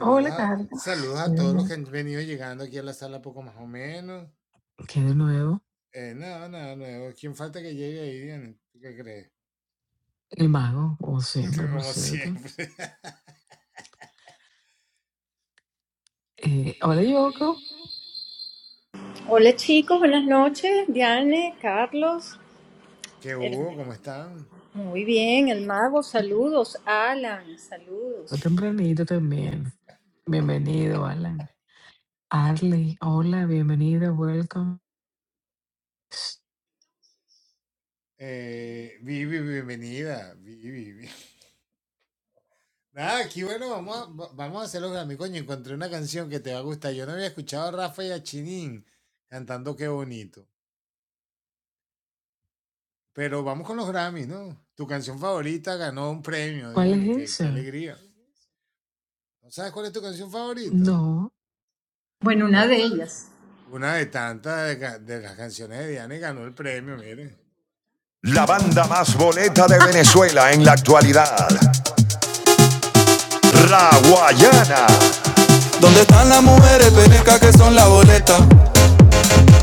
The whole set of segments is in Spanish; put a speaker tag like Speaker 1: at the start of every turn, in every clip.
Speaker 1: Hola Carlos, ¿qué de nuevo? ¿Qué de nuevo? El mago, como siempre, por cierto. Eh, hola Yoko,
Speaker 2: Hola chicos, buenas noches. Diane, Carlos, el- muy bien, el mago, saludos. Alan,
Speaker 1: muy
Speaker 2: saludos.
Speaker 1: tempranito también. Bienvenido, Alan. Arley, hola, bienvenido, welcome. ¿Cuál es esa? No,
Speaker 2: Bueno, una de ellas.
Speaker 3: La banda más boleta de Venezuela en la actualidad, La Guayana. ¿Dónde están las mujeres penecas que son la boleta?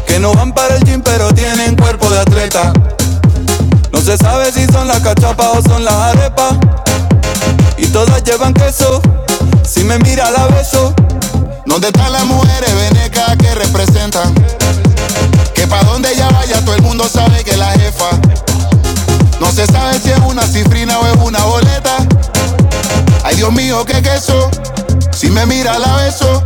Speaker 3: Que no van para el gym pero tienen cuerpo de atleta. No se sabe si son las cachapas o son las arepas. Y todas llevan queso, si me mira la beso. ¿Dónde están las mujeres venecas que representan? Que pa' donde ella vaya todo el mundo sabe que es la jefa. No se sabe si es una cifrina o es una boleta. Ay, Dios mío, qué queso. Si me mira, la beso.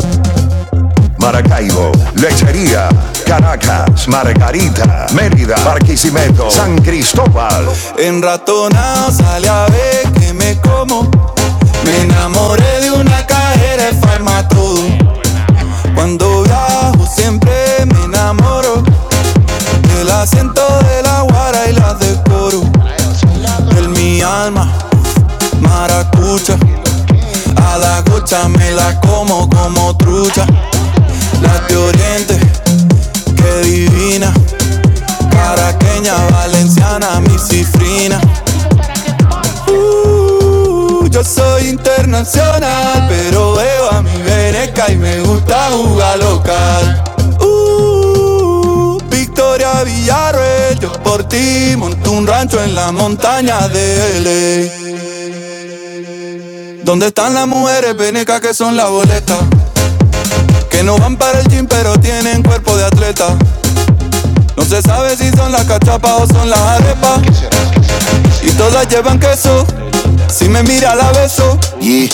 Speaker 3: Maracaibo, Lechería, Caracas, Margarita, Mérida, Barquisimeto, San Cristóbal. En ratonao sale a ver que me como. Me enamoré de una cajera de farmatodo. Cuando viajo siempre me enamoro del acento de la guara y la decoro. En mi alma, maracucha. A la gocha me la como como trucha. La de Oriente, que divina.
Speaker 2: La
Speaker 3: Caraqueña,
Speaker 2: valenciana, mi
Speaker 3: valenciana, mi
Speaker 2: cifrina,
Speaker 3: cifrina.
Speaker 2: hija.
Speaker 3: Uh, yo soy internacional, pero veo a mi veneca y me gusta jugar local. Uh, Victoria Villarreal, yo por ti monto un rancho en la montaña de LA. ¿Dónde están las mujeres venecas que son la boleta? Que no van para el gym pero tienen cuerpo de atleta. No se sabe si son las cachapas o son las arepas. Y todas llevan queso. Si me mira la beso. Yeah,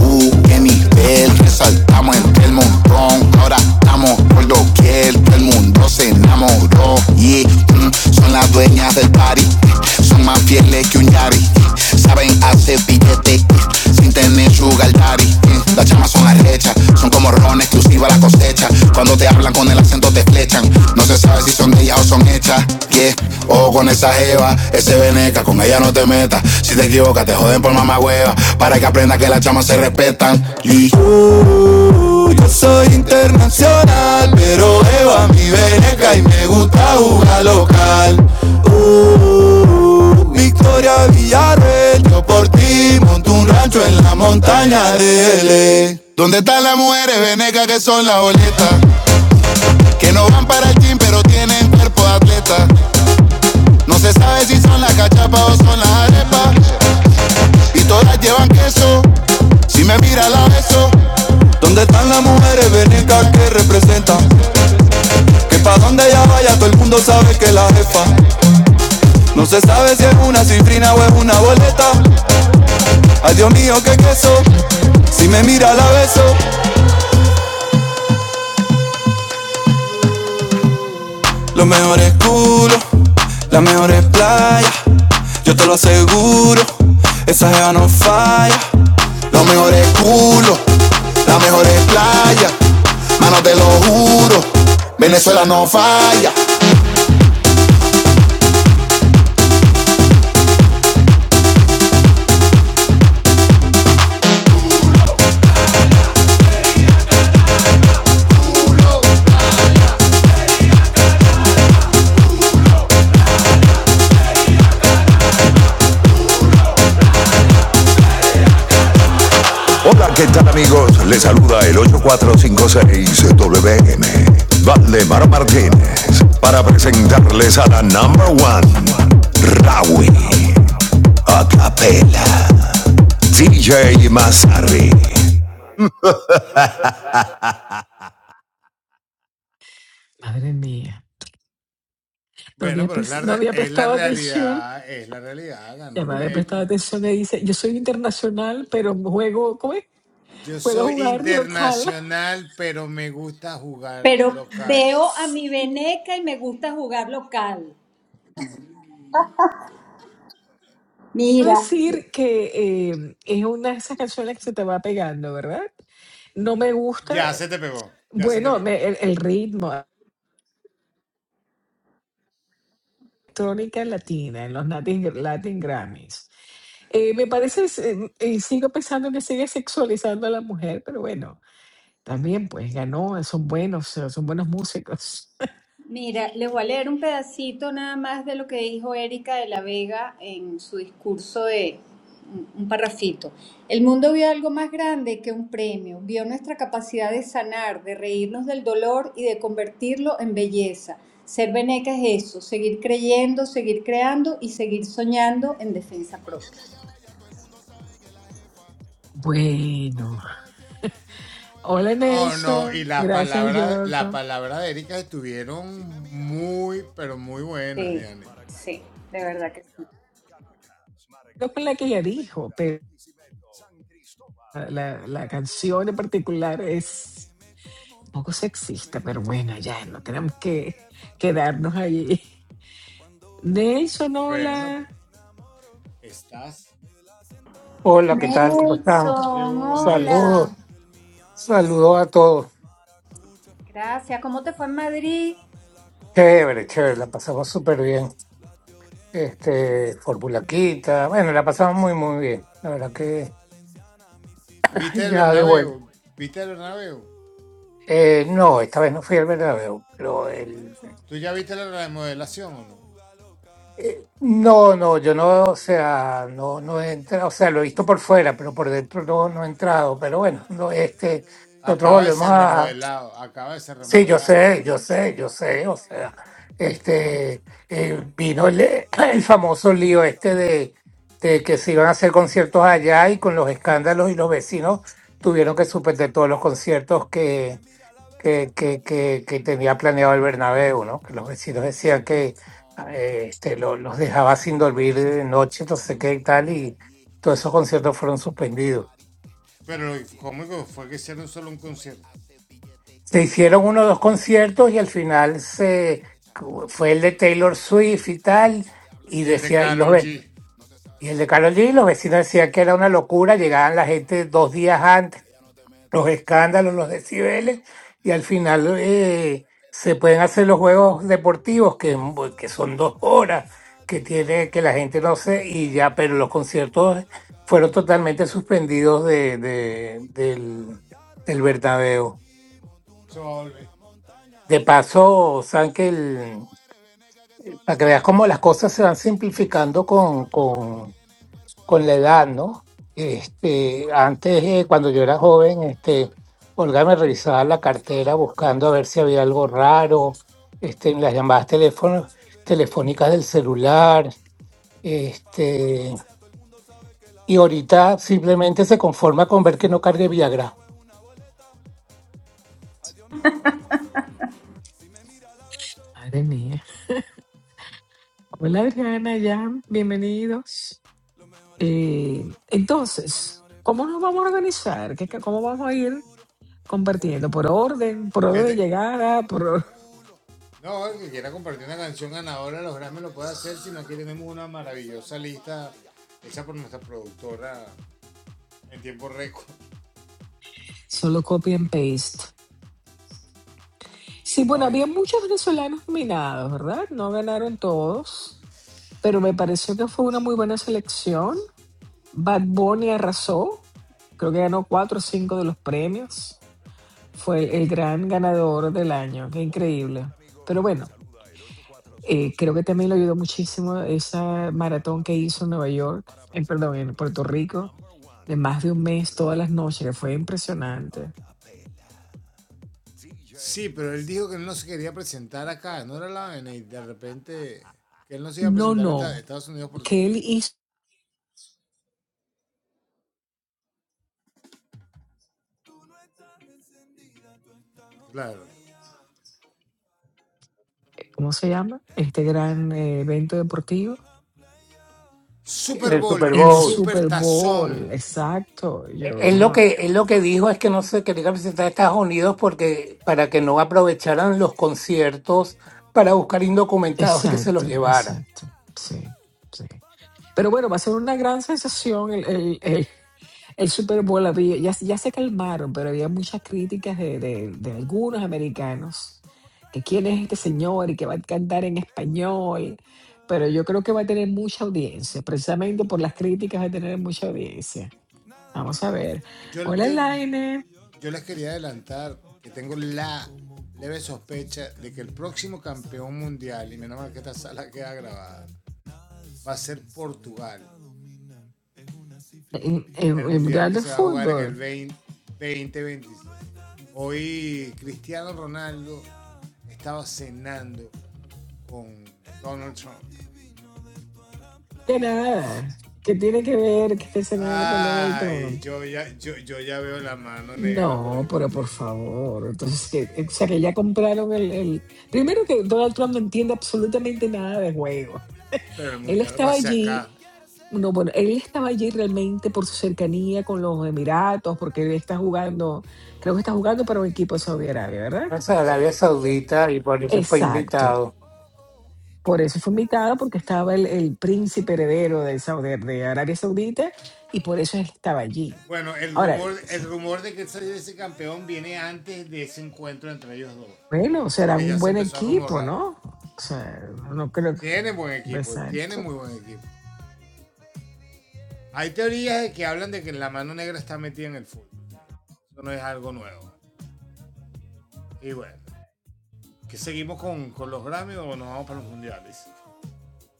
Speaker 3: uh, qué nivel. Resaltamos entre el montón. Ahora estamos por doquier. Todo el mundo se enamoró. Yeah, mm, son las dueñas del party. Son más fieles que un Yari. Saben hacer billete sin tener su daddy. Las chamas son arrechas, son como ron exclusiva la cosecha. Cuando te hablan con el acento te flechan. No se sabe si son de ellas o son hechas. Yeah. O con esa jeva, ese veneca, con ella no te metas. Si te equivocas, te joden por mamá hueva. Para que aprendas que las chamas se respetan. Y Yo soy internacional, pero Eva mi veneca y me gusta jugar local. Victoria Villarreal. Yo por ti monto un rancho en la montaña de L. A. ¿Dónde están las mujeres venecas que son las boletas? Que no van para el gym pero tienen cuerpo de atleta. No se sabe si son las cachapas o son las arepas. Y todas llevan queso. Si me mira la beso. ¿Dónde están las mujeres venecas que representan? Que pa' donde ella vaya todo el mundo sabe que es la jefa. No se sabe si es una cifrina o es una boleta. Ay, Dios mío, qué queso. Si me mira, la beso. Los mejores culos, las mejores playas. Yo te lo aseguro, esa jeva no falla. Los mejores culos, las mejores playas. Mano, te lo juro, Venezuela no falla. Hola, ¿qué tal amigos? Les saluda el 8456WM, Valdemar Martínez, para presentarles a la number one, Rawi, a capela. DJ Mazarri.
Speaker 1: madre mía, no había, pens- no había prestado atención. Ya me había prestado atención y dice, yo soy internacional, pero juego, ¿cómo es? Puedo jugar local.
Speaker 2: Pero veo a mi veneca y me gusta jugar local. Mira,
Speaker 1: decir que eh, es una de esas canciones que se te va pegando, ¿verdad? No me gusta, bueno, me- el, el ritmo, electrónica latina en los Latin, Latin Grammys. Eh, me parece, eh, eh, sigo pensando que sigue sexualizando a la mujer, pero bueno, también pues ganó, son buenos, eh, son buenos músicos.
Speaker 2: Mira, les voy a leer un pedacito nada más de lo que dijo Erika de la Vega en su discurso de un un parrafito. El mundo vio algo más grande que un premio, vio nuestra capacidad de sanar, de reírnos del dolor y de convertirlo en belleza. Ser veneca es eso, seguir creyendo, seguir creando y seguir soñando en defensa propia.
Speaker 1: Bueno, hola Nelson, gracias Yoko.
Speaker 2: Sí, sí, de verdad que sí.
Speaker 1: No con la que ya dijo, pero... La, la canción en particular es un poco sexista, pero bueno, ya no tenemos que quedarnos ahí. Nelson, hola.
Speaker 4: Hola, ¿qué tal? ¿Cómo están?
Speaker 2: Nelson,
Speaker 4: Saludos,
Speaker 2: hola.
Speaker 4: saludos a todos.
Speaker 2: Gracias. ¿Cómo te fue en Madrid?
Speaker 4: Chévere, chévere, la pasamos súper bien. Este, Formulaquita, bueno, la pasamos muy, muy bien. La verdad que ay, ya de vuelta. Eh, no, esta vez no fui al Bernabéu, pero el... eh, no, no, yo no, o sea, no, no he entrado, o sea, lo he visto por fuera, pero por dentro no, no he entrado, pero bueno, no, este, nosotros volvemos Sí, yo sé, yo sé, yo sé, o sea, este, eh, vino el, el famoso lío este de, de que se iban a hacer conciertos allá y con los escándalos y los vecinos tuvieron que suspender todos los conciertos que, que, que, que, que tenía planeado el Bernabéu, ¿no? Que los vecinos decían que eh, este, lo- los dejaba sin dormir de noche, no sé qué y tal, y todos esos conciertos fueron suspendidos. Se hicieron uno o dos conciertos y al final se fue el de Taylor Swift y tal, y decía, y los ve- y el de Karol G, los vecinos decían que era una locura, llegaban la gente dos días antes, los escándalos, los decibeles, y al final eh, se pueden hacer los juegos deportivos, que, es mu- que son dos horas, que tiene, que la gente no sé y ya, pero los conciertos fueron totalmente suspendidos de, de- del, del Bernabéu. De paso, saben que el- para que veas cómo las cosas se van simplificando con, con, con la edad, ¿no? Este, antes, eh, cuando yo era joven, este, Olga me revisaba la cartera buscando a ver si había algo raro, este, en las llamadas teléfono- telefónicas del celular, este, y ahorita simplemente se conforma con ver que no cargue Viagra
Speaker 1: Madre mía. Hola, Adriana, ya, bienvenidos. Eh, entonces, ¿cómo nos vamos a organizar? ¿Qué, qué- cómo vamos a ir compartiendo? ¿Por orden? ¿Por orden de llegada? ¿Por or- solo copy and paste? Sí, bueno, había muchos venezolanos nominados, ¿verdad? No ganaron todos, pero me pareció que fue una muy buena selección. Bad Bunny arrasó, creo que ganó cuatro o cinco de los premios, fue el, gran ganador del año, qué increíble. Pero bueno, eh, creo que también le ayudó muchísimo esa maratón que hizo en Nueva York, en, perdón, en Puerto Rico, de más de un mes, todas las noches, que fue impresionante. No, no, que él hizo, ¿cómo se llama? Este gran eh, evento deportivo.
Speaker 4: en el Super
Speaker 1: En el
Speaker 4: Bowl.
Speaker 1: Super Bowl, exacto, yo
Speaker 4: Él lo
Speaker 1: no,
Speaker 4: que, él lo que dijo es que no se quería presentar a Estados Unidos porque para que no aprovecharan los conciertos para buscar indocumentados y que se
Speaker 1: exacto,
Speaker 4: los llevaran.
Speaker 1: exacto, sí, sí. Pero bueno, va a ser una gran sensación el, el, el, el Super Bowl. Había- Ya, ya se calmaron, pero había muchas críticas de, de, de algunos americanos. Que quién es este señor y que va a cantar en español. Pero yo creo que va a tener mucha audiencia. Precisamente por las críticas va a tener mucha audiencia. Vamos a ver. Hola, Laine. En, en- en Mundial de Fútbol. ¿Qué nada? ¿Qué tiene que ver que esté cenando con Donald Trump? No, pero por favor. Entonces, que, eh, o sea, que ya compraron el, el... Primero que Donald Trump no entiende absolutamente nada de juego. Él estaba allí, no, bueno, él estaba allí realmente por su cercanía con los Emiratos, porque él está jugando, creo que está jugando para un equipo de Saudi Arabia, ¿verdad?
Speaker 4: Es Arabia Saudita y por eso fue
Speaker 1: Exacto.
Speaker 4: invitado.
Speaker 1: Por eso fue invitado, porque estaba el, el príncipe heredero de, Saudi, de Arabia Saudita y por eso él estaba allí. Ahora, Bueno, serán un buen equipo, ¿no? O sea, no creo que... Exacto.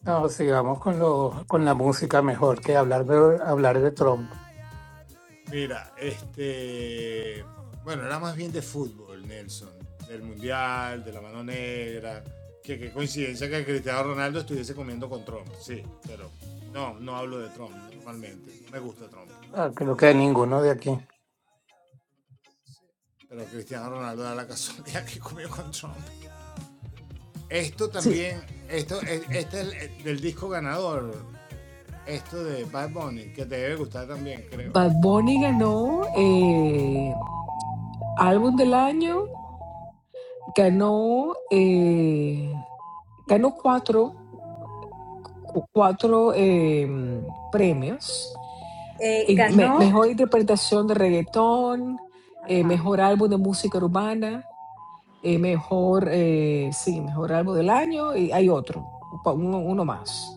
Speaker 4: No, sigamos con lo, con la música mejor que hablar de, hablar de Trump. Ah, creo que ninguno de aquí.
Speaker 1: Sí, Bad Bunny ganó eh, álbum del año, ganó, eh, ganó cuatro, cu- cuatro eh, premios.
Speaker 2: Eh,
Speaker 1: Y me-
Speaker 2: ¿Ganó?
Speaker 1: mejor interpretación de reggaetón, eh,
Speaker 2: Ajá.
Speaker 1: mejor álbum de música urbana, eh, mejor, eh, sí, mejor álbum del año y hay otro, uno, uno más.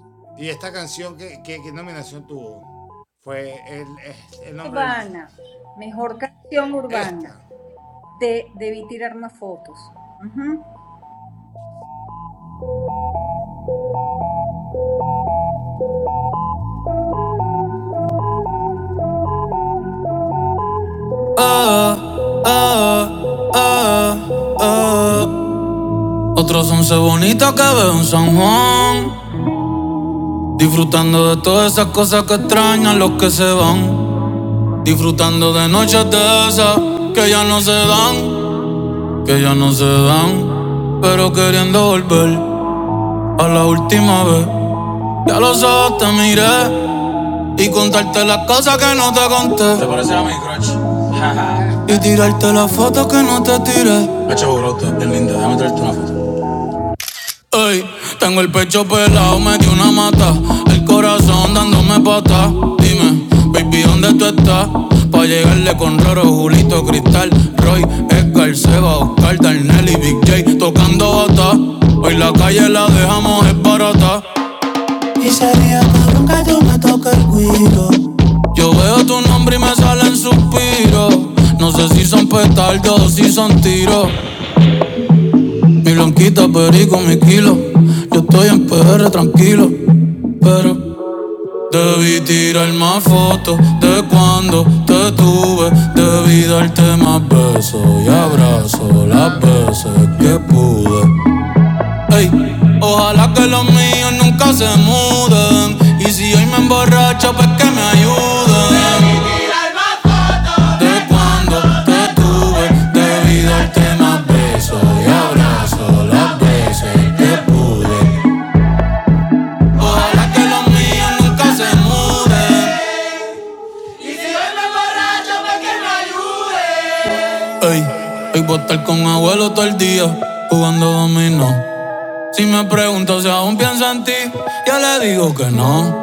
Speaker 2: Urbana, mejor canción urbana. De, debí tirar más fotos. Ujú.
Speaker 3: Once bonitas que beben son años los que son. Disfrutando de noches de que contarte las cosas que no te ¿Te conté. Te parece a mi crush? Y tirarte las fotos que no te tiré. Hacho brote, es linda, déjame traerte una foto. Ey, tengo el pecho pelado, me dio una mata. El corazón dándome pata. Dime, baby, ¿dónde tú estás? Pa' llegarle con Roro, Julito, Cristal, Roy, Edgar, Seba, Oscar, Darnell y Big J tocando bata. Hoy la calle la dejamos es barata. Y sería cabrón que yo me toque el cuido. Yo veo tu nombre y me salen suspiros. No sé si son petardos o si son tiros. Mi blanquita perico, mi kilo. Yo estoy en PR tranquilo. Pero debí tirar más fotos de cuando te tuve. Debí darte más besos y abrazos las veces que pude. Ey, pues nunca se mudan. Y si hoy me emborracho, pero darte eso. Ey, un abuelo todo el día jugando dominó. Si me pregunto si aún pienso en ti, ya le digo que no.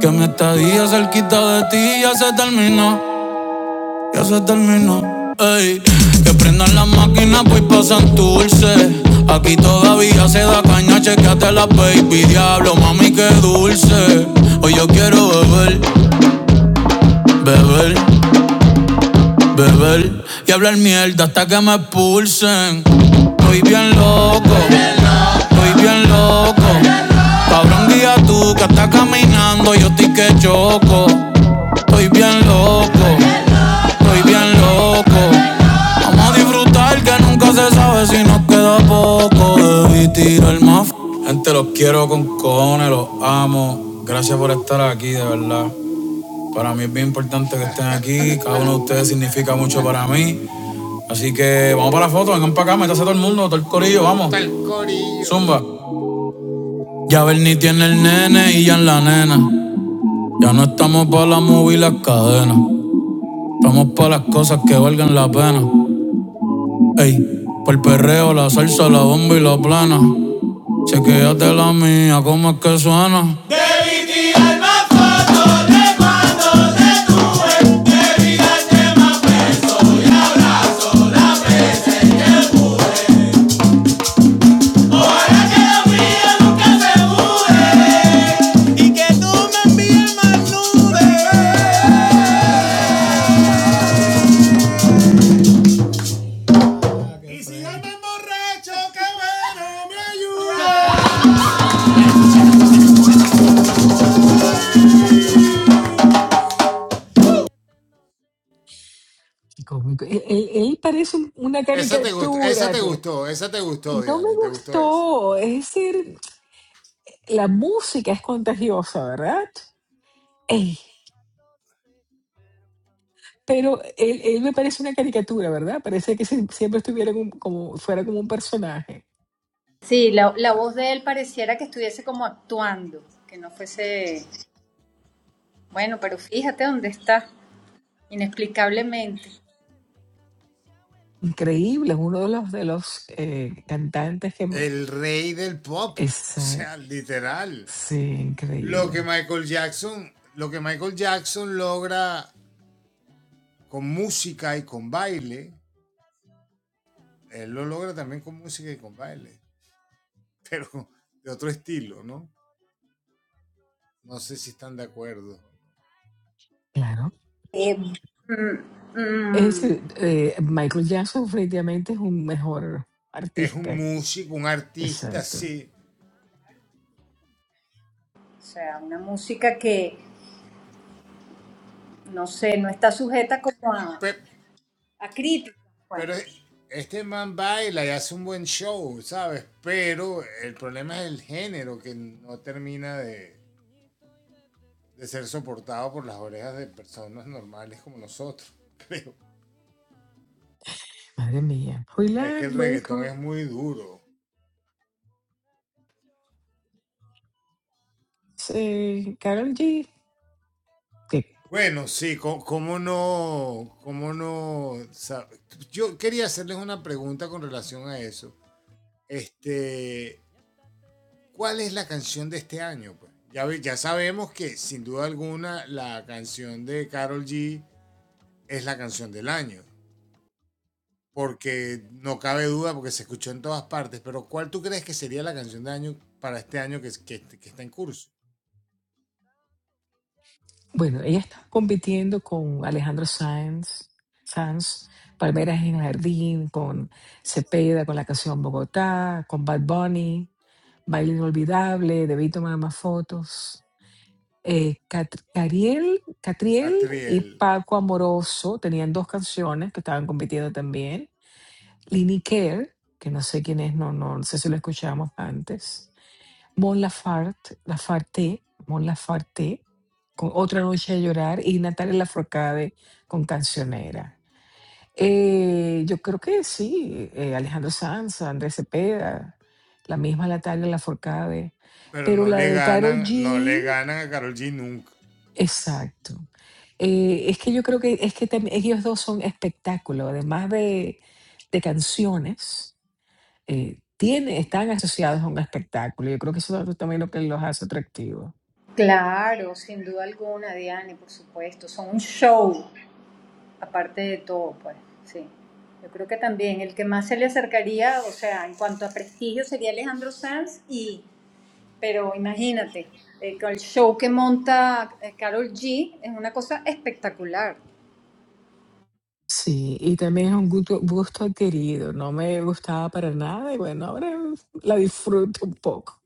Speaker 3: Que mi estadía cerquita de ti ya se terminó, ya se terminó. Ey, que prendan las máquinas, voy pa' Santurce. Aquí todavía se da caña, chequeate la baby. Diablo, mami, qué dulce. Hoy yo quiero beber, beber. beber y hablar mierda hasta que me expulsen. Estoy bien loco, estoy bien loco. Cabrón, guía tú que estás caminando, yo estoy que choco. Estoy bien loco, estoy bien loco. Vamos a disfrutar que nunca se sabe si nos queda poco. Debí tirar más. Gente, los quiero con cojones, los amo. Gracias por estar aquí, de verdad. Para mí es bien importante que estén aquí. Cada uno de ustedes significa mucho para mí. Así que vamos para la foto, vengan para acá, métase todo el mundo, todo el corillo, vamos. Zumba. Ya Bernie tiene el nene y ya en la nena. Ya no estamos para la movie y las cadenas. Estamos para las cosas que valgan la pena. Ey, por el perreo, la salsa, la bomba y la plana. Chequéate la mía, cómo es que suena.
Speaker 1: Cómico. Él, él- él parece un- una caricatura. No No me gustó. Es decir, la música es contagiosa, ¿verdad? Ey, pero él, él me parece una caricatura, ¿verdad? Parece que sie- siempre estuviera como, como- fuera como un personaje.
Speaker 2: Sí, la, la voz de él pareciera que estuviese como actuando, que no fuese... Bueno, pero fíjate dónde está, inexplicablemente.
Speaker 1: Increíble, es uno de los de los eh, cantantes que me- es eh, sí, increíble. Claro.
Speaker 2: Eh, mm,
Speaker 1: Es
Speaker 2: mm,
Speaker 1: decir, eh, Michael Jackson definitivamente es un mejor artista. Exacto.
Speaker 2: o sea, una música que, no sé, no está sujeta como a, a críticas, pues.
Speaker 1: Madre mía. Hoyland, welcome. Eh, Carol G. que, bueno, ella está compitiendo con Alejandro Sanz, Sanz, Palmeras en el Jardín, con Cepeda, con la canción Bogotá, con Bad Bunny, Baile Inolvidable, Debí tomar más fotos. Eh, Cat- Cariel, Catriel y Paco Amoroso tenían dos canciones que estaban compitiendo también. Lini Care, que no sé quién es, no, no sé si lo escuchamos antes. Mon Laferte, Lafarte, Mon Laferte, con Otra Noche de Llorar y Natalia Lafourcade con Cancionera. Eh, yo creo que sí, eh, Alejandro Sanz, Andrés Cepeda, la misma Natalia Lafourcade, pero la de Karol G, exacto. Eh, es que yo creo que es que tam- ellos dos son espectáculo, además de, de canciones, eh, tiene- están asociados a un espectáculo. Yo creo que eso es también lo que los hace atractivos.
Speaker 2: Claro, sin duda alguna, Diane, por supuesto. Son un show. aparte de todo, pues, sí. Yo creo que también el que más se le acercaría, o sea, en cuanto a prestigio sería Alejandro Sanz y, pero imagínate, eh, con el show que monta eh, Karol G es una cosa espectacular.
Speaker 1: Sí, y también es un gusto, gusto adquirido. No me gustaba para nada y bueno, ahora la disfruto un poco,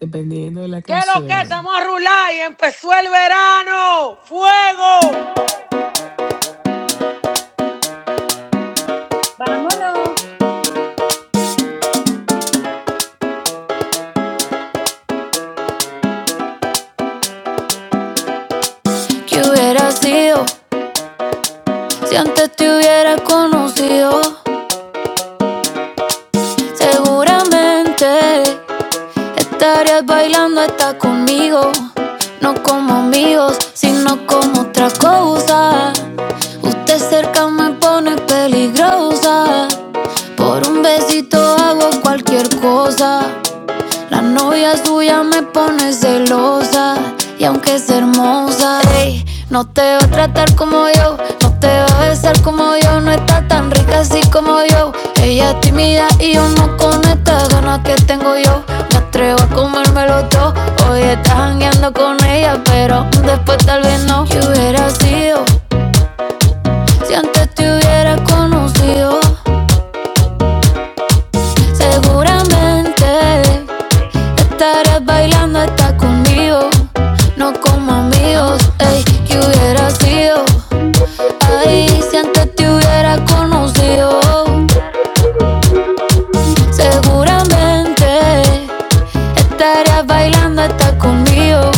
Speaker 1: dependiendo de la
Speaker 3: ¿Qué es lo que
Speaker 1: canción.
Speaker 3: estamos a rular y empezó el verano? ¡Fuego!
Speaker 2: Vámonos.
Speaker 3: ¿Qué hubiera sido Si antes te hubiera conocido, seguramente estarías bailando hasta conmigo. No como amigos, sino como otra cosa. Usted cerca me pone peligrosa. Por un besito hago cualquier cosa. La novia suya me pone celosa y aunque es hermosa, ey, no te va a tratar como yo, no te va a besar como yo, no está tan rica así como yo. Ella es tímida y yo no con estas ganas que tengo yo. Me atrevo a comérmelo todo. Hoy estás jangueando con ella, pero después tal vez no. ¿Qué hubiera sido si antes te hubiera conocido? Seguramente Estarás bailando, estás conmigo, no como amigos, ey, qué hubiera sido. Ay, si antes te hubiera conocido, seguramente Estarías bailando hasta conmigo,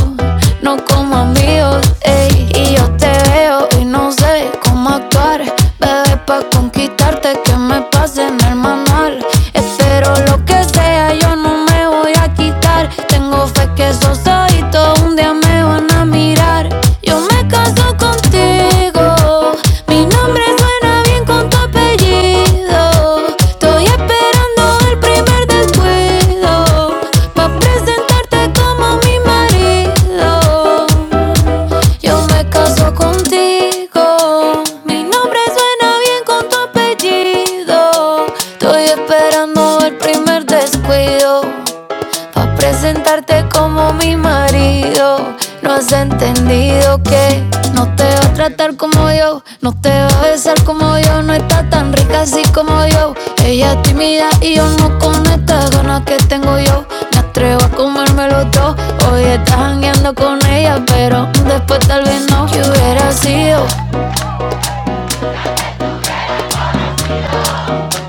Speaker 3: no como amigos, ey. Y yo te veo y no sé cómo actuar. Bebé, pa' conquistarte que me pase en el manual. Espero lo que sea, yo no me voy a quitar. Tengo fe que esos ojitos un día me van a mirar. Yo me caso contigo mi nombre suena bien con tu apellido. Estoy esperando el primer descuido. Pa' presentarte como mi marido. Yo me caso contigo. Mi nombre suena bien con tu apellido. Estoy esperando el primer descuido. Pa' presentarte como mi marido. No has entendido que no te va a tratar como yo, no te va a besar como yo, no está tan rica así como yo. Ella es tímida y yo no con estas ganas que tengo yo. Me atrevo a comérmelo todo. Hoy estás jangueando con ella, pero después tal vez no. Que hubiera sido,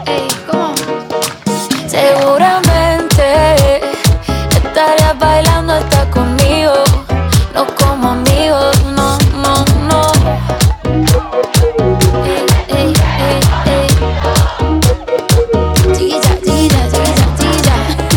Speaker 3: ey, ¿cómo? Seguramente estarías bailando hasta conmigo, no como amigos, no, no, no. Ey, ey, ey, ey. Chiquilla, chiquilla, chiquilla, chiquilla.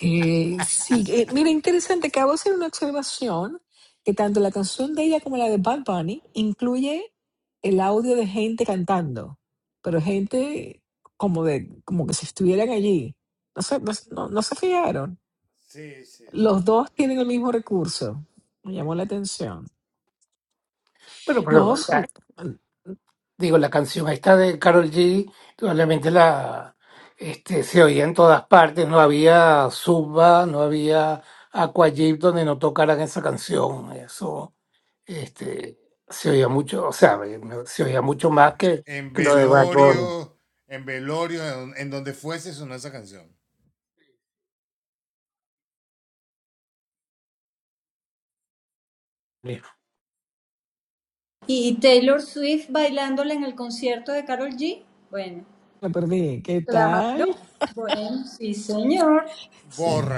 Speaker 1: Eh, sí, eh, mira, interesante, acabo de hacer una observación que tanto la canción de ella como la de Bad Bunny incluye el audio de gente cantando, pero gente como de, como que si estuvieran allí. No se, no, se- no no se fijaron. Los dos tienen el mismo recurso. Me llamó la atención.
Speaker 4: Pero,
Speaker 1: No,
Speaker 4: pero
Speaker 1: sé.
Speaker 4: digo, la canción esta de Carol G, probablemente la este, se oía en todas partes, no había Zumba, no había Aquajip donde no tocaran esa canción, eso este, se oía mucho, o sea, me- me- se oía mucho más que, que lo de Bad Bunny.
Speaker 2: Y Taylor Swift bailándola en el concierto de Karol G. Bueno,
Speaker 1: La perdí. ¿Qué tal?
Speaker 2: claro. Bueno, sí, señor.
Speaker 1: Sí,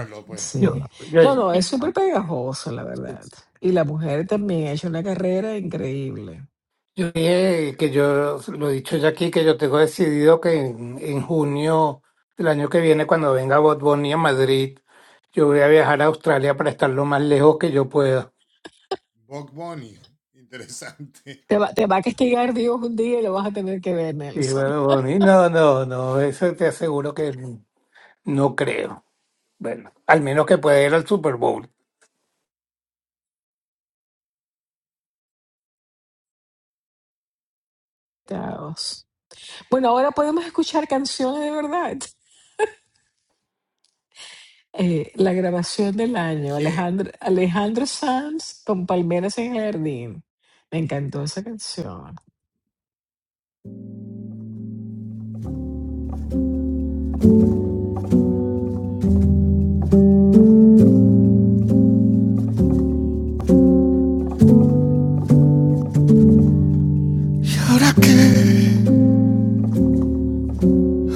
Speaker 4: Yo,
Speaker 1: sí. No, no, es
Speaker 4: yo-
Speaker 1: súper pegajoso, la verdad. Y la mujer también ha hecho una carrera increíble.
Speaker 4: Yo dije que yo lo he dicho ya aquí, que yo tengo decidido que en, en junio del año que viene, cuando venga Bot Bunny a Madrid, yo voy a viajar a Australia para estar lo más lejos que yo pueda.
Speaker 1: Te va, te va a castigar Dios un día y lo vas a tener que ver,
Speaker 4: Y
Speaker 1: Nelson.
Speaker 4: bueno, Bunny, no, no, no, eso te aseguro que no creo. Bueno, al menos que pueda ir al Super Bowl.
Speaker 1: Taos. Bueno, ahora podemos escuchar canciones de verdad. Eh, la grabación del año, Alejandro, Alejandro Sanz con Palmeras en el Jardín. Me encantó esa canción.
Speaker 3: ¿Y ahora qué?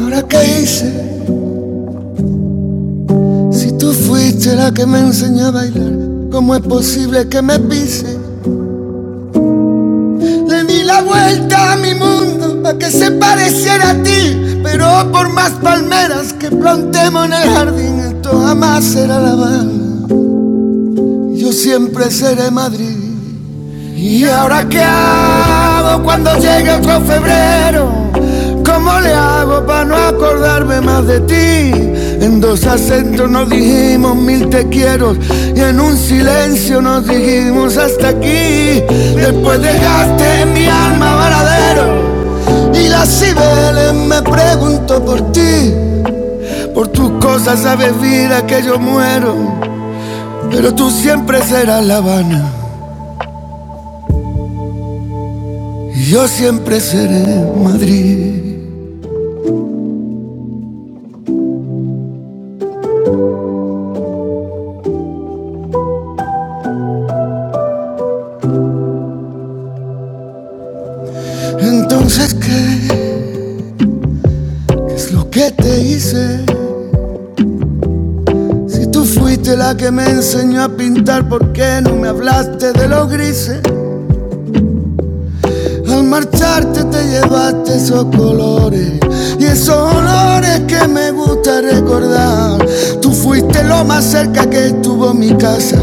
Speaker 3: ¿Ahora qué hice? Si tú fuiste la que me enseñó a bailar, ¿cómo es posible que me pise? Le di la vuelta a mi mundo para que se pareciera a ti, pero por más palmeras que plantemos en el jardín, esto jamás será La Habana. Yo siempre seré Madrid. ¿Y ahora qué hago cuando llegue otro febrero? ¿Cómo le hago para no acordarme más de ti? En dos acentos nos dijimos mil te quiero y en un silencio nos dijimos hasta aquí. Después dejaste en mi alma varadero y las cibeles me pregunto por ti. Por tus cosas sabes vida que yo muero, pero tú siempre serás La Habana. Yo siempre seré Madrid. Entonces, ¿qué? ¿Qué es lo que te hice? Si tú fuiste la que me enseñó a pintar, ¿por qué no me hablaste de los grises? Al marcharte te llevaste esos colores y esos olores que me gusta recordar. Tú fuiste lo más cerca que estuvo mi casa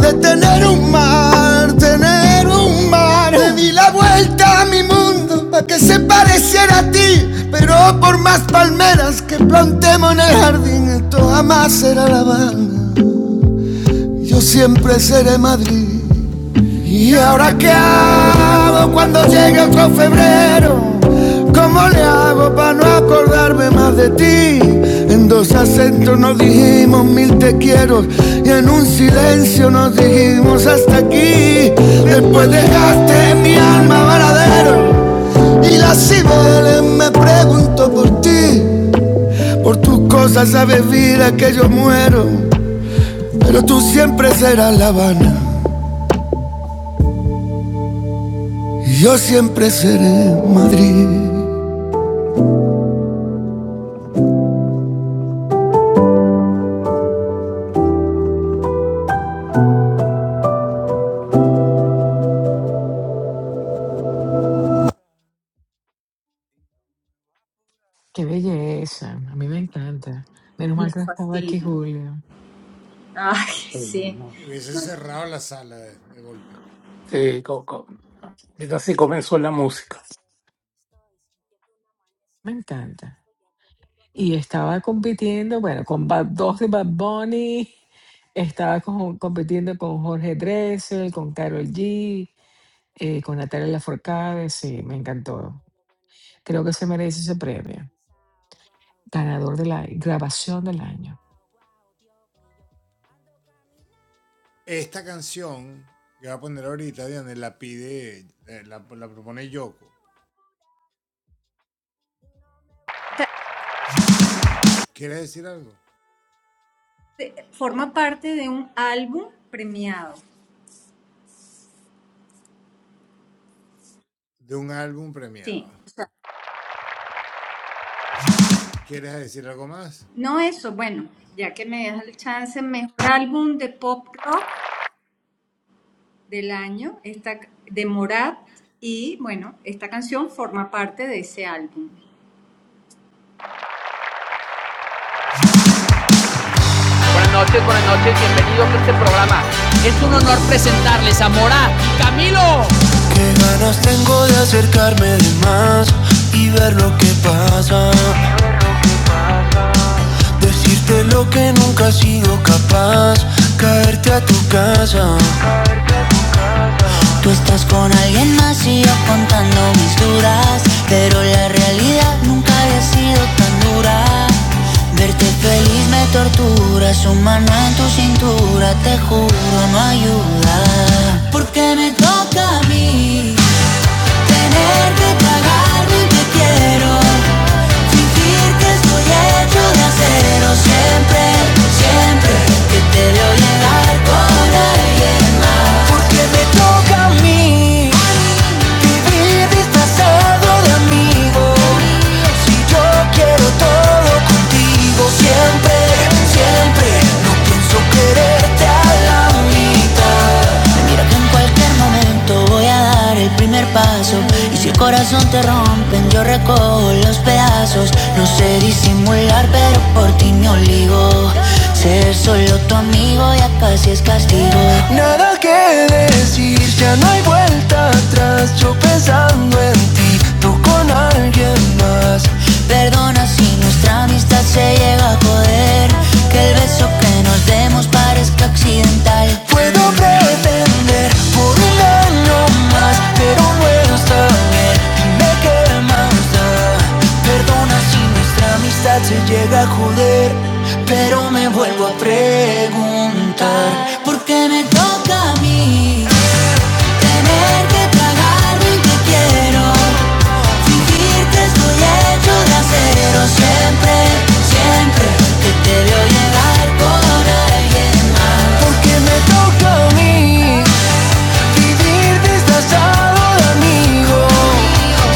Speaker 3: de tener un mar, tener un mar. Le di la vuelta a mi mundo para que se pareciera a ti, pero por más palmeras que plantemos en el jardín, esto jamás será la Habana. Yo siempre seré Madrid. ¿Y ahora qué hago cuando llegue otro febrero? ¿Cómo le hago para no acordarme más de ti? En dos acentos nos dijimos mil te quiero y en un silencio nos dijimos hasta aquí. Después dejaste mi alma varadero y las cibeles me pregunto por ti. Por tus cosas sabes vida que yo muero, pero tú siempre serás La Habana y yo siempre seré Madrid.
Speaker 1: Qué belleza, a mí me encanta. Menos
Speaker 2: Me
Speaker 1: mal que no estaba aquí
Speaker 2: fascina.
Speaker 1: Julio.
Speaker 2: Ay, sí. No,
Speaker 4: Sí, co- co- así comenzó la música.
Speaker 1: Me encanta. y estaba compitiendo, bueno, con Bad, dos de Bad Bunny, estaba con- compitiendo con Jorge Dressel, con Karol G, eh, con Natalia Lafourcade, sí, me encantó. Creo que se merece ese premio. Ganador de la grabación del año.
Speaker 2: ta- Forma parte de un álbum premiado. Sí, o sea, no eso, bueno, ya que me das el chance, mejor álbum de pop rock del año, esta ca- de Morat, y bueno, esta canción forma parte de ese álbum.
Speaker 3: Buenas noches, buenas noches, bienvenidos a este programa. Es un honor presentarles a Mora y Camilo. Tú estás con alguien más y yo contando mis dudas, pero la realidad nunca había sido tan dura. Verte feliz me tortura, su mano en tu cintura, te juro no ayuda. Porque me toca a mí. Tener que tragar mi te quiero Fingir que estoy hecho de acero Siempre, siempre que te veo llegar con alguien más Porque me toca a mí Vivir disfrazado de amigo Si yo quiero todo contigo contigo siempre, siempre. No pienso quererte a la mitad. Mira que en cualquier momento voy a dar el primer paso. Y si el corazón te rompen, yo recojo los pedazos. No sé disimular, pero por ti me oligo. Ser solo tu amigo ya casi es castigo hay vuelta atrás, yo pensando en ti, tú con alguien más. Perdona si nuestra amistad se llega a joder. Que el beso que nos demos parezca accidental. Puedo pretender por un año más, pero no está bien. Dime qué más da. Perdona si nuestra amistad se llega a joder, pero me vuelvo a preguntar. ¿Por qué me toca a mí?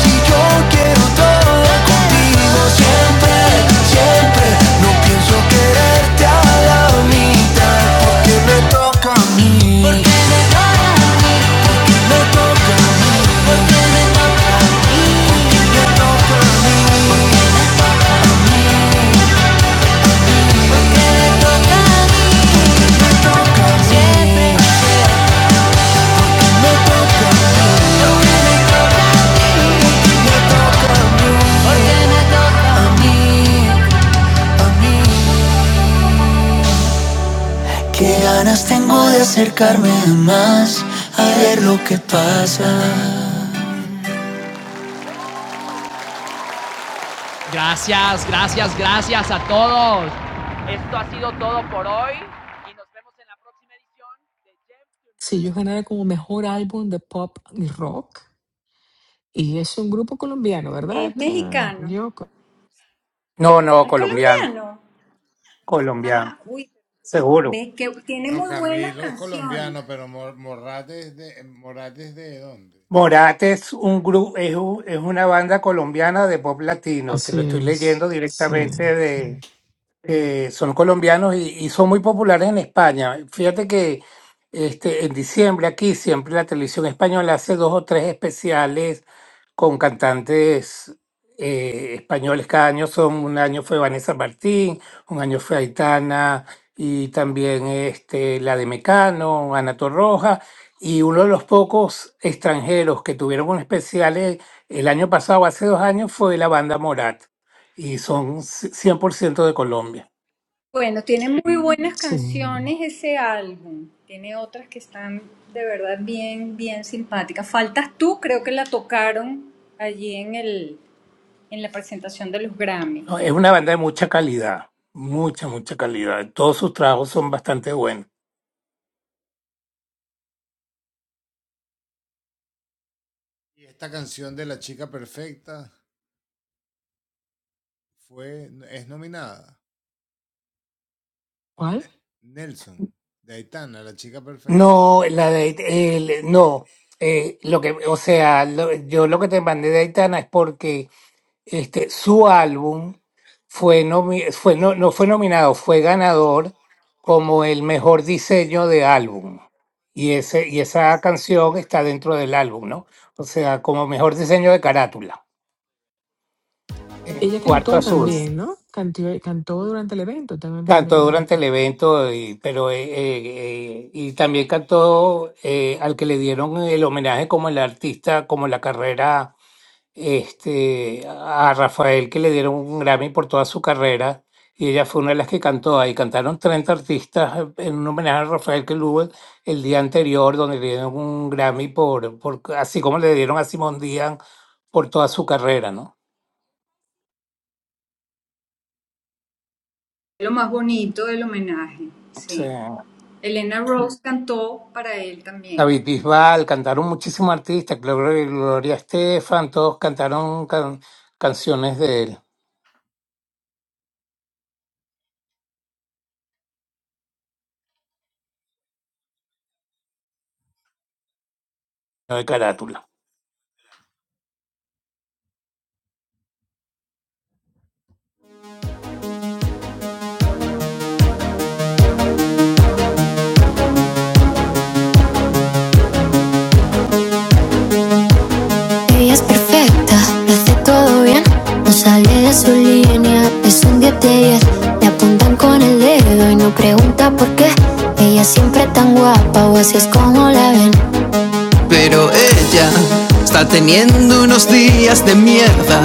Speaker 3: Si Gracias, gracias, gracias a todos. Esto ha sido todo por hoy y nos vemos en la próxima.
Speaker 1: Sí, yo gané como mejor álbum de pop y rock. Y es un grupo colombiano, ¿verdad?
Speaker 2: Es
Speaker 1: Um,
Speaker 2: mexicano,
Speaker 1: yo. co-
Speaker 4: No,
Speaker 2: Ah,
Speaker 4: no,
Speaker 2: es
Speaker 4: colombiano,
Speaker 2: colombiano.
Speaker 4: colombiano,
Speaker 2: Ah, uy,
Speaker 4: seguro.
Speaker 2: ves que tiene muy buenas canciones.
Speaker 4: Morat es un grupo, es, un- es una banda colombiana de pop latino. Te
Speaker 1: Así
Speaker 4: lo estoy
Speaker 1: es.
Speaker 4: leyendo
Speaker 1: Sí,
Speaker 4: directamente
Speaker 1: sí.
Speaker 4: de que son colombianos y, y son muy populares en España. Fíjate que este, en diciembre aquí siempre la televisión española hace dos o tres especiales con cantantes eh, españoles cada año son, un año fue Vanessa Martín, un año fue Aitana y también este, la de Mecano, Ana Torroja, y uno de los pocos extranjeros que tuvieron un especial eh, el año pasado, hace dos años, fue la banda Morat, y son 100% de Colombia.
Speaker 2: Bueno, tiene muy buenas
Speaker 1: Sí.
Speaker 2: canciones ese álbum. Tiene otras que están de verdad bien, bien simpáticas. Faltas tú, creo que la tocaron allí en el, en la presentación de los Grammy.
Speaker 4: ¿no? Es una banda de mucha calidad, mucha, mucha calidad. Todos sus trabajos son bastante buenos.
Speaker 1: ¿Cuál?
Speaker 4: No, la de el- no. Eh, lo que, o sea, lo- yo lo que te mandé de Aitana es porque este su álbum fue nomi- fue no, no fue nominado, fue ganador como el mejor diseño de álbum. Y ese y esa canción está dentro del álbum, ¿no? O sea, como mejor diseño de carátula. Eh,
Speaker 1: Ella
Speaker 4: Cuarto
Speaker 1: cantó
Speaker 4: azul.
Speaker 1: también, ¿no? Cantó, cantó durante el evento, tengo
Speaker 4: Cantó
Speaker 1: entendido.
Speaker 4: durante el evento, y, pero eh, eh, eh, y también cantó eh, al que le dieron el homenaje como el artista, como la carrera, este, a Rafael, que le dieron un Grammy por toda su carrera, y ella fue una de las que cantó ahí. Cantaron 30 artistas eh, en un homenaje a Rafael que hubo el, el día anterior, donde le dieron un Grammy por, por, así como le dieron a Simón Díaz por toda su carrera, ¿no?
Speaker 2: Lo más bonito del homenaje,
Speaker 4: Sí.
Speaker 2: sí. Elena Rose cantó para él también.
Speaker 4: David Bisbal, cantaron muchísimos artistas, Gloria, Gloria Estefan, todos cantaron can- canciones de él, no de carátula.
Speaker 3: Ella es perfecta, lo hace todo bien. No sale de su línea, es un 10 de 10. Le apuntan con el dedo y no pregunta por qué. Ella siempre tan guapa, o así es como la ven. Pero ella está teniendo unos días de mierda.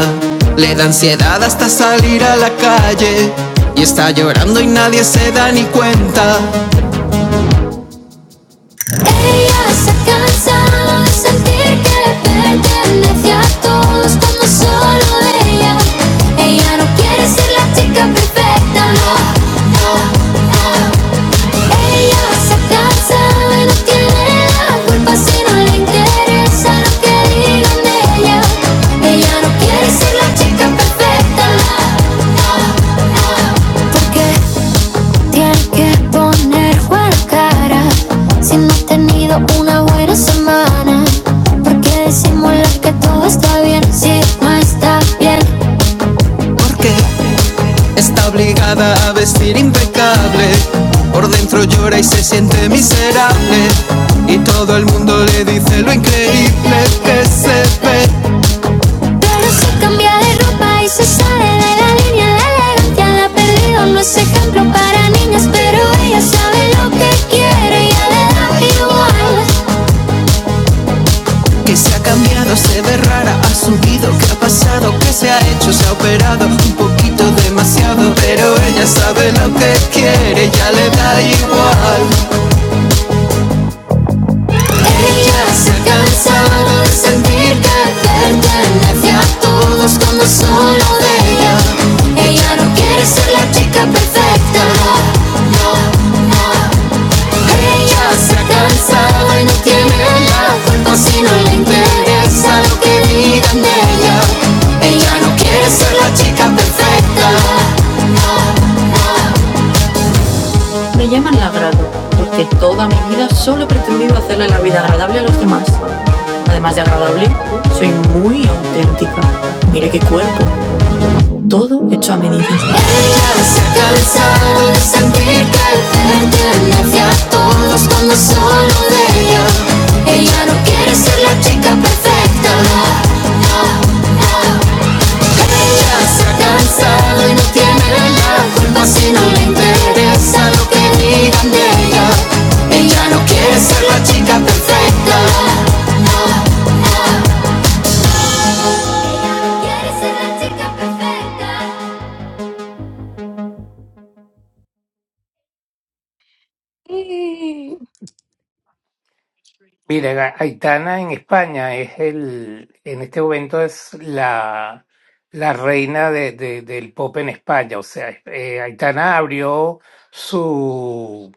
Speaker 3: Le da ansiedad hasta salir a la calle. Y está llorando y nadie se da ni cuenta. Ella se cansaba de sentir que pertenece a todos cuando solo ella. Ella no quiere ser la chica perfecta, no, no, no. Ella se cansaba y no tiene la culpa si no le que digan ella. Ella no quiere ser la chica perfecta, no. tienes que poner buena cara si no has tenido una buena semana. Porque disimular que todo está bien si no está bien. Porque está obligada a vestir impecable. Por dentro llora y se siente miserable. Y todo el mundo le dice lo increíble que se ve. Pero si cambia de ropa y se sale de la línea, la elegancia la ha perdido. No es ejemplo para niñas, pero ella sabe lo que quiere y le da igual. Que se ha cambiado, se ve rara, ha subido, que ha pasado, que se ha hecho, se ha operado, un poquito demasiado, pero ella sabe lo que quiere, ya le da igual. Ella se ha cansado de sentir que pertenece a todos como solo de ella. Ella no quiere ser la chica perfecta, no, no, no. Ella se ha cansado y no tiene la culpa si no le interesa lo que digan de ella. Ella no quiere ser la chica perfecta. Me llaman labrado, porque toda mi vida solo he pretendido hacerle la vida agradable a los demás. Además de agradable, soy muy auténtica. Mire qué cuerpo hecho a medida. Se cansado de sentir que pertenece a todos cuando solo de ella. Ella no quiere ser la chica perfecta. no, no. Ella se ha cansado y no tiene la culpa si no le interesa lo que digan de ella. Ella no quiere ser la chica perfecta. Quieres ser la chica perfecta.
Speaker 1: Y-
Speaker 4: Mira, Ga- Aitana en España es el, en este momento es la, la reina de- de- del pop en España. O sea, eh, Aitana abrió su,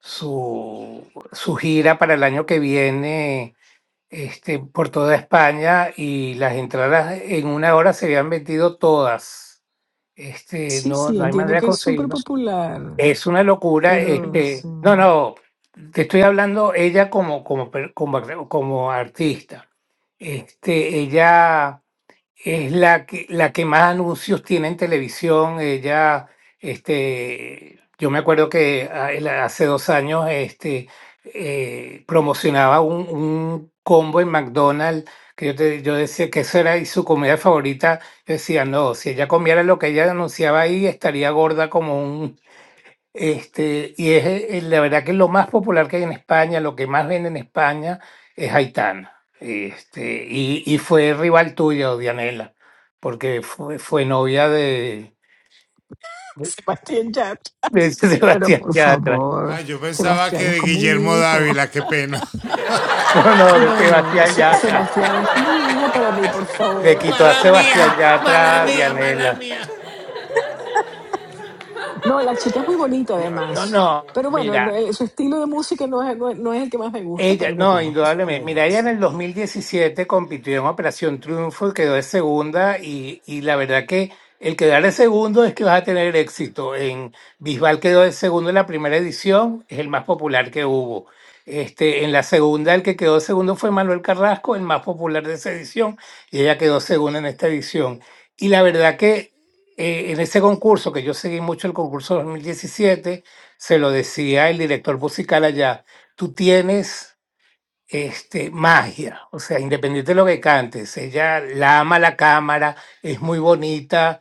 Speaker 4: su, su gira para el año que viene este, por toda España y las entradas en una hora se habían vendido todas. Este,
Speaker 1: Sí,
Speaker 4: no,
Speaker 1: sí,
Speaker 4: no hay
Speaker 1: entiendo
Speaker 4: manera de
Speaker 1: que es súper
Speaker 4: conseguirlo.
Speaker 1: popular,
Speaker 4: Es una locura.
Speaker 1: pero
Speaker 4: Este,
Speaker 1: sí.
Speaker 4: no, no, te estoy hablando ella como, como, per- como, ar- como artista. Este, ella es la que, la que más anuncios tiene en televisión. Ella, este, yo me acuerdo que a- el- hace dos años, este, eh, promocionaba un, un combo en McDonald's que yo, te- yo decía que eso era y su comida favorita. Yo decía, no, si ella comiera lo que ella anunciaba ahí, estaría gorda como un, este, y es, eh, la verdad que lo más popular que hay en España, lo que más vende en España es Aitana. Este, y, y fue rival tuyo, Dianela, porque fue, fue novia de,
Speaker 1: Sebastián Yatra.
Speaker 4: de
Speaker 1: Pero
Speaker 4: Sebastián,
Speaker 1: por favor, Sebastián es como un hijo.
Speaker 4: no, no, de
Speaker 1: No, no,
Speaker 4: Sebastián
Speaker 1: Se-
Speaker 4: Yatra.
Speaker 1: Sebastián es como un hijo para mí, por
Speaker 4: Le
Speaker 1: favor.
Speaker 4: quitó a Sebastián Yatra a Dianela.
Speaker 1: No, la chica es muy bonita
Speaker 4: No, no,
Speaker 1: además.
Speaker 4: no,
Speaker 1: Pero bueno, no,
Speaker 4: mira,
Speaker 1: eh, su estilo de música no es, no, es no es el que más me gusta,
Speaker 4: Ella,
Speaker 1: pero
Speaker 4: no,
Speaker 1: reconozco su
Speaker 4: indudablemente. Mira,
Speaker 1: talento.
Speaker 4: ella en el 2017 compitió en Operación Triunfo y quedó de segunda y, y la verdad que el quedar de segundo es que vas a tener éxito. En Bisbal quedó de segundo en la primera edición, es el más popular que hubo. Este, en la segunda, el que quedó segundo fue Manuel Carrasco, el más popular de esa edición, y ella quedó segunda en esta edición. Y la verdad que eh, en ese concurso, que yo seguí mucho el concurso 2017 se lo decía el director musical allá tú tienes este, magia, o sea, independiente de lo que cantes, ella la ama la cámara, es muy bonita,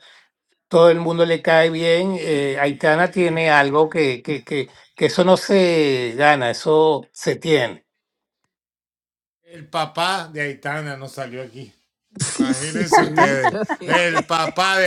Speaker 4: todo el mundo le cae bien, eh, Aitana tiene algo que, que, que, que eso no se gana, eso se tiene.
Speaker 1: Sí, sí, sí, está bien.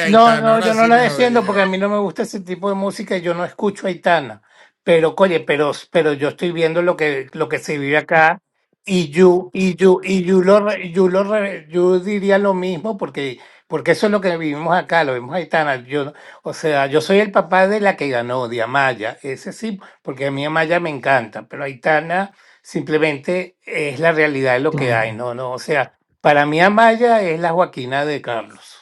Speaker 4: No, no, yo no la defiendo porque a mí no me gusta ese tipo de música y yo no escucho Aitana. Pero, oye, pero, pero yo estoy viendo lo que, lo que se vive acá y yo, y yo, y yo lo, re- yo lo, re- yo diría lo mismo porque, porque eso es lo que vivimos acá, lo vimos Aitana. Yo, o sea, yo soy el papá de la que ganó, de Amaya. Ese sí, porque a mí Amaya me encanta, pero Aitana simplemente es la realidad de lo que
Speaker 1: claro.
Speaker 4: hay, no, no. O sea, para mí Amaya es la Joaquina de Carlos.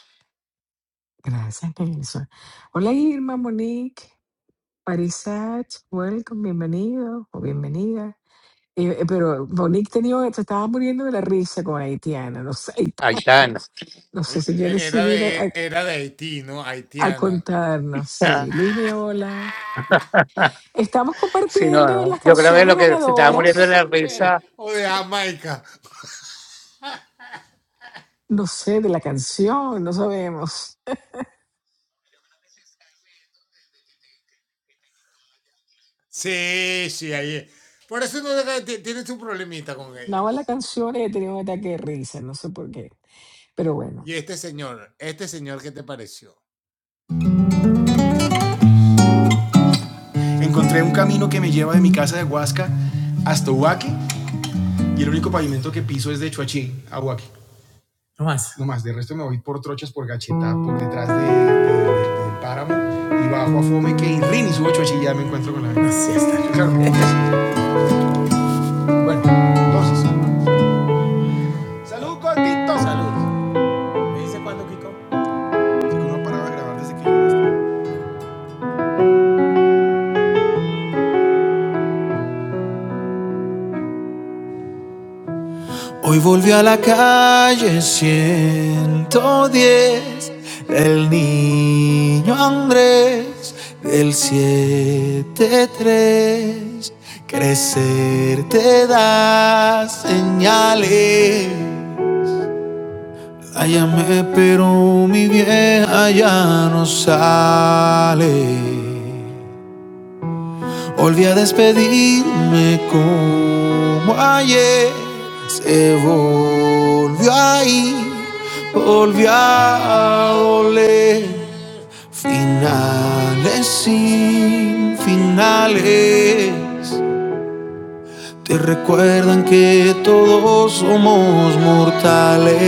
Speaker 1: Gracias, Nelson. Hola, Irma, Monique, Marisach, welcome, bienvenido o bienvenida. Eh, eh, pero Monique tenía, se estaba muriendo de la risa con Haitiana. No sé,
Speaker 4: Aitana.
Speaker 1: no sé si quieres subir a, a- a contarnos.
Speaker 4: Ah,
Speaker 1: Sí, Luis, hola. Estamos
Speaker 4: Sí, no,
Speaker 1: compartiendo
Speaker 4: no.
Speaker 1: las
Speaker 4: Yo creo que
Speaker 1: canciones
Speaker 4: lo que se estaba muriendo de
Speaker 1: ganadoras.
Speaker 4: la risa.
Speaker 1: No sé, de la canción, no sabemos. Nada más la canción y he tenido un ataque de risa, no sé por qué. Pero bueno.
Speaker 3: Encontré un camino que me lleva de mi casa de Huasca hasta Huaque y el único pavimento que piso es de Chuachín a Huaque. No más. No más, de resto me voy por trochas, por gacheta, por detrás de, de- de- de páramo y bajo a Fomeque y Rin y subo a Chuachín y ya me encuentro con la Así está. Claro. Bueno, entonces, salud, Cortito, salud. ¿Me dice cuándo, Kiko? Kiko no ha parado de grabar desde que yo Hoy volví a la calle 110 del niño Andrés del siete tres Crecer te da señales. La llamé, pero mi vieja ya no sale. Volví a despedirme como ayer. Se volvió a ir, volvió a doler. Finales sin finales. Te recuerdan que todos somos mortales.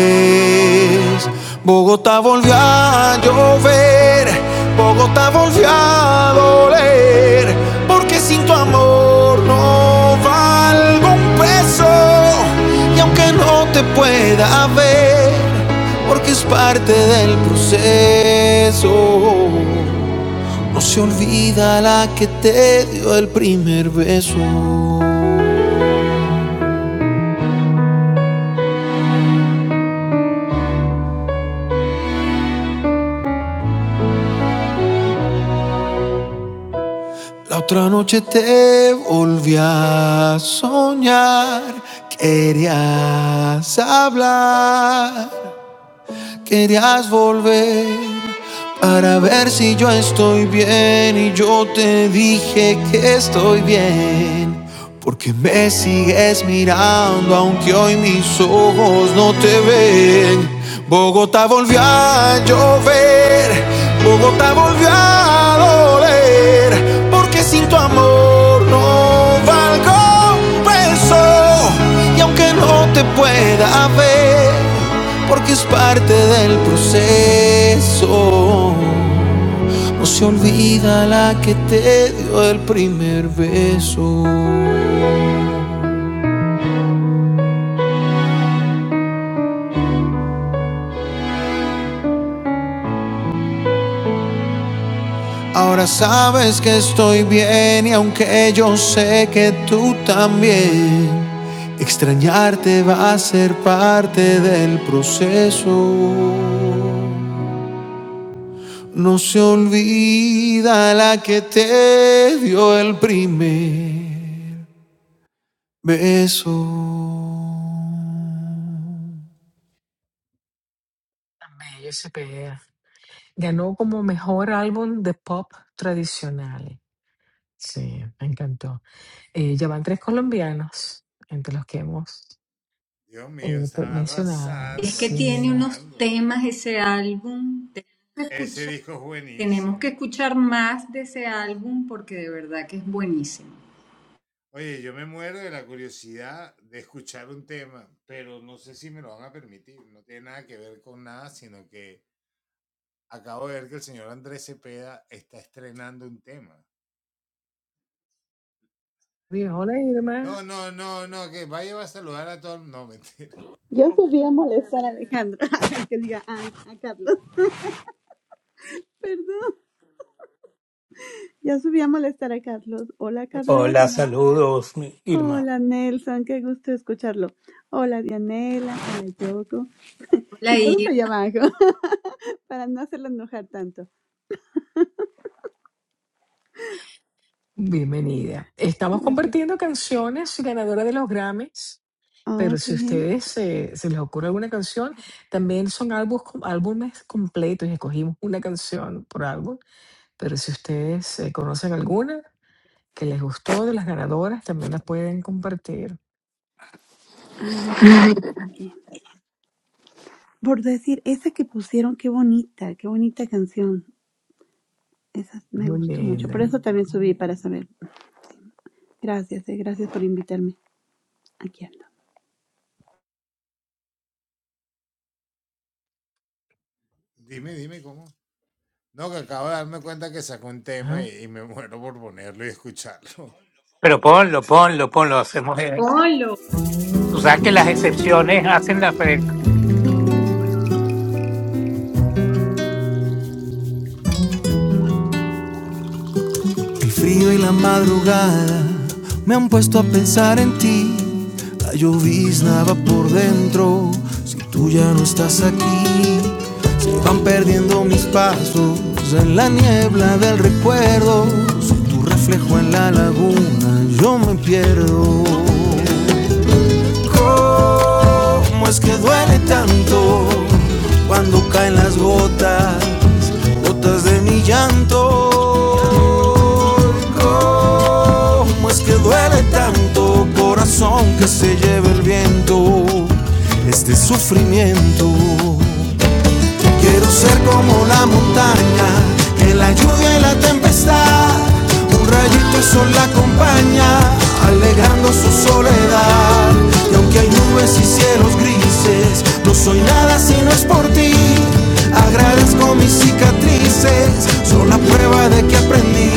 Speaker 3: Bogotá volvió a llover, Bogotá volvió a doler, porque sin tu amor no valgo un peso. Y aunque no te pueda ver, porque es parte del proceso, no se olvida la que te dio el primer beso. La otra noche te volví a soñar, querías hablar Querías volver para ver si yo estoy bien y yo te dije que estoy bien. Porque me sigues mirando aunque hoy mis ojos no te ven. Bogotá volvió a llover, Bogotá volvió a doler, porque sin tu amor no valgo peso. Y aunque no te pueda ver, porque es parte del proceso. No se olvida la que te dio el primer beso. Ahora sabes que estoy bien y aunque yo sé que tú también, extrañarte va a ser parte del proceso. No se olvida la que te dio el primer beso.
Speaker 1: Tan bello ese pedazo. Ganó como mejor álbum de pop tradicional. Sí, me encantó. Eh, ya van tres colombianos, entre los que hemos eh, pues, mencionado.
Speaker 2: Es que tiene
Speaker 1: Sí.
Speaker 2: unos temas ese álbum, tenemos que escuchar, tenemos que escuchar más de ese álbum porque de verdad que es buenísimo.
Speaker 1: Bien, Hola Irma,
Speaker 5: Yo subí a molestar a Alejandra, que diga a, a Carlos, perdón. Ya subí a molestar a Carlos. Hola, Carlos.
Speaker 4: Hola,
Speaker 5: Hola.
Speaker 4: saludos, mi Irma.
Speaker 5: Hola, Nelson, qué gusto escucharlo. Hola, Dianela, hola, Yoko.
Speaker 2: Hola
Speaker 5: Y todos allá
Speaker 2: Irma.
Speaker 5: abajo, para no hacerlo enojar tanto.
Speaker 1: bienvenida. Estamos
Speaker 5: Gracias.
Speaker 1: compartiendo canciones ganadoras de los Grammys,
Speaker 5: Oh,
Speaker 1: pero
Speaker 5: qué
Speaker 1: si
Speaker 5: bien.
Speaker 1: ustedes se, se les ocurre alguna canción, también son álbumes, álbumes completos. Escogimos una canción por álbum, pero si ustedes eh, conocen alguna, que les gustó de las ganadoras, también las pueden compartir.
Speaker 5: Bien. Por decir, esa que pusieron, qué bonita, qué bonita canción. Esa me
Speaker 1: Muy
Speaker 5: gustó mucho. Por
Speaker 1: linda.
Speaker 5: eso también subí para saber. Gracias, eh, gracias por invitarme. Aquí ando.
Speaker 1: Ajá.
Speaker 4: Pero ponlo, ponlo, ponlo. Hacemos. eh,
Speaker 2: Hola.
Speaker 4: Tú sabes que las excepciones hacen la regla.
Speaker 3: El frío y la madrugada me han puesto a pensar en ti. La llovizna va por dentro si tú ya no estás aquí. Se van perdiendo mis pasos en la niebla del recuerdo. Sin tu reflejo en la laguna yo me pierdo. ¿Cómo es que duele tanto cuando caen las gotas, gotas de mi llanto? ¿Cómo es que duele tanto corazón que se lleve el viento, este sufrimiento? Quiero ser como la montaña, en la lluvia y la tempestad. Un rayito de sol la acompaña, alegando su soledad. Y aunque hay nubes y cielos grises, no soy nada si no es por ti. Agradezco mis cicatrices, son la prueba de que aprendí.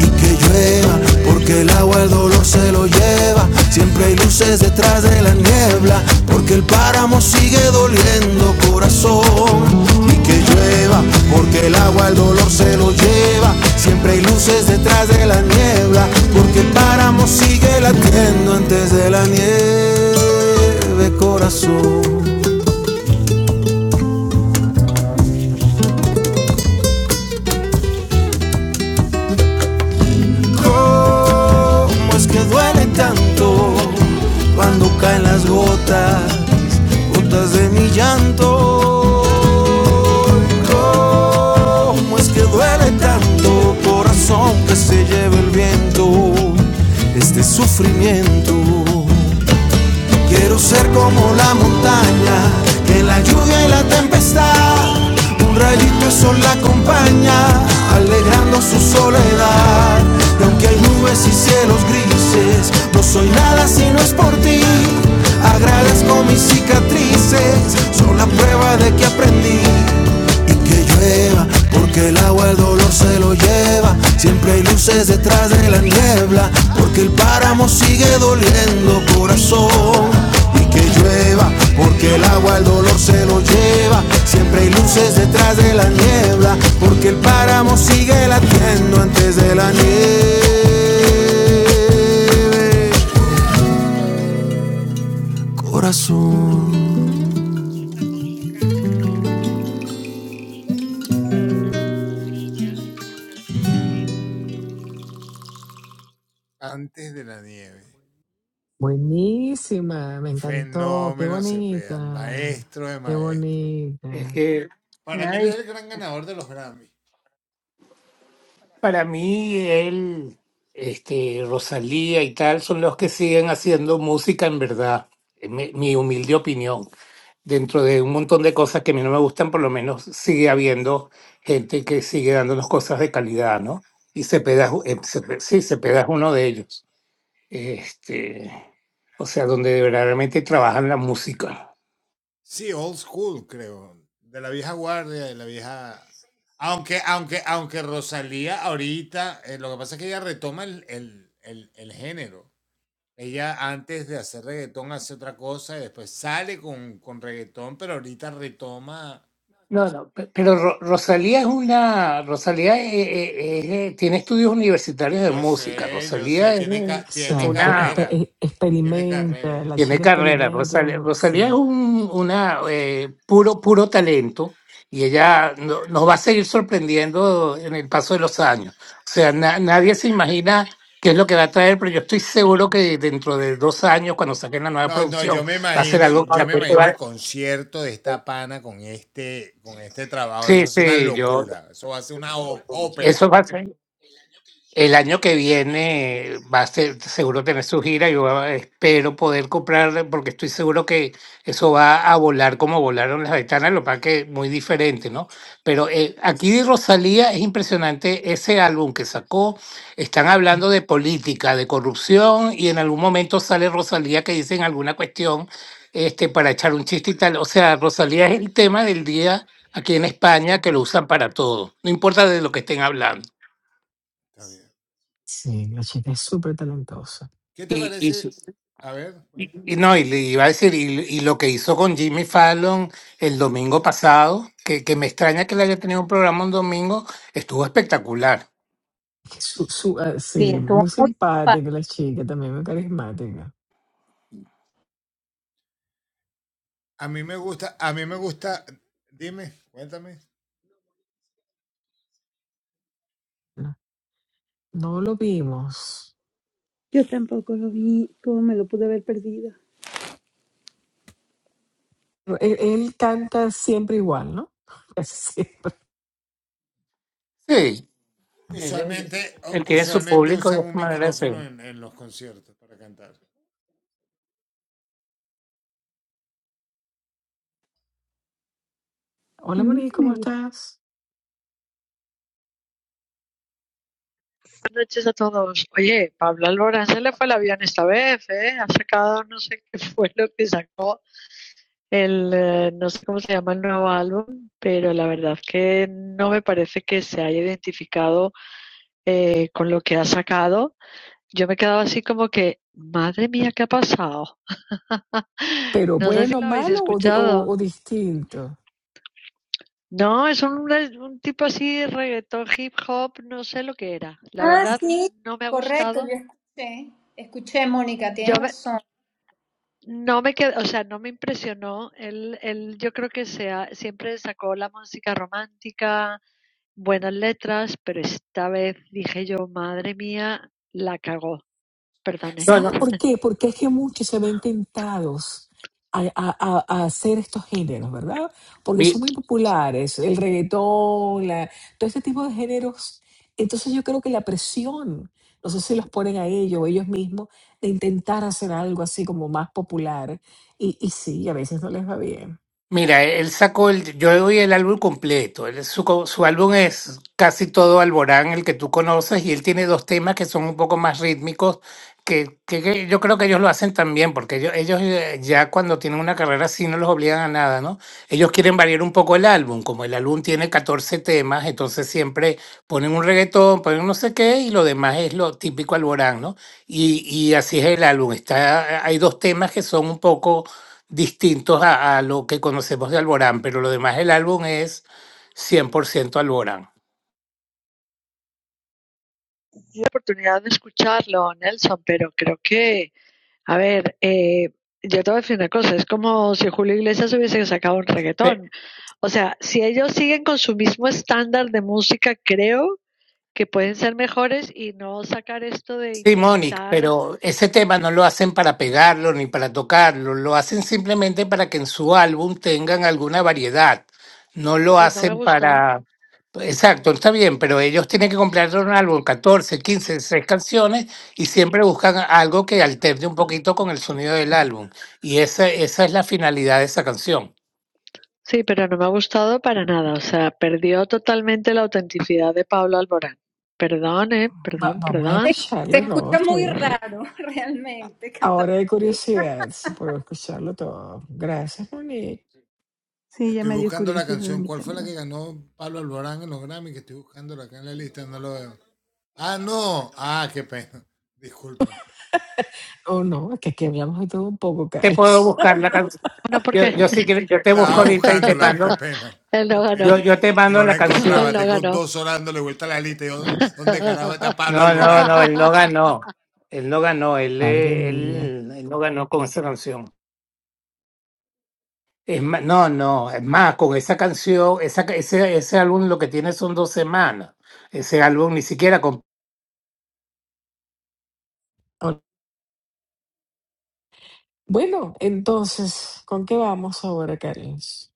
Speaker 3: Y que llueva, porque la agua el dolor se lo lleva. Siempre hay luces detrás de la niebla, porque el páramo sigue doliendo, corazón. Y que llueva, porque el agua el dolor se lo lleva. Siempre hay luces detrás de la niebla, porque el páramo sigue latiendo antes de la nieve, corazón. cómo es que duele tanto cuando caen las gotas, gotas de mi llanto. Cómo es que duele tanto, corazón que se lleva el viento, este sufrimiento. Quiero ser como la montaña, que en la lluvia y la tempestad, un rayito de sol la acompaña, alegrando su soledad. Y aunque hay nubes y cielos grises, no soy nada si no es por ti. Agradezco mis cicatrices, son la prueba de que aprendí que llueva, porque el agua el dolor se lo lleva. Siempre hay luces detrás de la niebla, porque el páramo sigue doliendo, corazón. Y que llueva, porque el agua el dolor se lo lleva. Siempre hay luces detrás de la niebla, porque el páramo sigue latiendo antes de la nieve. Corazón.
Speaker 1: Buenísima, me encantó, qué bonita, qué
Speaker 4: Es
Speaker 1: bonita.
Speaker 4: que
Speaker 2: Una belleza.
Speaker 4: para mí él, este, Rosalía y tal son los que siguen haciendo música en verdad. Eh, Mi, mi humilde opinión. Dentro de un montón de cosas que a mí no me gustan, por lo menos sigue habiendo gente que sigue dándonos cosas de calidad, ¿no? Y Cepeda, es u- eh, Cepe- sí, Cepeda es uno de ellos. este, o sea, donde verdaderamente trabajan la música. No, no, pe- pero Ro- Rosalía es una, Rosalía eh, eh, eh, tiene estudios universitarios de música, Rosalía es, un- es
Speaker 1: Exacto,
Speaker 4: una...
Speaker 1: expe- e- experimenta, la
Speaker 4: Tiene
Speaker 1: chica
Speaker 4: carrera,
Speaker 1: experimenta,
Speaker 4: Rosalía.
Speaker 1: mu- sí,
Speaker 4: Rosalía es un una, eh, puro, puro talento y ella no- nos va a seguir sorprendiendo en el paso de los años. O sea, na- nadie se imagina qué es lo que va a traer, pero yo estoy seguro que dentro de dos años, cuando saquen la nueva producción, va a ser algo que... la gente va- Sí, sí, yo... Eso va a ser. El año que viene va a ser seguro tener su gira. Yo espero poder comprar, porque estoy seguro que eso va a volar como volaron las ventanas, lo que pasa es que muy diferente, ¿no? Pero eh, aquí de Rosalía es impresionante ese álbum que sacó. Están hablando de política, de corrupción, y en algún momento sale Rosalía que dicen alguna cuestión este, para echar un chiste y tal. O sea, Rosalía es el tema del día aquí en España que lo usan para todo, no importa de lo que estén hablando.
Speaker 1: sí, la chica es súper talentosa.
Speaker 4: Y, y no, y le iba a decir, y, y lo que hizo con Jimmy Fallon el domingo pasado, que, que me extraña que le haya tenido un programa un domingo, estuvo espectacular.
Speaker 1: Es que Su, su- ah,
Speaker 2: Sí,
Speaker 1: sí, muy
Speaker 2: estuvo muy
Speaker 1: simpática
Speaker 2: simpático.
Speaker 1: la chica, también muy carismática. No, no lo vimos.
Speaker 5: Yo tampoco lo vi, cómo me lo pude haber perdido.
Speaker 1: Pero Él, él canta siempre igual, ¿no? Casi siempre.
Speaker 4: Sí. Él- él-
Speaker 5: A
Speaker 1: Hola,
Speaker 5: mí
Speaker 1: Moni,
Speaker 5: sí
Speaker 1: ¿cómo
Speaker 5: me gusta.
Speaker 1: estás?
Speaker 6: noches a todos. Oye, Pablo Alborán se le fue el avión esta vez, ¿eh? Ha sacado, no sé qué fue lo que sacó, el, eh, no sé cómo se llama el nuevo álbum, pero la verdad que no me parece que se haya identificado eh, con lo que ha sacado. Yo me he quedado así como que, madre mía, ¿qué ha pasado?
Speaker 1: pero
Speaker 6: No sé si
Speaker 1: bueno,
Speaker 6: lo habéis
Speaker 1: malo o, di- o,
Speaker 6: escuchado.
Speaker 1: o distinto.
Speaker 6: No, es un, un tipo así, reggaetón, hip hop, no sé lo que era. La
Speaker 2: Ah,
Speaker 6: verdad,
Speaker 2: sí,
Speaker 6: no me ha
Speaker 2: correcto,
Speaker 6: gustado.
Speaker 2: yo escuché. Escuché, Mónica,
Speaker 6: Yo
Speaker 2: tienes
Speaker 6: me,
Speaker 2: razón.
Speaker 6: No me quedó o sea, no me impresionó. Él, él yo creo que sea, siempre sacó la música romántica, buenas letras, pero esta vez dije yo, madre mía, la cagó. Perdoné.
Speaker 4: no,
Speaker 1: ¿Sabes por qué? Porque es que muchos se ven tentados a, a- a- a hacer estos géneros, ¿verdad? Porque
Speaker 4: no.
Speaker 1: son muy populares, el reggaetón, la- todo este tipo de géneros. Entonces yo creo que la presión, no sé si los ponen a ellos o ellos mismos, de intentar hacer algo así como más popular. Y, y sí, a veces no les va bien.
Speaker 4: Mira, él sacó el, yo le doy el álbum completo. Él- su, co- su álbum es casi todo Alborán, el que tú conoces, y él tiene dos temas que son un poco más rítmicos, que, que- que yo creo que ellos lo hacen también, porque ellos, ellos eh, ya cuando tienen una carrera así no los obligan a nada, ¿no? Ellos quieren variar un poco el álbum, como el álbum tiene 14 temas, entonces siempre ponen un reggaetón, ponen un no sé qué, y lo demás es lo típico Alborán, ¿no? Y, y así es el álbum. Está, hay dos temas que son un poco distintos a, a lo que conocemos de Alborán, pero lo demás del álbum es 100% Alborán.
Speaker 6: Tuve la oportunidad de escucharlo, Nelson, pero creo que, a ver, eh, yo te voy a decir una cosa, es como si Julio Iglesias hubiese sacado un
Speaker 4: Pe-
Speaker 6: reggaetón. O sea, si ellos siguen con su mismo estándar de música, creo que pueden ser mejores y no sacar esto de
Speaker 4: Sí, Monic,
Speaker 6: intentar
Speaker 4: pero ese tema no lo hacen para pegarlo ni para tocarlo, lo hacen simplemente para que en su álbum tengan alguna variedad. No lo
Speaker 6: Pues no me
Speaker 4: hacen
Speaker 6: gustó.
Speaker 4: para... Exacto, está bien, pero ellos tienen que comprar un álbum, 14, 15, 16 canciones, y siempre buscan algo que alterne un poquito con el sonido del álbum. Y esa, esa es la finalidad de esa canción.
Speaker 6: Sí, pero no me ha gustado para nada. O sea, perdió totalmente la autenticidad de Pablo Alborán. Perdón, eh,
Speaker 1: Va-
Speaker 6: perdón,
Speaker 1: vamos a
Speaker 2: Se,
Speaker 6: perdón.
Speaker 2: se
Speaker 1: escucharlo, ¿no?
Speaker 2: escucha
Speaker 1: Está
Speaker 2: muy
Speaker 1: bien.
Speaker 2: raro realmente cantar.
Speaker 1: Ahora de
Speaker 2: así.
Speaker 1: curiosidad, se puede escucharlo todo. Gracias, Monique.
Speaker 5: Sí, ya me dio curiosidad a mí también.
Speaker 1: Oh, no, es que aquí hablamos de todo un poco,
Speaker 4: Te puedo
Speaker 1: Carlos.
Speaker 4: buscar la canción.
Speaker 6: Bueno, porque
Speaker 4: Yo, yo sí que yo te busco ahorita y te mando.
Speaker 6: él no ganó.
Speaker 4: Yo, yo te mando la
Speaker 6: No,
Speaker 4: canción.
Speaker 6: él no ganó.
Speaker 4: No, no, no, él no ganó. Él no ganó, él,
Speaker 1: Madre
Speaker 4: eh,
Speaker 1: mía.
Speaker 4: él, él no ganó con esa canción. Es más, no, no, es más, con esa canción, esa, ese, ese álbum lo que tiene son dos semanas. Ese álbum ni siquiera con.
Speaker 1: Oh, Bueno, entonces, ¿con qué vamos ahora, Carlos?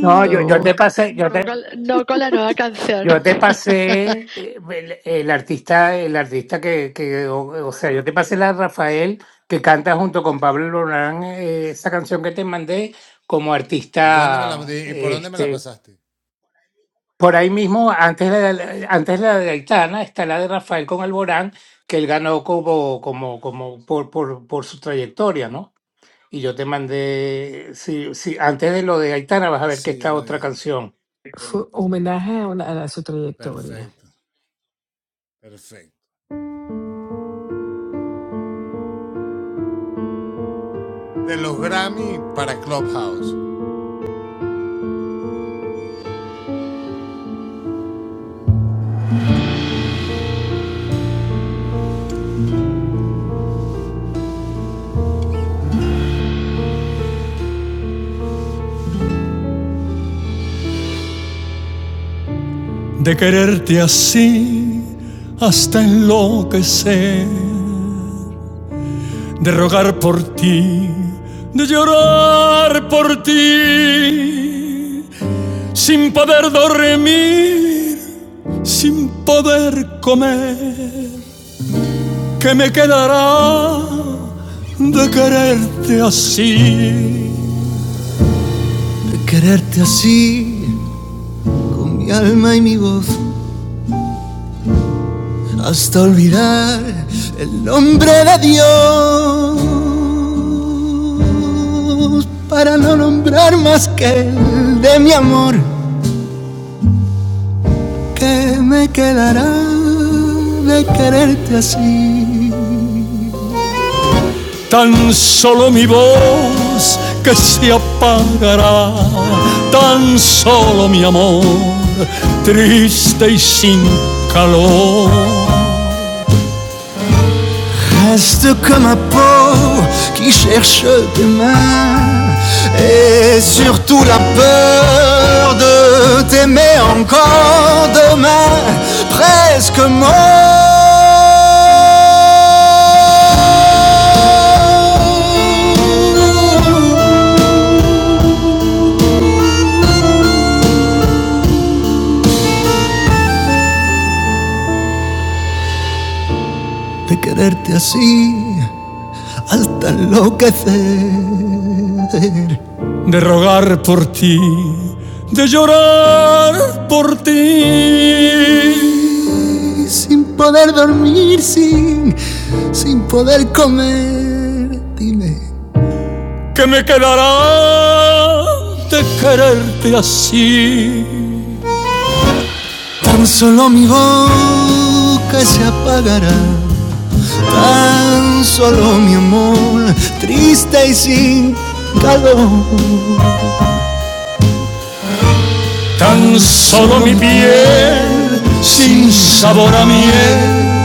Speaker 4: No, yo,
Speaker 1: Lo,
Speaker 4: yo te pasé, yo
Speaker 6: No
Speaker 4: te,
Speaker 6: con, no con la nueva canción.
Speaker 4: Yo te pasé eh, el, el artista, el artista que, que o, o sea, yo te pasé la de Rafael que canta junto con Pablo Lorán eh, esa canción que te mandé como artista, este, por ahí mismo antes la de, antes de la de Aitana está la de Rafael con Alborán que él ganó como como como por por, por su trayectoria, ¿no? Y yo te mandé, sí, sí, antes de lo de Aitana vas a ver que está otra canción.
Speaker 1: fue homenaje a, una- a su trayectoria.
Speaker 3: de quererte así hasta enloquecer. de rogar por ti, de llorar por ti, sin poder dormir, sin poder comer, ¿qué me quedará de quererte así, de quererte así, con mi alma y mi voz, dar el nombre de Dios para no nombrar más que el de mi amor que me quedará de quererte así. Tan solo mi voz que se apagará, tan solo mi amor, triste y sin calor. Reste comme un pauvre qui cherche des mains et surtout la peur de t'aimer encore demain, presque mort. enloquecer. de rogar por ti, de llorar por ti. Sin poder dormir, sin, sin poder comer. ¿Qué me quedará de quererte así? Solo mi boca se apagará, tan solo mi amor, triste y sin Tan solo mi piel sin sabor a miel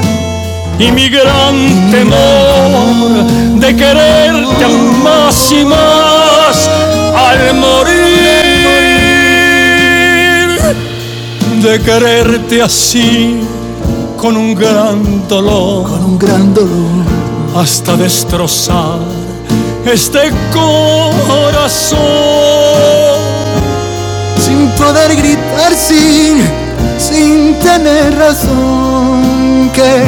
Speaker 3: y mi gran temor de quererte aún más y más al morir. De quererte así con un gran dolor hasta destrozar este corazón. sin poder gritar, sin, sin tener razón, que,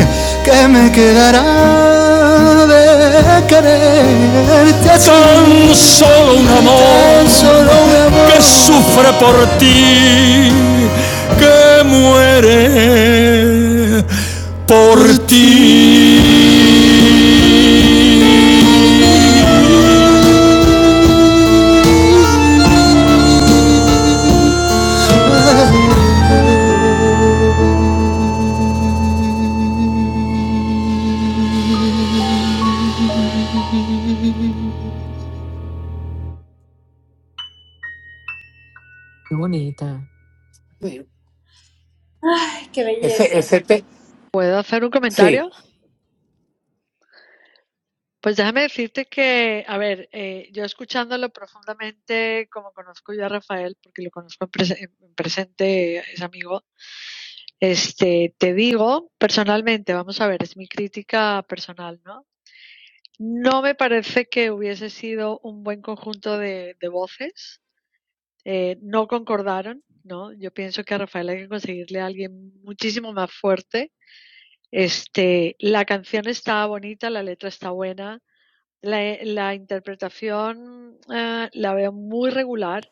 Speaker 3: que me quedará de quererte así. Tan solo un amor Tan solo un amor. que sufre por ti, que muere por ti.
Speaker 1: Qué bonita.
Speaker 4: Sí.
Speaker 2: qué
Speaker 4: Ese
Speaker 2: belleza.
Speaker 4: ese te,
Speaker 6: ¿Puedo hacer un
Speaker 4: sí.
Speaker 6: comentario? Pues déjame decirte que, a ver, eh, yo escuchándolo profundamente, como conozco yo a Rafael, porque lo conozco en, prese- en presente, es amigo, Este, te digo, personalmente, vamos a ver, es mi crítica personal, ¿no? No me parece que hubiese sido un buen conjunto de, de voces. Eh, no concordaron, ¿no? Yo pienso que a Rafael hay que conseguirle a alguien muchísimo más fuerte. Este, la canción está bonita, la letra está buena, la, la interpretación eh, la veo muy regular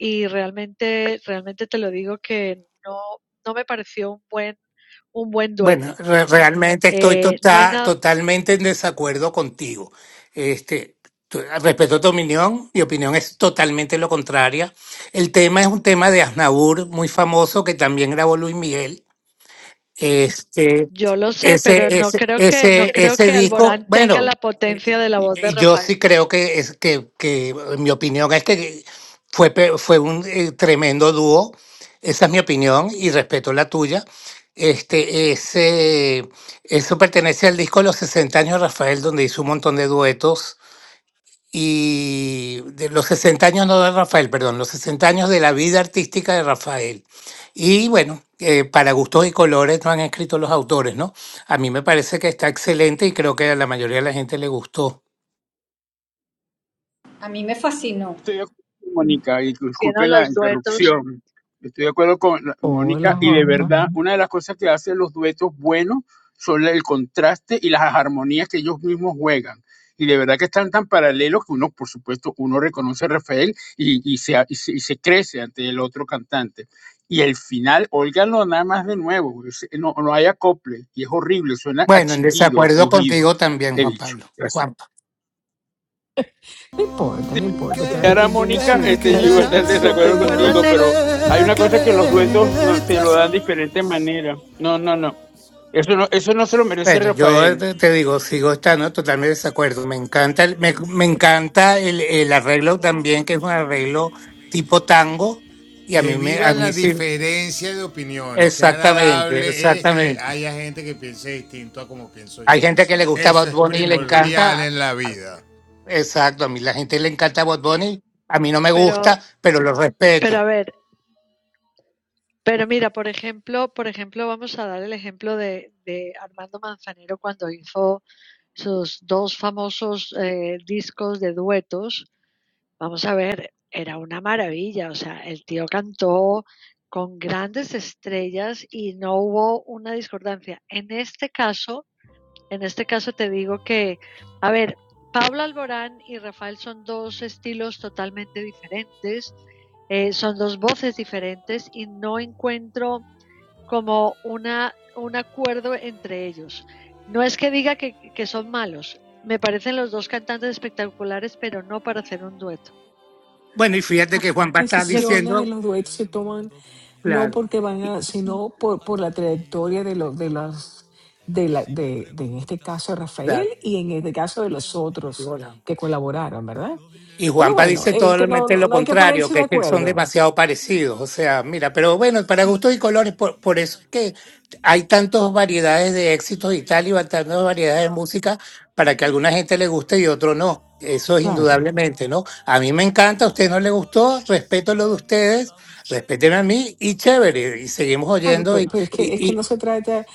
Speaker 6: y realmente, realmente te lo digo que no, no me pareció un buen, un buen
Speaker 4: Bueno,
Speaker 6: dueto.
Speaker 4: re- realmente estoy
Speaker 6: Eh, no hay
Speaker 4: tota-
Speaker 6: nada,
Speaker 4: totalmente en desacuerdo contigo. Este, tu- respeto tu opinión, mi opinión es totalmente lo contraria. El tema es un tema de Aznavour, muy famoso, que también grabó Luis Miguel, este,
Speaker 6: yo lo sé, pero
Speaker 4: ese,
Speaker 6: no
Speaker 4: ese,
Speaker 6: creo que, no
Speaker 4: ese,
Speaker 6: creo
Speaker 4: ese
Speaker 6: que
Speaker 4: disco,
Speaker 6: Alborán tenga la
Speaker 4: bueno, eh,
Speaker 6: potencia de la voz de
Speaker 4: yo sí
Speaker 6: Rafael.
Speaker 4: creo que es que, que mi opinión es que fue, pe- fue un eh, tremendo dúo. Esa es mi opinión y respeto la tuya. Este, ese, eso pertenece al disco de los 60 años, de Rafael, donde hizo un montón de duetos y de los 60 años, no de Rafael, perdón, los 60 años de la vida artística de Rafael. Y bueno, eh, para gustos y colores no han escrito los autores, ¿no? A mí me parece que está excelente y creo que a la mayoría de la gente le gustó.
Speaker 2: A mí me fascinó.
Speaker 7: Estoy de acuerdo con Mónica, y
Speaker 6: haciendo
Speaker 7: disculpen la
Speaker 6: los duetos.
Speaker 7: interrupción. Estoy de acuerdo con la- Mónica,
Speaker 1: Hola,
Speaker 7: y de
Speaker 1: Juanpa.
Speaker 7: verdad, una de las cosas que hacen los duetos buenos son el contraste y las armonías que ellos mismos juegan. Y de verdad que están tan paralelos que uno, por supuesto, uno reconoce a Rafael y, y se, y, se, y se crece ante el otro cantante. Y el final, óiganlo nada más de nuevo, es- no, no hay acople, y es horrible, suena a
Speaker 4: Bueno, en
Speaker 7: chillido, a
Speaker 4: desacuerdo
Speaker 7: crujido,
Speaker 4: contigo también,
Speaker 7: he
Speaker 4: Juan
Speaker 7: dicho.
Speaker 4: Pablo.
Speaker 7: Gracias.
Speaker 4: Juanpa.
Speaker 1: No importa, no importa. Cada
Speaker 3: que,
Speaker 7: Ahora,
Speaker 1: quien tiene
Speaker 3: que
Speaker 7: Mónica,
Speaker 3: me
Speaker 1: su,
Speaker 7: este, yo
Speaker 1: cada
Speaker 7: iba a
Speaker 1: quien
Speaker 7: estar de
Speaker 1: su
Speaker 7: acuerdo
Speaker 1: opinión.
Speaker 7: contigo,
Speaker 3: quedará
Speaker 6: Acuérdate,
Speaker 7: pero hay
Speaker 3: de
Speaker 7: una cosa que los duetos no, te
Speaker 3: quererte
Speaker 7: lo dan de diferente manera.
Speaker 3: solo un
Speaker 7: No, no, no.
Speaker 3: amor
Speaker 7: Eso no, eso no
Speaker 3: que
Speaker 7: se lo merece
Speaker 4: Bueno,
Speaker 3: sufre a
Speaker 4: yo eh,
Speaker 7: Rafael.
Speaker 4: te te digo, sigo
Speaker 3: ti,
Speaker 4: estando totalmente de desacuerdo.
Speaker 3: que
Speaker 4: Me encanta, el- me, me encanta el,
Speaker 3: muere
Speaker 4: el arreglo
Speaker 3: por
Speaker 4: también, que es un arreglo
Speaker 3: ti.
Speaker 4: tipo tango, y a mí me, a mí sí, exactamente, exactamente. Hay gente que le gusta Bad Bunny y le encanta. Exacto, a mí la gente le encanta Bad Bunny. A mí no me
Speaker 6: pero,
Speaker 4: gusta, pero lo
Speaker 6: pero a
Speaker 4: respeto.
Speaker 6: ver, pero mira, por ejemplo, por ejemplo, vamos a dar el ejemplo de, de Armando Manzanero cuando hizo sus dos famosos eh, discos de duetos Vamos a ver, era una maravilla, o sea, el tío cantó con grandes estrellas y no hubo una discordancia. En este caso, en este caso te digo que, a ver, Pablo Alborán y Rafael son dos estilos totalmente diferentes, eh, son dos voces diferentes y no encuentro como una, un acuerdo entre ellos. No es que diga que, que son malos, me parecen los dos cantantes espectaculares, pero no para hacer un dueto.
Speaker 4: Bueno, y fíjate
Speaker 5: ah,
Speaker 4: que Juanpa está
Speaker 5: yo creo-
Speaker 1: Decisiones de
Speaker 4: diciendo,
Speaker 1: los duetos se
Speaker 3: El
Speaker 1: toman
Speaker 3: mundo de mi
Speaker 1: No
Speaker 4: claro,
Speaker 1: porque van
Speaker 4: y-
Speaker 1: a,
Speaker 3: alrededor
Speaker 5: sí.
Speaker 1: sino por,
Speaker 3: ha
Speaker 1: por la trayectoria de
Speaker 3: cambiado de
Speaker 1: los de
Speaker 3: color.
Speaker 1: las de la
Speaker 3: Si me
Speaker 1: de, de en este
Speaker 3: preguntas
Speaker 1: caso
Speaker 3: cómo
Speaker 1: Rafael
Speaker 4: claro,
Speaker 3: fue,
Speaker 1: y en este caso de
Speaker 3: te
Speaker 1: los
Speaker 3: lo diré,
Speaker 4: y
Speaker 1: otros
Speaker 4: bueno.
Speaker 1: que colaboraron,
Speaker 3: te
Speaker 1: ¿verdad?
Speaker 3: lo
Speaker 4: Y
Speaker 3: diré.
Speaker 1: Pero
Speaker 4: Juanpa
Speaker 1: bueno,
Speaker 4: dice
Speaker 1: este no,
Speaker 4: totalmente
Speaker 1: no,
Speaker 4: lo
Speaker 1: no hay que
Speaker 4: contrario,
Speaker 1: ponerse
Speaker 4: que
Speaker 1: de
Speaker 4: es que son
Speaker 1: acuerdo.
Speaker 4: demasiado parecidos. O sea,
Speaker 3: Desde
Speaker 4: mira, pero bueno, para gustos y colores,
Speaker 3: el
Speaker 4: por, por eso
Speaker 3: día
Speaker 4: es
Speaker 3: que
Speaker 4: que
Speaker 3: te vi,
Speaker 4: hay tantas variedades de éxitos
Speaker 3: la
Speaker 4: y tal,
Speaker 3: vida
Speaker 4: y va-
Speaker 3: para
Speaker 4: tantas variedades de
Speaker 3: mí
Speaker 4: música, para que a
Speaker 3: es
Speaker 4: alguna
Speaker 3: de
Speaker 4: gente le guste
Speaker 3: color
Speaker 4: y
Speaker 3: de
Speaker 4: otro no. Eso es
Speaker 3: rosa.
Speaker 1: Claro,
Speaker 4: indudablemente, ¿no? A mí me encanta, a usted no le gustó,
Speaker 3: Hoy me
Speaker 4: respeto lo de
Speaker 3: siento
Speaker 4: ustedes,
Speaker 3: tan
Speaker 4: respeten a mí y
Speaker 3: feliz
Speaker 4: chévere,
Speaker 3: que
Speaker 4: y seguimos
Speaker 3: cualquier
Speaker 1: claro,
Speaker 4: oyendo.
Speaker 1: pe-
Speaker 4: Y,
Speaker 1: pero, es
Speaker 3: tarde
Speaker 1: que
Speaker 4: y,
Speaker 1: es que
Speaker 4: y
Speaker 1: no se trata,
Speaker 3: gris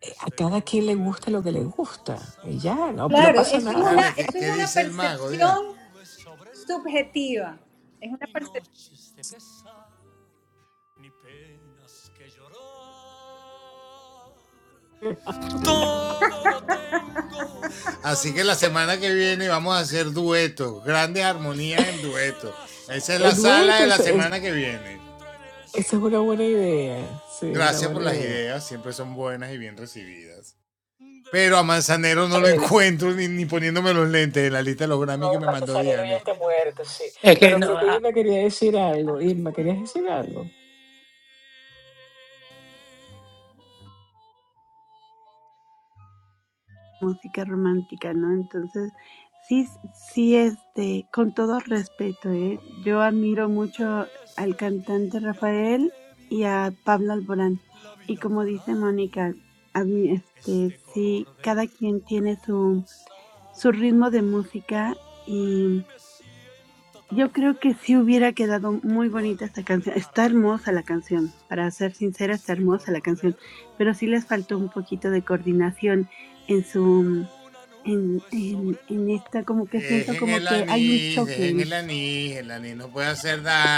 Speaker 1: eh,
Speaker 3: es
Speaker 1: a
Speaker 3: de
Speaker 1: cada quien le
Speaker 3: color de
Speaker 1: gusta lo que le gusta,
Speaker 3: rosa.
Speaker 1: y ya, no, no
Speaker 2: Claro,
Speaker 1: pasa
Speaker 2: eso es una,
Speaker 1: nada.
Speaker 2: eso es una percepción
Speaker 3: Nubes sobre él,
Speaker 2: subjetiva. Es una
Speaker 3: ni
Speaker 2: percepción.
Speaker 3: noches de pesar, ni penas que lloró
Speaker 1: Edwin, entonces es, esa es una buena idea. Sí, una buena idea. a ver
Speaker 5: Ah,
Speaker 1: No, el Batisalero ya está muerto, sí.
Speaker 4: es que
Speaker 1: Pero creo
Speaker 4: no,
Speaker 1: que Irma quería decir algo. Irma, ¿querías decir algo?
Speaker 5: música romántica, ¿no? Entonces, sí, sí, este, con todo respeto, ¿eh? Yo admiro mucho al
Speaker 3: del
Speaker 5: cantante
Speaker 3: día que
Speaker 5: Rafael
Speaker 3: te
Speaker 5: y
Speaker 3: vi.
Speaker 5: a Pablo Alborán.
Speaker 3: La
Speaker 5: Y
Speaker 3: vida
Speaker 5: como dice
Speaker 3: para mí
Speaker 5: Mónica, admi-
Speaker 3: es
Speaker 5: este,
Speaker 3: de
Speaker 5: sí,
Speaker 3: color de
Speaker 5: cada quien tiene su,
Speaker 3: rosa.
Speaker 5: su ritmo de música
Speaker 3: Hoy me siento tan
Speaker 5: Yo creo que sí hubiera
Speaker 3: feliz
Speaker 5: quedado
Speaker 3: que
Speaker 5: muy bonita esta
Speaker 3: cualquier
Speaker 5: canción. Está
Speaker 3: tarde
Speaker 5: hermosa la
Speaker 3: gris
Speaker 5: canción, para ser sincera,
Speaker 3: es
Speaker 5: está
Speaker 3: de
Speaker 5: hermosa la
Speaker 3: color de
Speaker 5: canción, pero sí les faltó un
Speaker 3: rosa.
Speaker 5: poquito de coordinación en
Speaker 3: Y
Speaker 5: su,
Speaker 3: una
Speaker 5: en,
Speaker 3: nube sobre
Speaker 5: en,
Speaker 3: el
Speaker 5: en esta,
Speaker 3: mar
Speaker 5: como que siento como que hay un choque, en-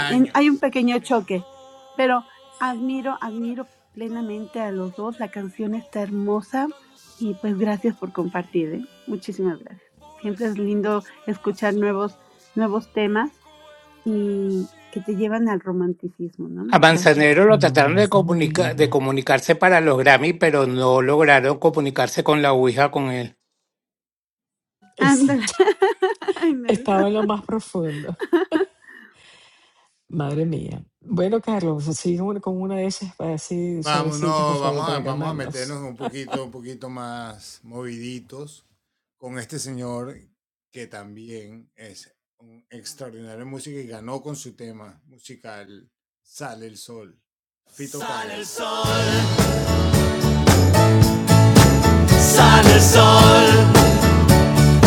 Speaker 5: en- hay un pequeño
Speaker 3: que
Speaker 5: choque, pero admiro,
Speaker 3: llorar.
Speaker 5: admiro plenamente a los dos. La canción está hermosa y pues gracias por compartir, ¿eh? Muchísimas gracias. Siempre es lindo escuchar nuevos, nuevos temas y que te llevan al romanticismo,
Speaker 4: A
Speaker 5: ¿no? Gracias,
Speaker 4: Manzanero lo
Speaker 5: gracias.
Speaker 1: No,
Speaker 4: trataron de,
Speaker 1: gracias a ti,
Speaker 4: comunica- de
Speaker 1: Irma.
Speaker 4: comunicarse para los Grammy, pero no lograron comunicarse con la Ouija con él.
Speaker 5: Ándale.
Speaker 1: Exacto.
Speaker 5: Ay,
Speaker 1: Estaba
Speaker 5: Nelson.
Speaker 1: en lo más profundo. Madre mía. Bueno, Carlos, sigue un- con una de esas así suavecitas, por favor, para calmarnos.
Speaker 3: Sale el sol.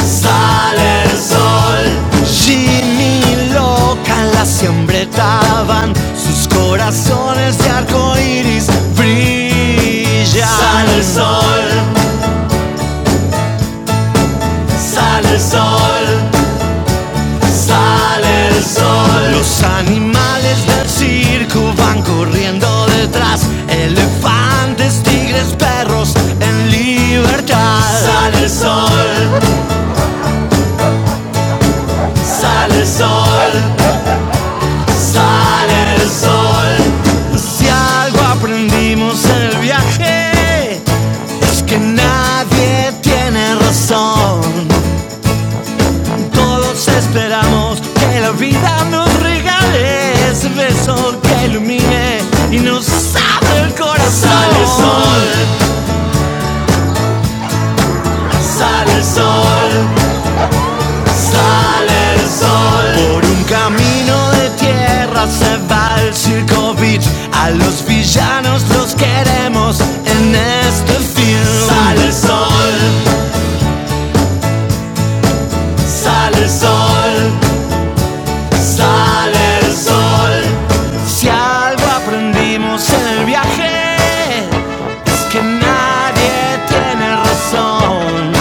Speaker 3: Sale el sol, Jimmy y loca siempre sembretaban, sus corazones de arco iris brillan. Sale el sol, sale el sol, sale el sol. Los animales del circo van corriendo detrás, elefantes, tigres, perros en libertad. Sale el sol, sale el sol, Sale el sol. Si algo aprendimos en el viaje, es que nadie tiene razón. Todos esperamos que la vida nos regale ese beso que ilumine y nos abra el corazón. Sale el sol, sale el sol. Sale el sol por un camino de tierra se va el circo beat. A los villanos los queremos en este film. Sale el sol, sale el sol, sale el sol. Si algo aprendimos en el viaje es que nadie tiene razón.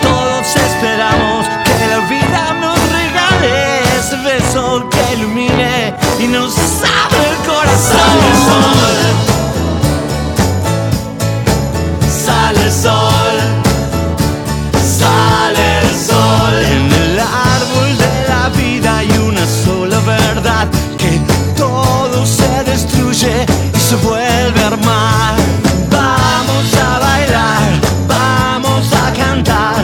Speaker 3: Todos esperamos que la vida nos regale ese beso que ilumine y nos abra el corazón. Sale el sol, sale el sol. sale el sol. En el árbol de la vida hay una sola verdad, que todo se destruye y se vuelve a armar. Vamos a bailar, vamos a cantar,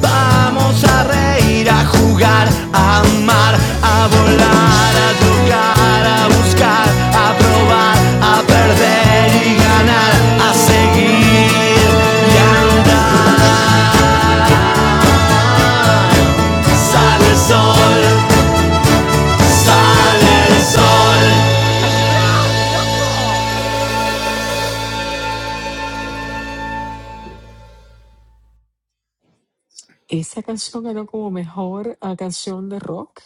Speaker 3: vamos a reír, a jugar, a amar, a volar, a tocar, a buscar, a probar, a perder y ganar, a seguir y andar. Sale el sol. sa-
Speaker 1: Esa canción ganó como mejor ah, canción de rock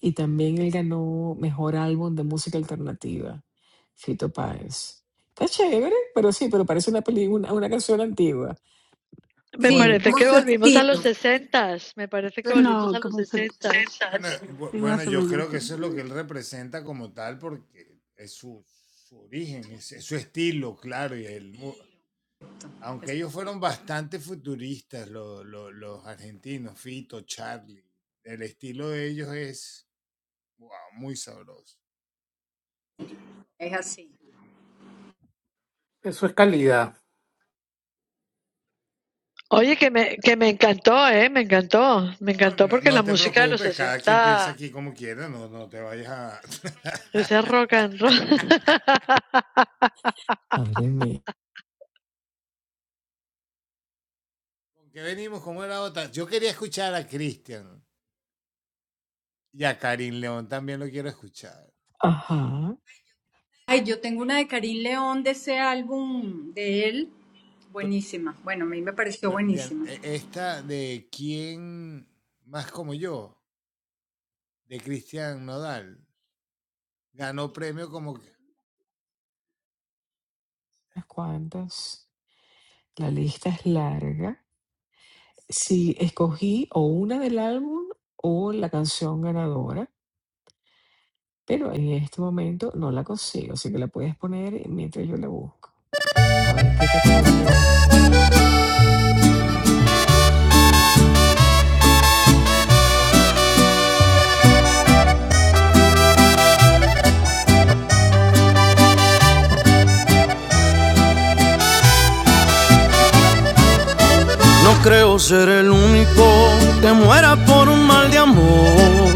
Speaker 1: y también él ganó mejor álbum de música alternativa, Fito Páez. Está chévere, pero sí, pero parece una película, una, una canción antigua.
Speaker 6: Me
Speaker 2: Sí,
Speaker 1: Mónica.
Speaker 6: parece
Speaker 2: como
Speaker 6: que
Speaker 2: su
Speaker 6: volvimos a los
Speaker 2: estilo.
Speaker 6: sesentas, me parece
Speaker 2: Su
Speaker 6: que
Speaker 2: est-
Speaker 6: volvimos
Speaker 5: No,
Speaker 6: a los
Speaker 5: como se te...
Speaker 6: sesentas.
Speaker 5: sí, más o menos, sí.
Speaker 2: Es, es así.
Speaker 4: Eso es calidad.
Speaker 6: Oye, que me, que me encantó, ¿eh? Me encantó, me encantó porque la música de los sesenta, ese rock and roll.
Speaker 1: Madre mía. Ajá,
Speaker 2: Ay, yo tengo una de Karim León de ese álbum de él. Buenísima. Bueno, a mí me pareció buenísima.
Speaker 1: unas cuantas. La lista es larga. Sí, escogí o una del álbum o la canción ganadora, pero en este momento no la consigo, así que la puedes poner mientras yo la busco. A ver en qué categoría ganó.
Speaker 3: No creo ser el único que muera por un mal de amor.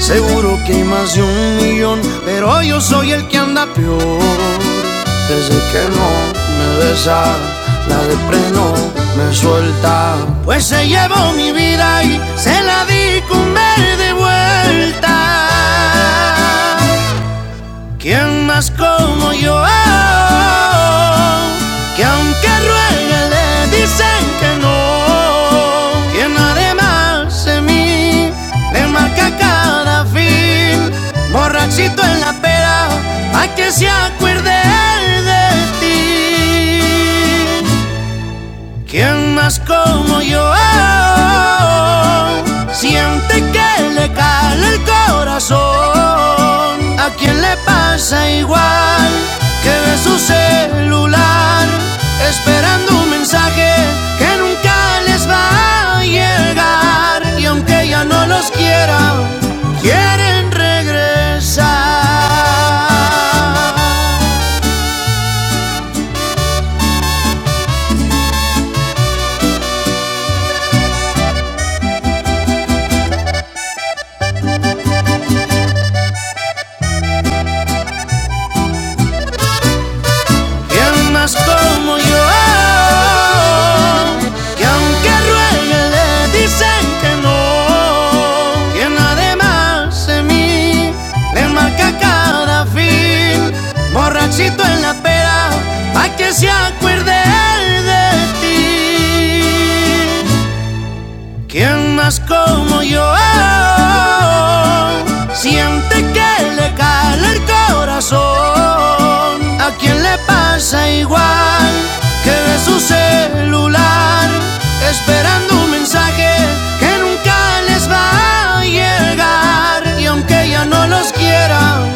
Speaker 3: Seguro que hay más de un millón, pero yo soy el que anda peor. Desde que no me besa, la de freno me suelta. Pues se llevó mi vida y se la di con verde vuelta. ¿Quién más como yo? Que aunque ruegue le dicen que no. Quien además de mí le marca cada fin. Borrachito en la pera, a que se acuerde él de ti. ¿Quién más como yo siente que le cala el corazón? ¿A quién le pasa igual que ve su celular esperando un mensaje que nunca les va a llegar? Y aunque ya no los quiera, quieren regresar. Y almas como yo, que aunque ruegue le dicen que no, quien además de mí le marca cada fin, borrachito en la pera, pa' que se acuerde él de ti. Quien más como yo, siente que le cae el corazón, a quien le pasa Esperando un mensaje nunca les va a llegar. Y aunque ya no los quiera,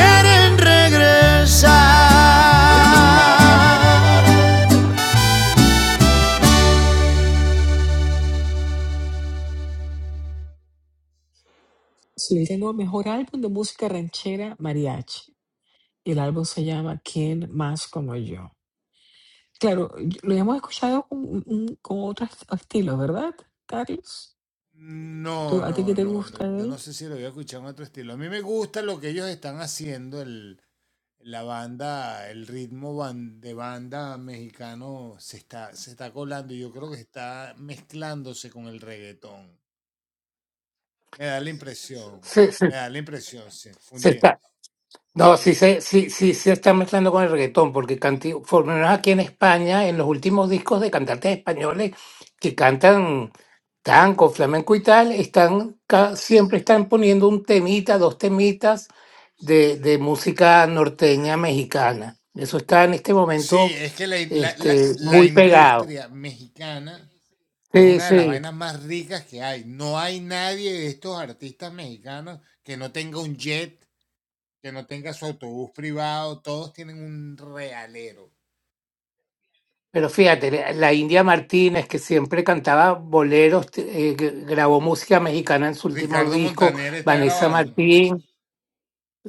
Speaker 3: quieren regresar.
Speaker 1: Sí, tengo mejor álbum de música ranchera mariachi. Y el álbum se llama ¿Quién más como yo? Claro, y- lo hemos escuchado con, un- un- con otros estilos, ¿verdad, Carlos? ¿Tú, a ti qué te gusta él?
Speaker 4: Se, se- se está. No, sí se, sí, sí se está mezclando con el reggaetón, porque canti, por lo menos aquí en España, en los últimos discos de cantantes españoles que cantan tango, flamenco y tal, están ca- siempre están poniendo un temita, dos temitas de, de música norteña mexicana. Eso está en este momento este, muy pegado. Sí, sí. Pero fíjate, la la India Martínez, que siempre cantaba boleros, te- eh, g- grabó música mexicana en su último disco, Vanessa Martín.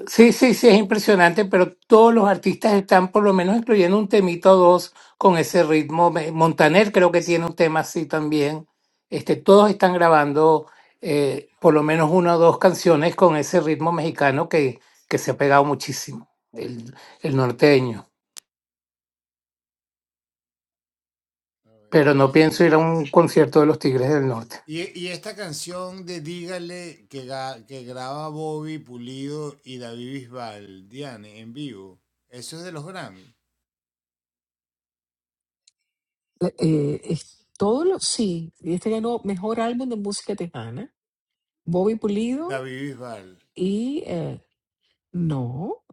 Speaker 4: Sí, sí, sí, es impresionante, pero todos los artistas están por lo menos incluyendo un temito o dos con ese ritmo. Me- Montaner creo que tiene un tema así también. Este, todos están grabando eh, por lo menos una o dos canciones con ese ritmo mexicano que, que se ha pegado muchísimo, el el norteño. pero no pienso ir a un concierto de los Tigres del Norte.
Speaker 1: Eh, eh, es- todo lo, sí, y este ganó mejor álbum de música tejana. Bobby Pulido y eh, no,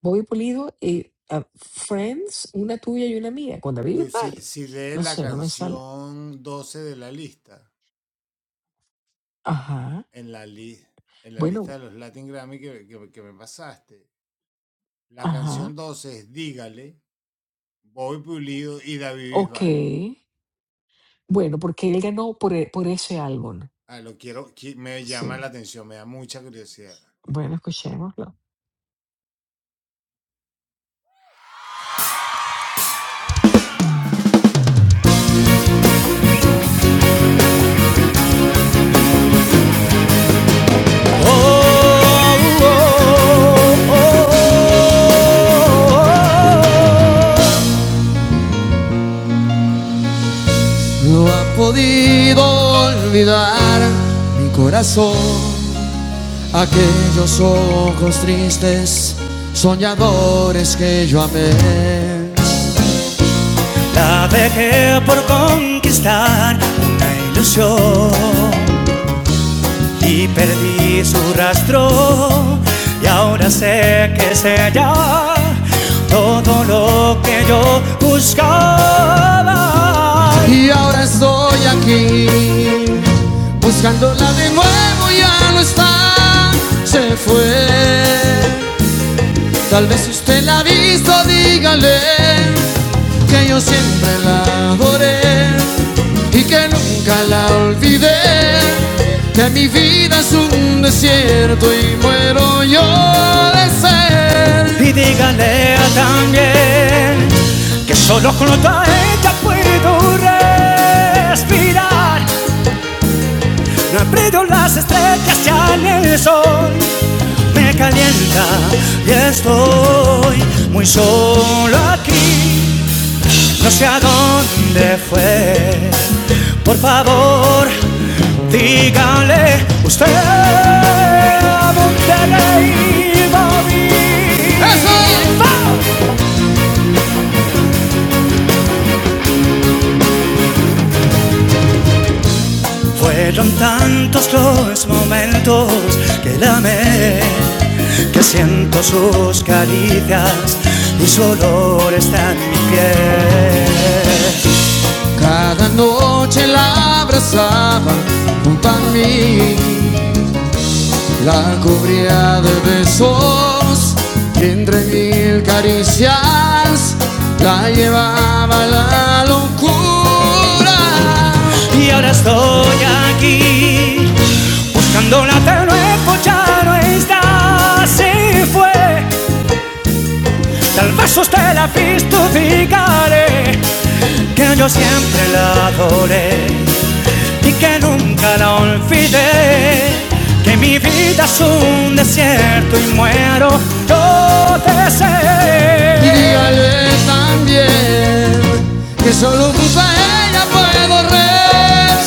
Speaker 1: Bobby Pulido y ah, Friends, una tuya y una mía, con David Bisbal. No sé, no me sale. Ajá, bueno, ajá, ok. Bueno, porque él ganó por, e- por ese álbum. Sí, bueno, escuchémoslo.
Speaker 3: Oh, oh, oh, oh, oh. oh. No ha podido olvidar mi corazón aquellos ojos tristes, soñadores que yo amé. La dejé por conquistar una ilusión y perdí su rastro y ahora sé que es ella todo lo que yo buscaba. Y ahora estoy aquí buscándola de nuevo, ya no está, se fue. Tal vez si usted la ha visto, dígale que yo siempre la adoré y que nunca la... Y dígale también que solo con a ella puedo respirar. No aprendo las estrellas ya en el sol. Me calienta y estoy muy solo aquí. No sé a dónde fue. Por favor, dígale usted a Monterrey Bobby. Fueron tantos los momentos que la amé, que siento sus caricias y su olor está en mi piel. Cabraba junto a mí de besos y entre mil caricias la llevaba a la locura. Y ahora estoy aquí buscándola de nuevo, ya no está. Se fue, tal vez usted la ha visto, dígale que yo siempre la adoré y que nunca la olvidé. Que mi vida es un desierto y muero yo te Y sé. dígale también que solo junto a ella puedo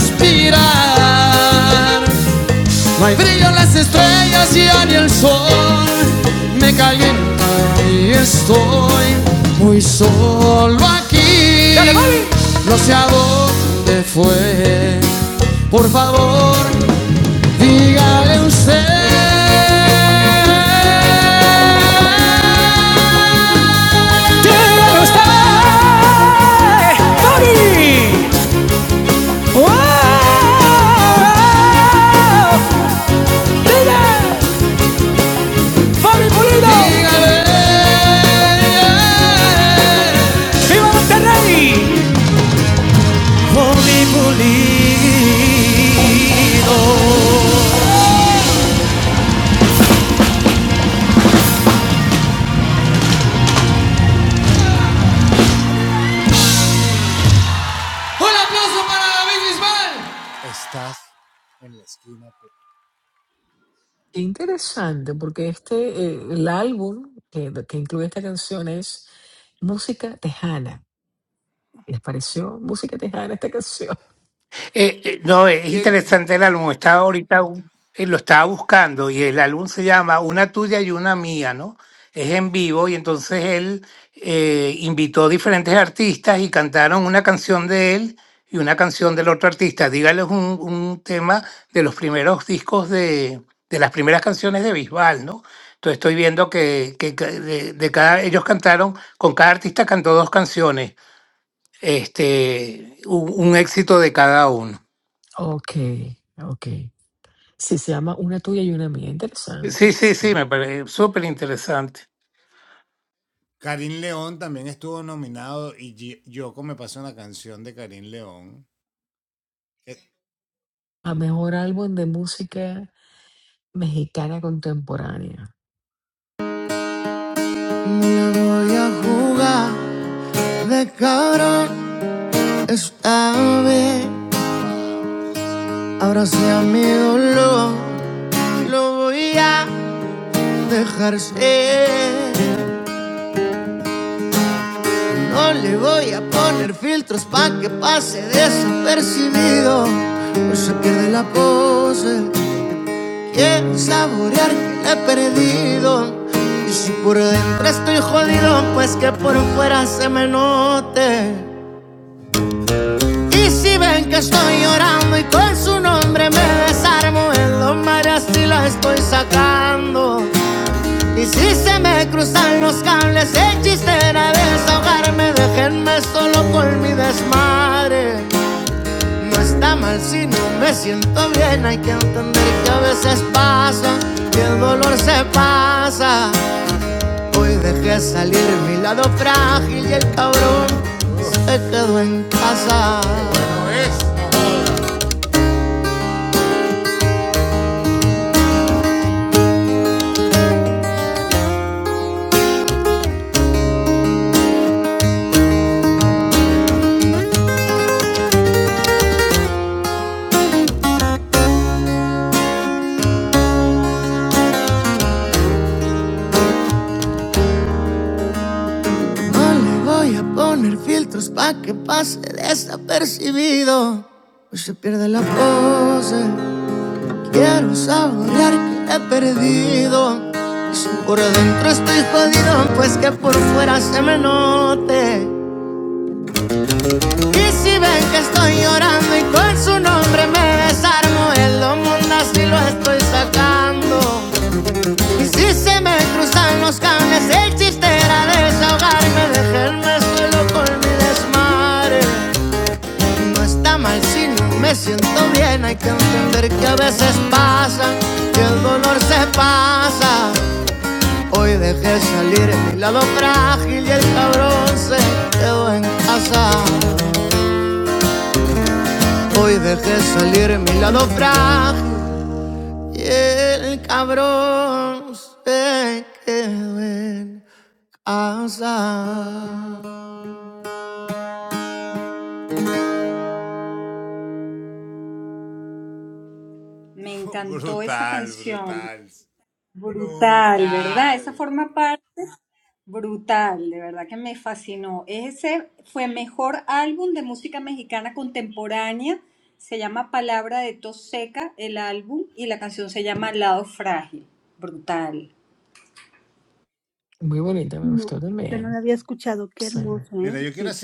Speaker 3: respirar. No hay brillo en las estrellas, ya ni el sol me calienta y estoy muy solo aquí. Dale, No sé a dónde fue por favor, dígale usted. Fabi Pulido, viva Monterrey. Bobby Pulido.
Speaker 1: Qué Interesante, porque este, eh, el álbum que, que incluye esta canción es Música Tejana Les pareció música tejana esta canción.
Speaker 4: Eh, eh, no, es interesante el álbum. Estaba ahorita, eh, lo estaba buscando y el álbum se llama Una tuya y una mía, ¿no? Es en vivo y entonces él eh, invitó diferentes artistas y cantaron una canción de él y una canción del otro artista. Dígales un, un tema de los primeros discos de, de las primeras canciones de Bisbal, ¿no? Entonces estoy viendo que, que ca- de, de cada, ellos cantaron, con cada artista cantó dos canciones este, un, un éxito de cada uno.
Speaker 1: Ok, ok. Sí, se llama Una tuya y una mía. Interesante.
Speaker 4: Sí, sí,
Speaker 1: sí.
Speaker 4: sí, me parece súper interesante.
Speaker 1: A mejor álbum de música mexicana contemporánea.
Speaker 3: Dejarse. No le voy a poner filtros pa' que pase desapercibido. Pues se pierde la pose. Quiero saborear que la he perdido. Y si por dentro estoy jodido, pues que por fuera se me note. Y si ven que estoy llorando y con su nombre me desarmo, en los mares y la estoy sacando. Y si se me. No le voy a poner filtros pa' que pase desapercibido. Pues se pierde la pose. Quiero saborear que la he perdido. Por dentro estoy jodido, pues que por fuera se me note. Y si ven que estoy llorando y con su nombre me desarmo, el domo anda así lo estoy sacando. Y si se me cruzan los cables, el chiste era desahogarme, dejarme solo con mi desmadre. No está mal si no me siento bien, hay que entender que a veces pasa, que el dolor se pasa. Hoy dejé salir mi lado frágil y el cabrón se quedó en casa. Hoy dejé salir mi lado frágil y el cabrón se
Speaker 2: Me encantó esa canción. Brutal, ¿verdad? Esa forma parte. Brutal, de verdad que me fascinó. Ese fue mejor álbum de música mexicana contemporánea. Se llama Palabra de Tos Seca, el álbum, y la canción se llama Lado Frágil. Brutal.
Speaker 1: Muy bonita, me
Speaker 5: No,
Speaker 1: gustó
Speaker 5: yo no
Speaker 1: también.
Speaker 5: la había escuchado. Qué
Speaker 1: Sí.
Speaker 5: hermoso, ¿eh? Sí.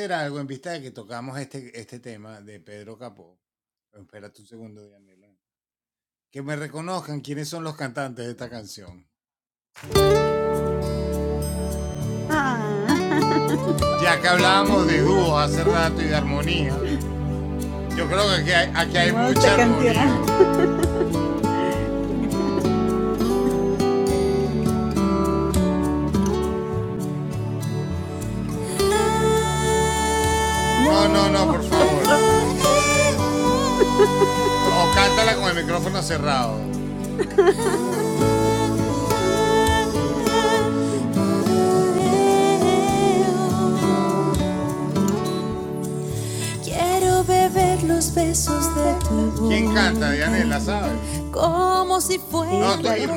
Speaker 5: Ah, na, na. hermosa canción.
Speaker 1: No,
Speaker 3: Quiero beber los besos de tu
Speaker 5: los besos de tu voz.
Speaker 3: boca como si fuera
Speaker 5: Sí, claro.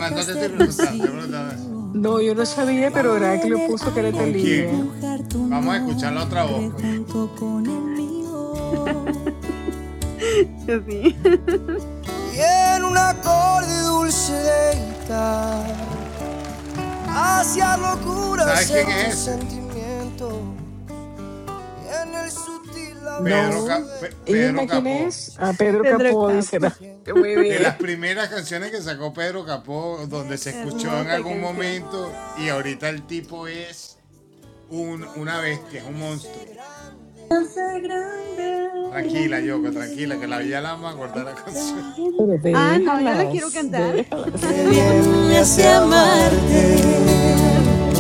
Speaker 1: no, yo no sabía,
Speaker 3: y
Speaker 1: pero
Speaker 3: ahí en
Speaker 1: Heraclio
Speaker 3: el
Speaker 1: puso que era
Speaker 3: aire
Speaker 1: Thalía.
Speaker 3: mojar tu manto con el mío.
Speaker 5: Sí.
Speaker 1: No. Irma, ¿quién es? A Pedro
Speaker 5: Pedro
Speaker 1: Capó, dice
Speaker 5: Capo.
Speaker 1: Heraclio. Muy bien.
Speaker 5: Hermosa canción.
Speaker 2: Hace grande.
Speaker 5: Grande. Estoy en...
Speaker 1: Pero
Speaker 5: Ah, no, yo la quiero
Speaker 1: déjalas,
Speaker 5: cantar.
Speaker 1: déjalas.
Speaker 5: Ay, Marte.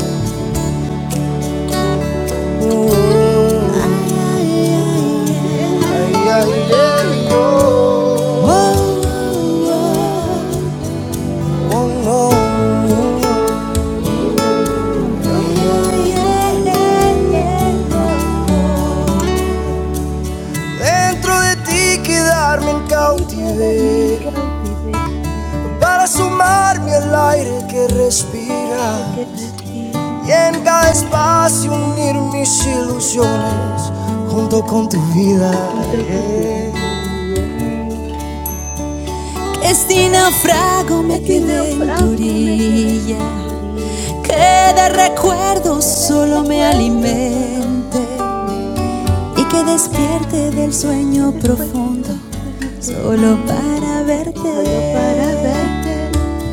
Speaker 5: Oh, oh, yeah,
Speaker 3: Ay,
Speaker 5: yeah,
Speaker 3: ay,
Speaker 5: yeah.
Speaker 3: ay, oh.
Speaker 5: Oh, oh,
Speaker 3: Oh,
Speaker 5: oh.
Speaker 3: oh, Oh, no.
Speaker 5: Oh,
Speaker 4: A
Speaker 5: yeah. Oh, yeah, yeah. Oh, oh.
Speaker 3: Dentro de ti quedarme en
Speaker 5: Y quedarme en
Speaker 3: cautiverio
Speaker 5: cautiverio.
Speaker 3: para sumarme al
Speaker 5: Como
Speaker 3: aire que
Speaker 5: el que
Speaker 3: respiras
Speaker 5: respira
Speaker 3: y en
Speaker 5: en
Speaker 3: cada espacio
Speaker 5: el
Speaker 3: unir mis ilusiones junto con
Speaker 5: espacio
Speaker 3: tu vida.
Speaker 5: junto con tu vida.
Speaker 3: yeah.
Speaker 5: Yeah.
Speaker 3: Que Este
Speaker 5: que,
Speaker 3: naufrago
Speaker 5: que
Speaker 3: me
Speaker 5: sin
Speaker 3: quedé en tu
Speaker 5: naufrago me quedé
Speaker 3: orilla,
Speaker 5: en tu orilla.
Speaker 3: que de recuerdos
Speaker 5: Que del
Speaker 3: solo me
Speaker 5: recuerdo solo me
Speaker 3: alimente. y
Speaker 5: alimente.
Speaker 3: que despierte del
Speaker 5: Y que
Speaker 3: sueño
Speaker 5: después
Speaker 3: profundo
Speaker 5: del sueño
Speaker 3: solo
Speaker 5: profundo,
Speaker 3: para
Speaker 5: solo para
Speaker 3: verte.
Speaker 5: verte,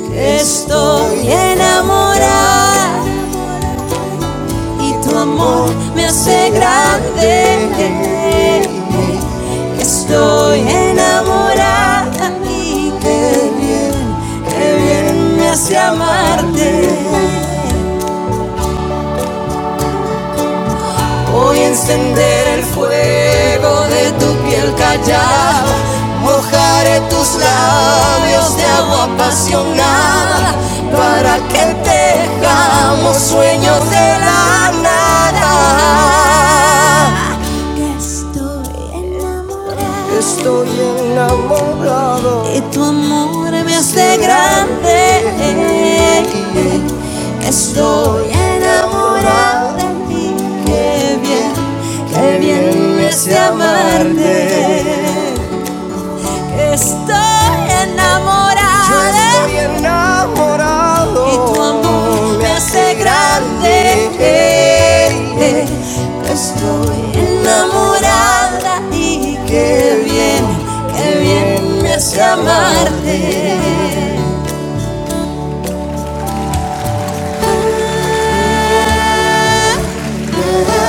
Speaker 3: Que Estoy
Speaker 5: que estoy
Speaker 3: enamorada
Speaker 5: enamorada.
Speaker 3: y tu amor me
Speaker 5: Y
Speaker 3: hace
Speaker 5: tu amor me
Speaker 3: grande.
Speaker 5: hace grande.
Speaker 3: Que Estoy
Speaker 5: Estoy
Speaker 3: enamorada y qué
Speaker 5: enamorada y
Speaker 3: bien, qué
Speaker 5: qué
Speaker 3: bien me
Speaker 5: bien,
Speaker 3: hace
Speaker 5: qué bien me hace
Speaker 3: amarte.
Speaker 5: amarte.
Speaker 3: Voy a encender el
Speaker 5: Ay, encender
Speaker 3: fuego
Speaker 5: el
Speaker 3: de tu piel
Speaker 5: fuego de
Speaker 3: callada,
Speaker 5: tu piel que
Speaker 3: mojaré tus
Speaker 5: callándome
Speaker 3: labios de
Speaker 5: tus
Speaker 3: agua
Speaker 5: labios de agua
Speaker 3: apasionada para que
Speaker 5: apasionada para que
Speaker 3: sueños de
Speaker 5: tengamos
Speaker 3: la nada.
Speaker 5: fuegos de la nada.
Speaker 3: estoy enamorado,
Speaker 5: Estoy
Speaker 3: Estoy
Speaker 5: enamorada.
Speaker 3: enamorado
Speaker 5: Y tu amor me
Speaker 3: de
Speaker 5: hace
Speaker 3: ti.
Speaker 5: grande.
Speaker 3: Estoy
Speaker 5: Estoy
Speaker 3: enamorado. de ti. Qué
Speaker 5: enamorada.
Speaker 3: bien,
Speaker 5: Y qué
Speaker 3: qué bien
Speaker 5: bien,
Speaker 3: es de
Speaker 5: qué bien me hace
Speaker 3: amarte.
Speaker 5: amarte.
Speaker 3: Estoy
Speaker 5: Estoy
Speaker 3: enamorada Yo estoy
Speaker 5: enamorada.
Speaker 3: enamorado. y tu amor me hace
Speaker 5: Tu amor me hace
Speaker 3: grande.
Speaker 5: grande.
Speaker 3: Eh, eh. Estoy
Speaker 5: Estoy
Speaker 3: enamorada y qué
Speaker 5: enamorada
Speaker 3: bien,
Speaker 5: y qué
Speaker 3: qué
Speaker 5: bien,
Speaker 3: bien me hace
Speaker 5: qué bien me hace
Speaker 3: amarte.
Speaker 5: amarte.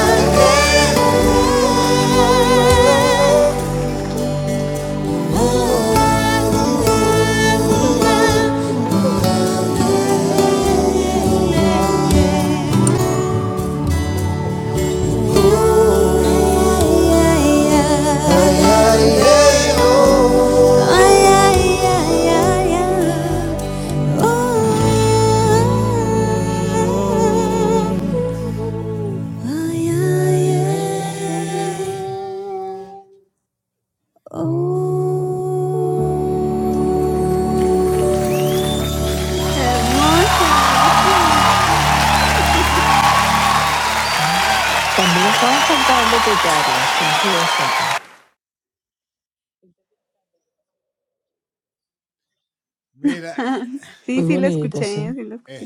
Speaker 5: Ay, ay, ay.
Speaker 3: Oh, oh, oh. Oh
Speaker 5: ay, ay. Hermosa, gracias.
Speaker 1: Ah, También la estabas cantando tú, Carlos, confiésate.
Speaker 5: Sí,
Speaker 1: Muy
Speaker 5: sí la
Speaker 1: bonita,
Speaker 5: escuché,
Speaker 1: sí.
Speaker 5: sí la escuché.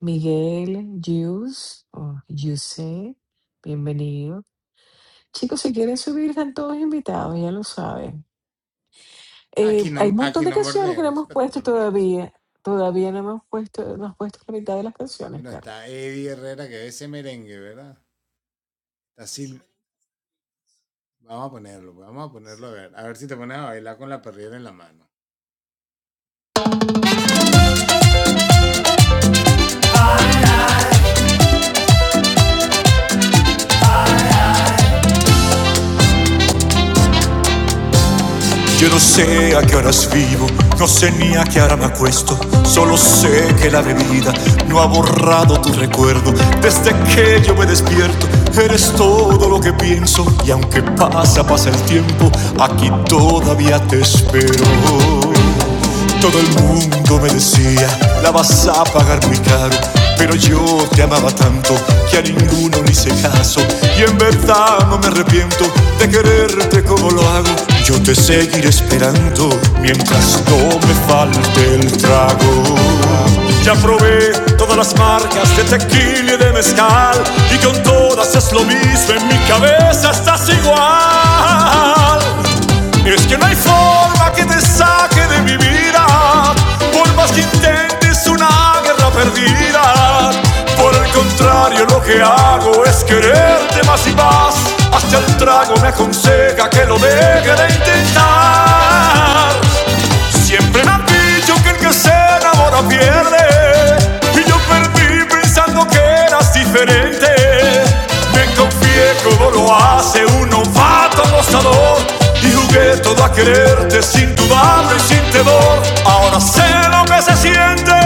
Speaker 1: Miguel, Yus, o Yuse, bienvenido. Chicos, si quieren subir, están todos invitados, ya lo saben. Eh, hay un montón de canciones que no hemos puesto todavía. Todavía no hemos puesto, no has puesto la mitad de las canciones, Carlos.
Speaker 3: Yo no sé a qué horas vivo, no sé ni a qué hora me acuesto. Solo sé que la bebida no ha borrado tu recuerdo. Desde que yo me despierto, eres todo lo que pienso. Y aunque pasa, pasa el tiempo, aquí todavía te espero. Todo el mundo me decía, la vas a pagar muy caro. Pero yo te amaba tanto que a ninguno le hice caso. Y en verdad no me arrepiento de quererte como lo hago. Yo te seguiré esperando mientras no me falte el trago. Ya probé todas las marcas de tequila y de mezcal. Y con todas es lo mismo, en mi cabeza estás igual. Es que no hay forma que te saque de mi vida, por más que intentes una guerra perdida. Por el contrario, lo que hago es quererte más y más. Hasta el trago me aconseja que lo deje de intentar. Siempre me han dicho que el que se enamora pierde. Y yo perdí pensando que eras diferente. Me confié como lo hace un novato gozador. Y jugué todo a quererte sin dudarlo y sin temor. Ahora sé lo que se siente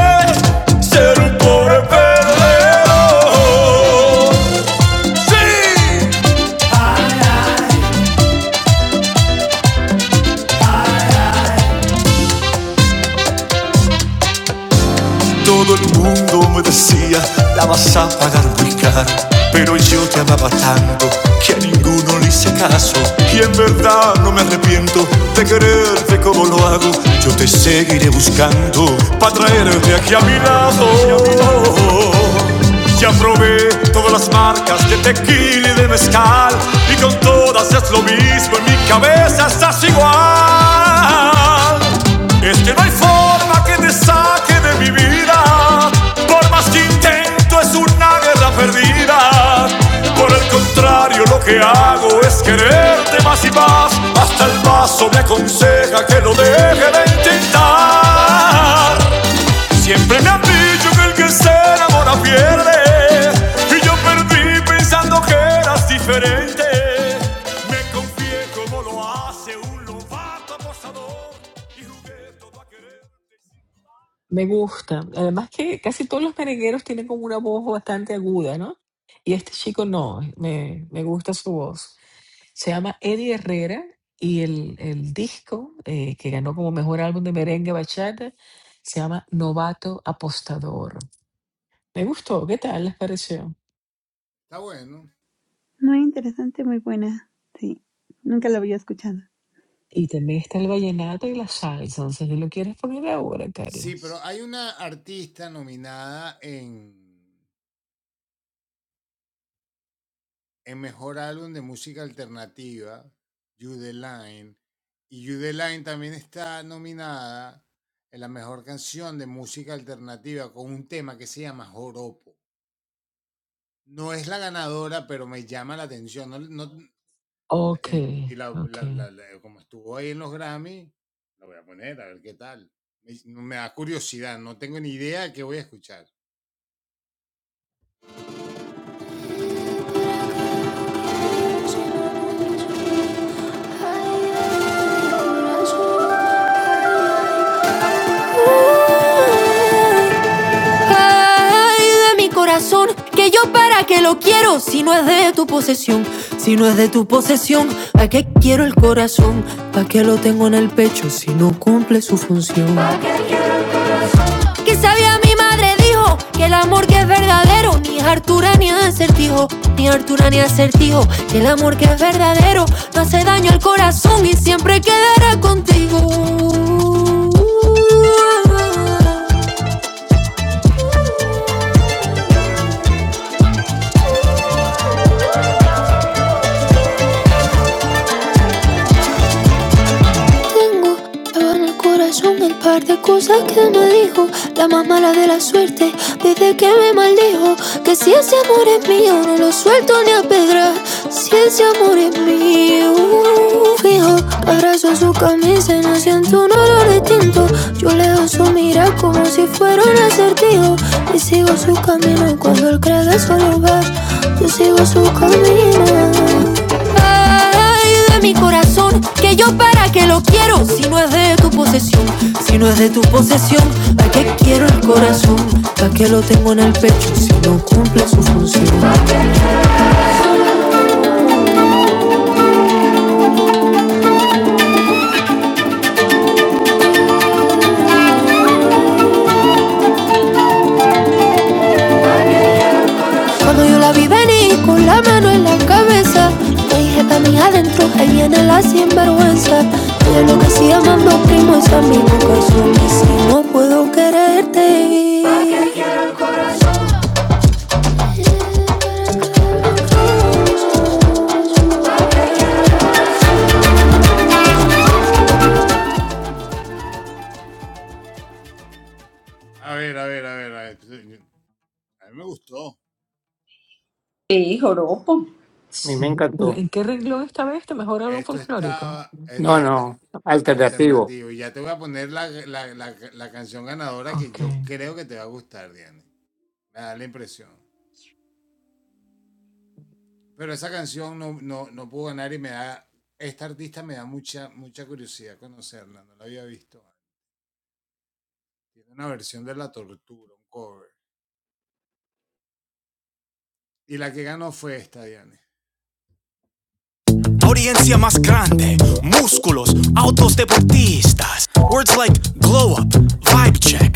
Speaker 3: ser un pobre perdedor. Sí, Todo el mundo me decía, la vas a pagar muy caro. Pero yo te amaba tanto que a ninguno le hice caso. Y en verdad no me arrepiento de quererte como lo hago. Yo te seguiré buscando para traerte aquí a mi lado. Ya probé todas las marcas de tequila y de mezcal. Y con todas es lo mismo, en mi cabeza estás igual. Es que no hay forma que te saque de mi vida. Por más que intento es una guerra perdida. Por el contrario, lo que hago es quererte más y más. Hasta el vaso me aconseja que lo deje de intentar. Siempre me han dicho que el que se enamora pierde. Y yo perdí pensando que eras diferente. Me confié como lo hace un lobato abusador. Y jugué todo a querer.
Speaker 1: Me gusta. Además que casi todos los merengueros tienen como una voz bastante aguda, ¿no? Y este chico no, me, me gusta su voz. Se llama Eddie Herrera y el, el disco eh, que ganó como mejor álbum de merengue bachata se llama Novato Apostador. Me gustó, ¿qué tal les pareció?
Speaker 5: Muy interesante, muy buena. Sí, nunca la había escuchado.
Speaker 1: Y también está el vallenato y la salsa, no sé si lo quieres poner ahora, Carlos. Ok, ok.
Speaker 3: Ay, de mi corazón, que yo para qué lo quiero si no es de tu posesión, si no es de tu posesión, ¿para qué quiero el corazón? ¿Para qué lo tengo en el pecho si no cumple su función? que sabía mi madre dijo que el amor que es verdadero ni es Artura ni acertijo, ni Artura ni acertijo, que el amor que es verdadero no hace daño al corazón y siempre quedará contigo. tengo. Llevo en el corazón el par de cosas que me dijo. La más mala de la suerte, desde que me maldijo. Que si ese amor es mío, no lo suelto ni a pedra. Si ese amor es mío, fijo. Abrazo su camisa y no siento un olor distinto. Yo le doy su mirar como si fuera un acertijo. Y sigo su camino y cuando él cree que solo va. Yo sigo su camino. Ay, de mi corazón, que yo para qué lo quiero, si no es de tu posesión, si no es de tu posesión, ¿para qué quiero el corazón? ¿Para qué lo tengo en el pecho si no cumple su función? Cuando yo la vi venir en cabeza, te dije para mí adentro, ahí viene la sinvergüenza, de lo que sí amando primo es a mi corazón, y si no puedo quererte.
Speaker 2: Sí, joropo.
Speaker 4: mí me
Speaker 1: Sí. ¿Pero
Speaker 4: encantó.
Speaker 1: ¿En qué renglón estaba este mejor álbum folclórico?
Speaker 4: No, no, alternativo.
Speaker 1: Ok.
Speaker 3: Audiencia más grande, músculos, autos ass. Words like glow up, vibe check.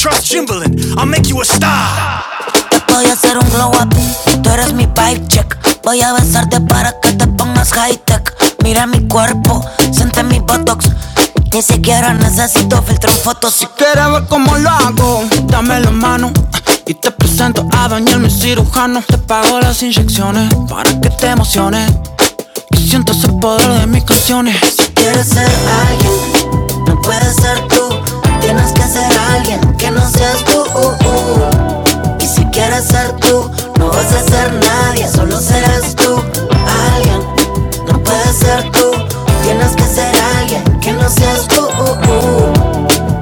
Speaker 3: Trust Jimbalin, I'll make you a. Voy a hacer un glow up, tú eres mi vibe check. Voy a besarte para que te pongas high tech. Mira mi cuerpo, siente mi botox. Ni siquiera necesito filtrar fotos. Si quieres ver cómo lo hago, dame un y tanto a Daniel, mi cirujano. Te pago las inyecciones para que te emociones. Y siento ese poder de mis canciones. Si quieres ser alguien, no puedes ser tú. Tienes que ser alguien que no seas tú. Y si quieres ser tú, no vas a ser nadie, solo serás tú. Alguien, no puedes ser tú. Tienes que ser alguien que no seas tú.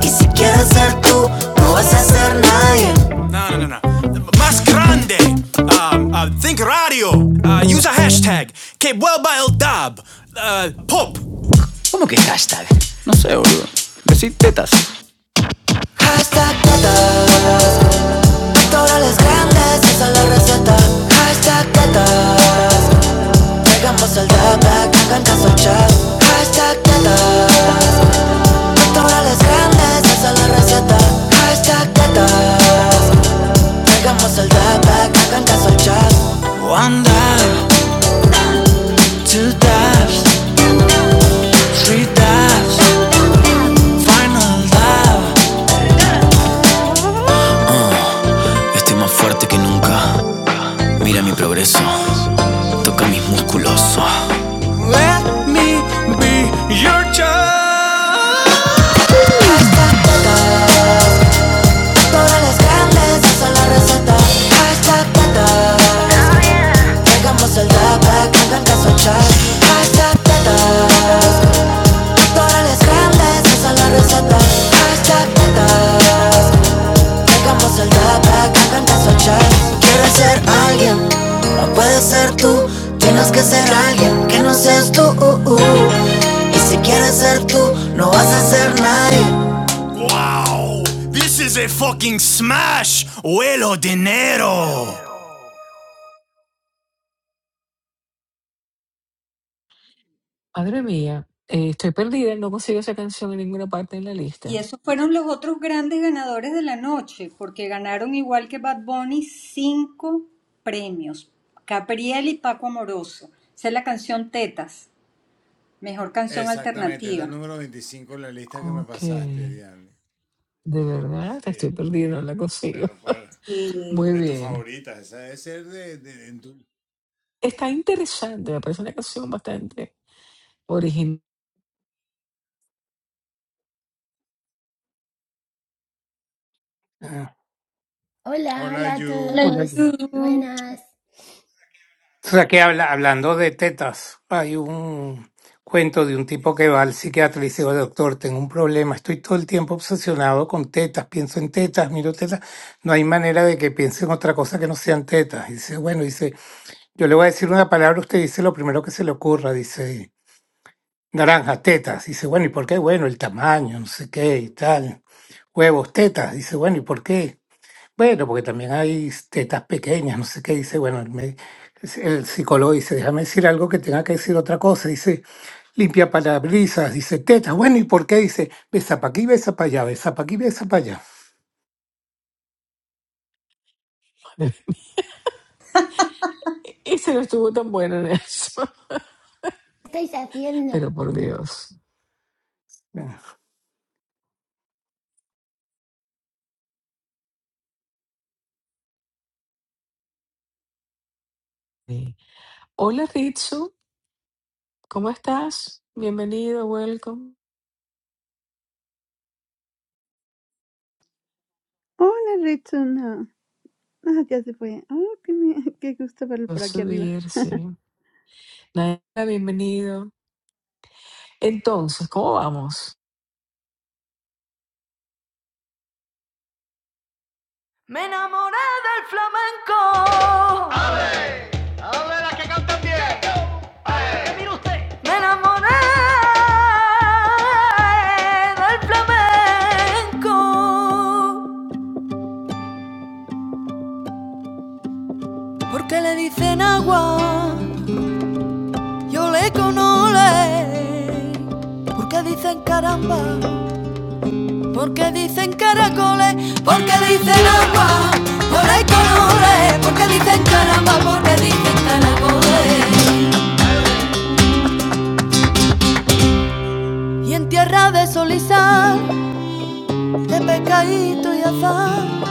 Speaker 3: Y si quieres ser tú, no vas a ser nadie. No, no, no, no. Más grande. Um, uh, think radio. Uh, use a hashtag. Que vuelva el dub. Uh, pop. Hashtag tetas, todas las grandes, esa es la receta. Hashtag tetas, llegamos al data, que canta su chat. Hashtag tetas, todas las grandes, esa es la receta. Hashtag tetas, Hagamos el dab back, hagan caso al chat. One dab, two dabs, three dabs, final dab. Estoy más fuerte que nunca. Mira mi progreso, toca mis músculos. Let me be your child. Hashtag teta, todas las carnes, esa es la receta. Hashtag tata. hagamos el dab back, hagan caso al chat. Hashtag teta. Corales grandes, esa es la receta. Cachaquetas, dejamos el data que canta Sochar. Quieres ser alguien, no puedes ser tú. Tienes que ser alguien que no seas tú. uh, uh. Y si quieres ser tú, no vas a ser nadie. This is a fucking smash, huelo de negro.
Speaker 1: Madre mía, eh, estoy perdida, no consigo esa canción en ninguna parte en la
Speaker 2: Y
Speaker 1: lista.
Speaker 2: esos fueron los otros grandes ganadores de la noche, porque ganaron igual que Bad Bunny cinco premios. Capriel y Paco Amoroso. Esa es la canción Tetas, mejor canción alternativa.
Speaker 1: Ok, de verdad, estoy perdida, no la consigo.
Speaker 2: Sí.
Speaker 1: Muy bien. Está interesante, me parece una canción bastante original.
Speaker 4: Ah,
Speaker 8: Hola, hola a
Speaker 2: Hola,
Speaker 4: bueno,
Speaker 8: todos.
Speaker 2: Yu.
Speaker 8: Buenas.
Speaker 4: O sea que habla, hablando de tetas, hay un cuento de un tipo que va al psiquiatra y le dice, "Oye, doctor, tengo un problema, estoy todo el tiempo obsesionado con tetas, pienso en tetas, miro tetas, no hay manera de que piense en otra cosa que no sean tetas. Y dice, bueno, dice, yo le voy a decir una palabra, usted dice lo primero que se le ocurra, dice, Naranjas, tetas. Dice, bueno, ¿y por qué? Bueno, el tamaño, no sé qué y tal. Huevos, tetas. Dice, bueno, ¿y por qué? Bueno, porque también hay tetas pequeñas, no sé qué. Dice, bueno, el, me- el psicólogo dice, déjame decir algo que tenga que decir otra cosa. Dice, limpia parabrisas. Dice, tetas. Bueno, ¿y por qué? Dice, besa para aquí, besa para allá, besa para aquí, besa para allá.
Speaker 1: Y se no estuvo tan bueno en eso,
Speaker 8: ¿Qué estáis haciendo?
Speaker 1: pero por Dios.
Speaker 4: Bueno.
Speaker 1: Sí. Hola Ritsu, ¿cómo estás? Bienvenido, welcome.
Speaker 5: Hola, Ritsuna. Ah, ya se fue. Oh, qué, me- qué gusto verlo
Speaker 1: Voy a
Speaker 5: por aquí arriba.
Speaker 1: subir, sí. Nada, bienvenido. Entonces, ¿cómo vamos?
Speaker 3: Me enamoré del flamenco. Me enamoré del flamenco porque le dicen agua, yo le conole. Porque dicen caramba, porque dicen caracoles, porque dicen agua, ole conole. Porque dicen caramba, porque dicen caracoles. Y en tierra de sol y sal, de pescadito y azar,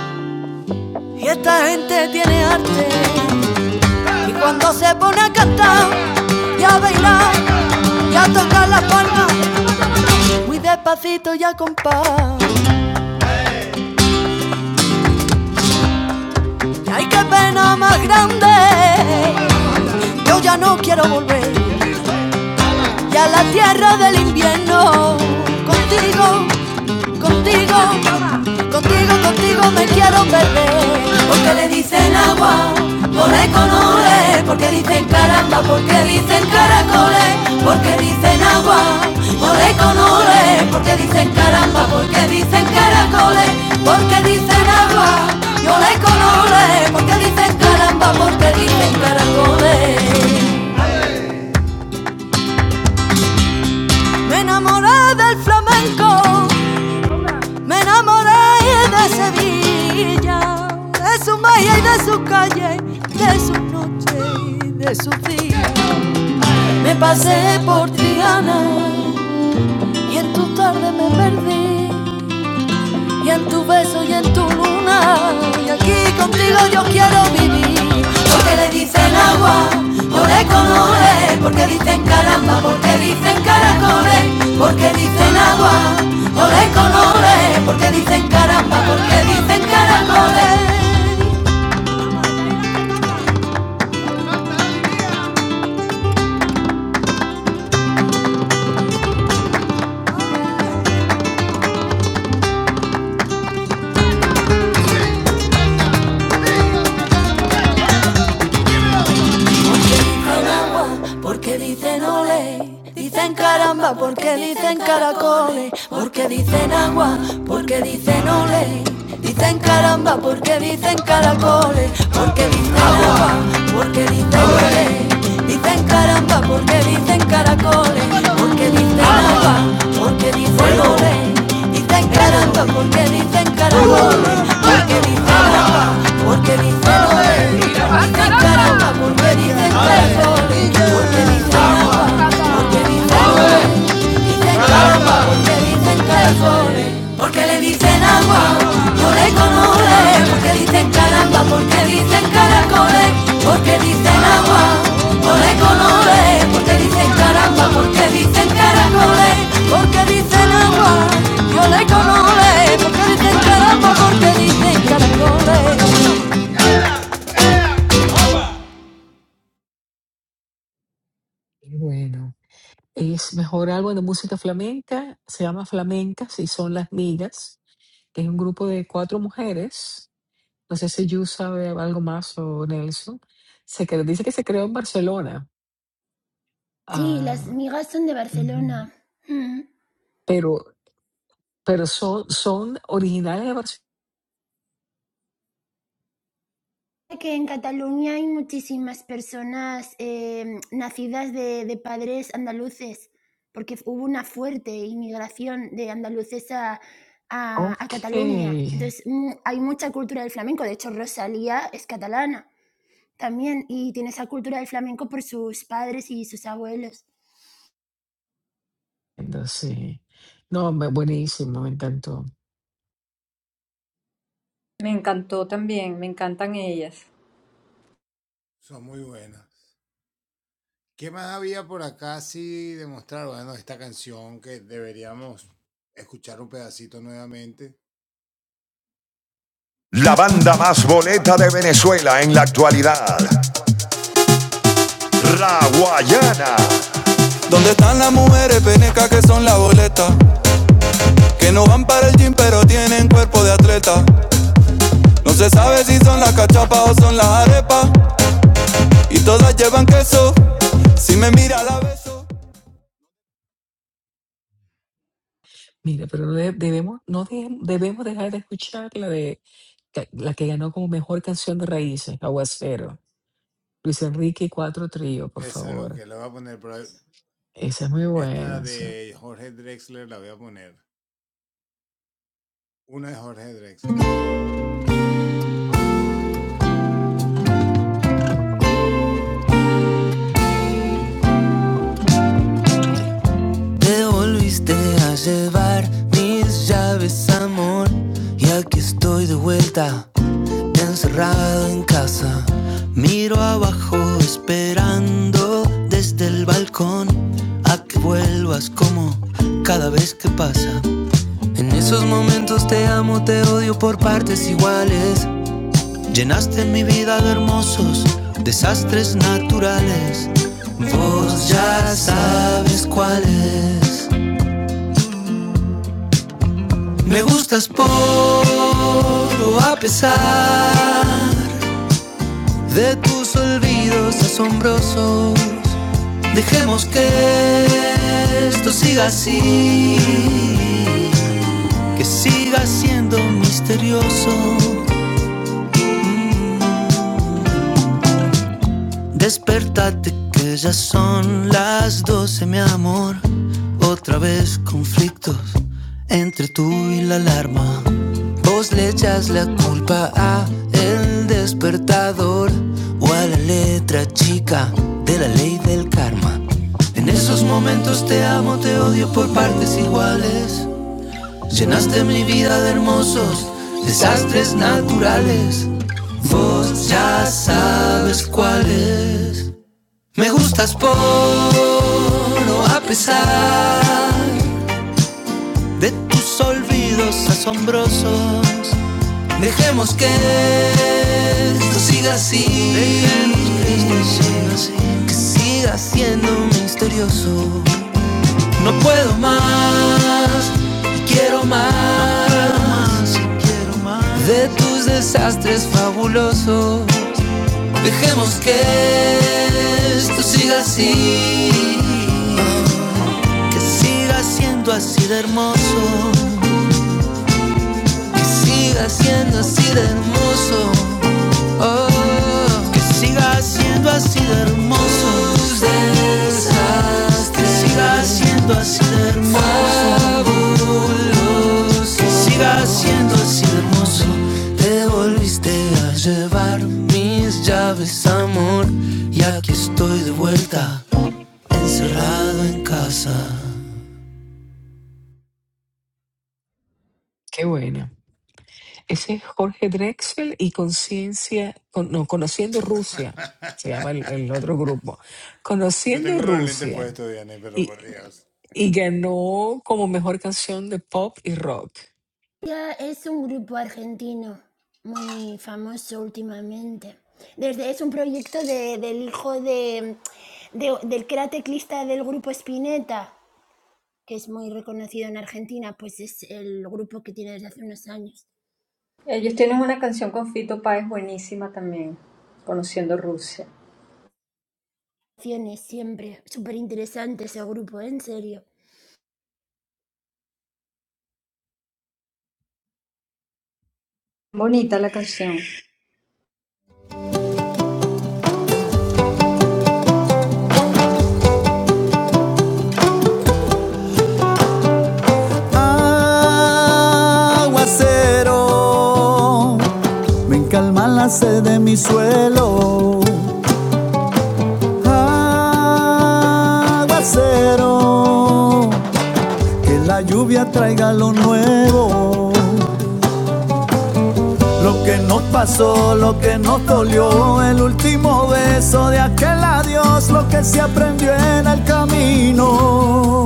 Speaker 3: y esta gente tiene arte. Y cuando se pone a cantar y a bailar y a tocar la palma, muy despacito y a compás. Y ay, qué pena más grande, yo ya no quiero volver. y a la tierra del invierno. Contigo, contigo, contigo, contigo me quiero perder. Porque le dicen agua, ole con ole, porque dicen caramba, porque dicen caracoles, porque dicen agua, ole con ole, porque dicen caramba, porque dicen caracoles, porque dicen agua, y ole con porque dicen caramba, porque dicen caracoles. Me enamoré del flamenco, me enamoré de Sevilla, de su magia y de su calle, de su noche y de su día. Me pasé por Triana y en tu tarde me perdí y en tu beso y en tu luna. Y aquí contigo yo quiero vivir. Porque le dicen agua, ole como ole, porque dicen caramba, porque dicen caracoles, porque dicen agua, ole con ole, porque dicen caramba, porque dicen caracoles. Porque dicen agua, porque dicen ole, dicen caramba, porque dicen caracoles, porque dicen agua, porque dicen ole, dicen caramba, porque dicen caracoles, porque dicen agua, porque dicen ole, dicen caramba, porque dicen caracoles, porque dicen agua, porque dicen ole, dicen caramba, porque dicen caracoles, porque dicen agua, porque dicen ole por ver y te entrego. Porque dicen agua, porque dicen agua. Dicen agua, porque dicen calzones. Porque le dicen agua, ole con ole. Porque dicen caramba, dicen caracoles. Porque dicen agua, ole con ole. Porque dicen caramba, porque dicen caracoles. Porque dicen agua, ole con ole. Porque dicen caramba, porque dicen caracoles.
Speaker 1: Bueno. Es mejor álbum de música flamenca, se llama Flamencas y son Las Migas, que es un grupo de cuatro mujeres. No sé si Yu sabe algo más o Nelson. Se cre- dice que se creó en Barcelona,
Speaker 8: Sí, las
Speaker 1: ah,
Speaker 8: migas son de
Speaker 1: ujú,
Speaker 8: Barcelona. Mm.
Speaker 1: pero, pero son, son originales de Barcelona.
Speaker 8: Que en Cataluña hay muchísimas personas eh, nacidas de, de padres andaluces, porque hubo una fuerte inmigración de andaluces a, a- a
Speaker 1: Ok,
Speaker 8: Cataluña. Entonces mu- hay mucha cultura del flamenco. De hecho, Rosalía es catalana también y tiene esa cultura del flamenco por sus padres y sus abuelos.
Speaker 1: entonces, no, me- buenísimo, me encantó.
Speaker 2: Me encantó también, me encantan ellas.
Speaker 3: La banda más boleta de Venezuela en la actualidad, La Guayana. ¿Dónde están las mujeres penecas que son la boleta? Que no van para el gym pero tienen cuerpo de atleta. No se sabe si son las cachapas o son las arepas. Y todas llevan queso. Si me mira la beso.
Speaker 1: Mira, pero no de- debemos, no de- debemos dejar de escuchar la de la que ganó como mejor canción de raíces, Aguacero. Luis Enrique y Cuatro Trío, por favor. Esa es muy buena, sí.
Speaker 3: Te volviste a llevar mis llaves, amor. Y aquí estoy de vuelta. Encerrado en casa, miro abajo esperando desde el balcón a que vuelvas como cada vez que pasa. En esos momentos te amo, te odio por partes iguales. Llenaste mi vida de hermosos desastres naturales. Vos ya sabes cuáles. Me gustas por o a pesar de tus olvidos asombrosos. Dejemos que esto siga así, que siga siendo misterioso. Mm. Despertate que ya son las 12 mi amor. Otra vez conflictos entre tú y la alarma. Vos le echas la culpa a el despertador o a la letra chica de la ley del karma. En esos momentos te amo, te odio por partes iguales. Llenaste mi vida de hermosos desastres naturales. Vos ya sabes cuáles. Me gustas por o a pesar de tus olvidos asombrosos. Dejemos que esto siga así. que esto siga así. Que siga siendo misterioso. No puedo más y quiero más no puedo más, y quiero más de tus desastres fabulosos. Dejemos que esto siga así, que siga siendo así de hermoso siga siendo así de hermoso. Oh, Que siga siendo así de hermoso. tus desastres, Que siga siendo así de hermoso. fabulosos. Que siga siendo así de hermoso. Te volviste a llevar mis llaves, amor. Y aquí estoy de vuelta, encerrado en casa.
Speaker 1: Qué buena. Ese es Jorge Drexel y Conciencia, con- no, Conociendo Rusia, se llama el, el otro grupo. Conociendo Rusia. Y, y ganó como mejor canción de pop y rock.
Speaker 8: Ya es un grupo argentino muy famoso últimamente. Desde, es un proyecto de- del hijo de, de- del que era teclista del grupo Spinetta, que es muy reconocido en Argentina, pues es el grupo que tiene desde hace unos años.
Speaker 2: Ellos tienen una canción con Fito Páez buenísima también, Conociendo Rusia.
Speaker 8: Canciones siempre, súper interesante ese grupo, ¿eh? en serio.
Speaker 2: Bonita la canción.
Speaker 3: Pero lo, más cero. Que la lluvia traiga lo nuevo, lo que nos pasó, lo que nos dolió, el último beso de aquel adiós, lo que se aprendió en el camino.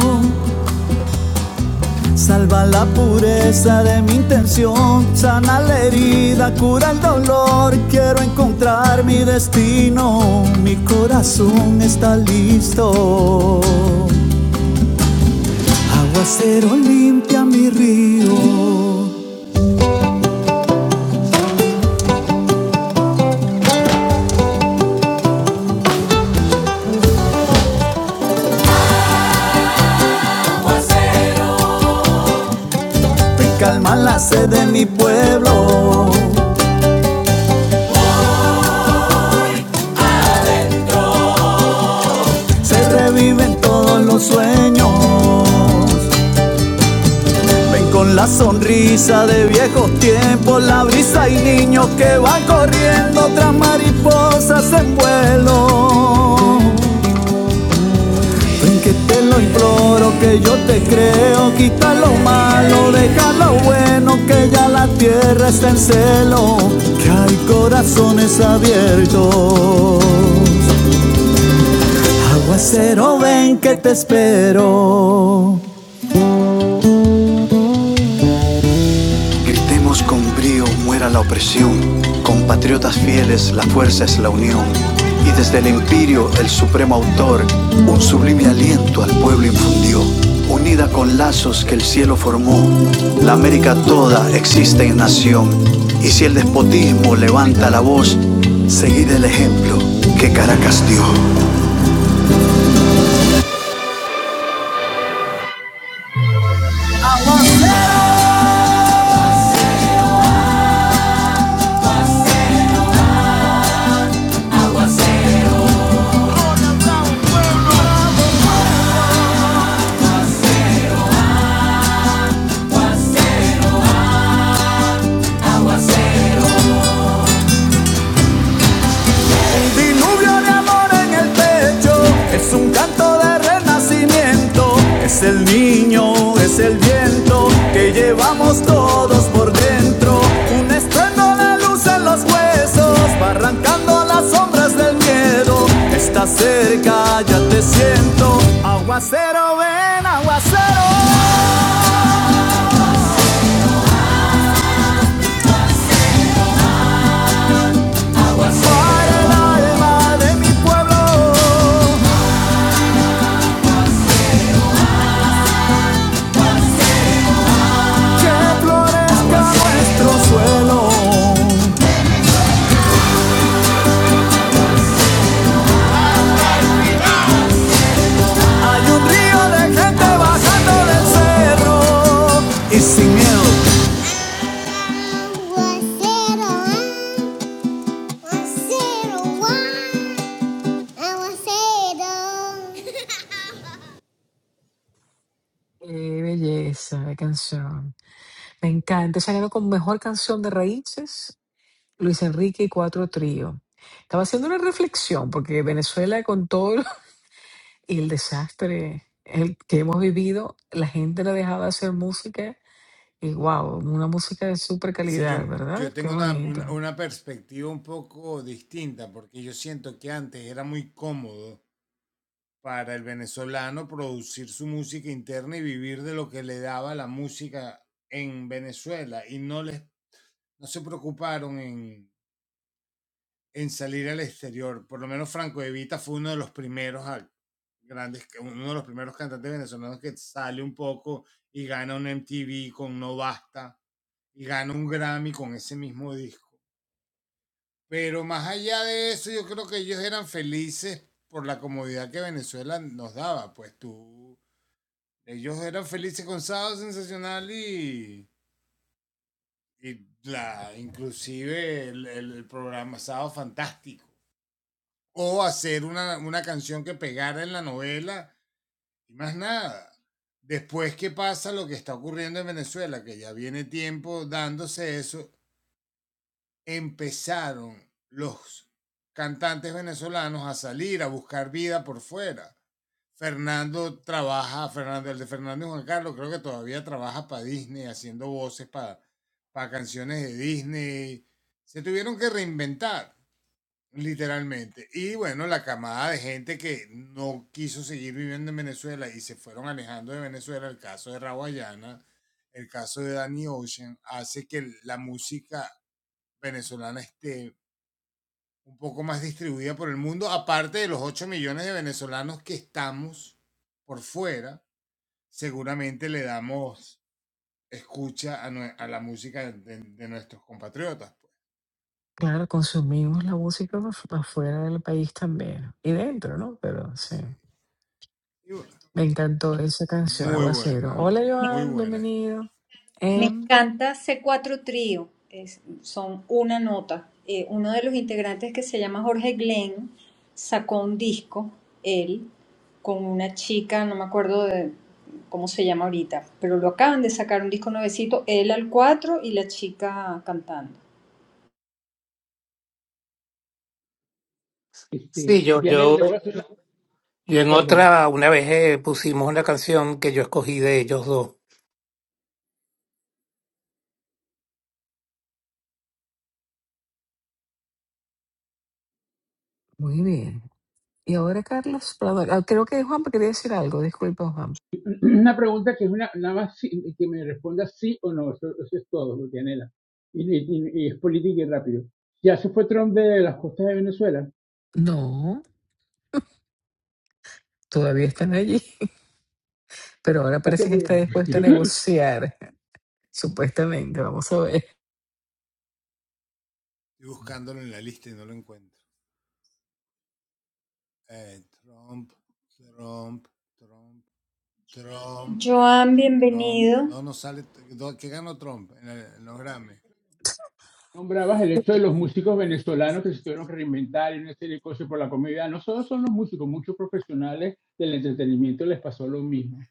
Speaker 3: Salva la pureza de mi intención, sana la herida, cura el dolor, quiero encontrar mi destino, mi corazón está listo, aguacero limpia mi río, me calma la sed de mi gloria. Existe en nación, y si el despotismo levanta la voz, seguid el ejemplo que Caracas dio. Diluvio de amor en el pecho, es un canto de renacimiento, es el niño, es el viento que llevamos todos por dentro, un estruendo de luz en los huesos, va arrancando las sombras del miedo, está cerca, ya te siento, aguacero ven, aguacero, para el alma de mi pueblo, que florezca nuestro suelo. ah, ah,
Speaker 1: Qué belleza de canción. Me encanta. Se ganó como mejor canción de raíces Luis Enrique y Cuatro Trío. Estaba haciendo una reflexión porque Venezuela con todo Y el desastre el que hemos vivido, la gente no ha dejado de hacer música y wow, una música de super calidad, ¿verdad? Qué bonito. Claro, consumimos la música afu- afuera del país también y dentro, ¿no? Pero sí, me encantó esa canción, Aguacero. Hola
Speaker 2: Me,
Speaker 1: Joan, bienvenido.
Speaker 2: me
Speaker 1: Em,
Speaker 2: encanta c cuatro Trío, es- son una nota. Eh, uno de los integrantes que se llama Jorge Glenn sacó un disco, él, con una chica, no me acuerdo de cómo se llama ahorita, pero lo acaban de sacar un disco nuevecito, él al 4 y la chica cantando.
Speaker 7: Este,
Speaker 4: Sí, yo,
Speaker 7: Dianela,
Speaker 4: yo,
Speaker 7: le voy a hacer una,
Speaker 4: yo en
Speaker 7: perdón,
Speaker 4: otra, una vez eh, pusimos una canción que yo escogí de ellos dos.
Speaker 1: muy bien. Y ahora Carlos Prado. Ah, creo que Juan quería decir algo, disculpa Juan.
Speaker 7: una pregunta que es una, nada más sí- que me responda sí o no, eso, eso es todo, Dianela. Y, y- y- y es política y rápido. ¿Ya se fue Trump de las costas de Venezuela?
Speaker 1: No, todavía están allí, pero ahora
Speaker 7: Gracias
Speaker 1: parece que
Speaker 7: por la
Speaker 1: está dispuesto a
Speaker 7: respuesta.
Speaker 1: negociar. Supuestamente, vamos a ver.
Speaker 2: Joan, bienvenido.
Speaker 7: Nombrabas el hecho de los músicos venezolanos que se tuvieron que reinventar y una serie de cosas por la comida. No solo son los músicos, muchos profesionales del entretenimiento les pasó lo mismo.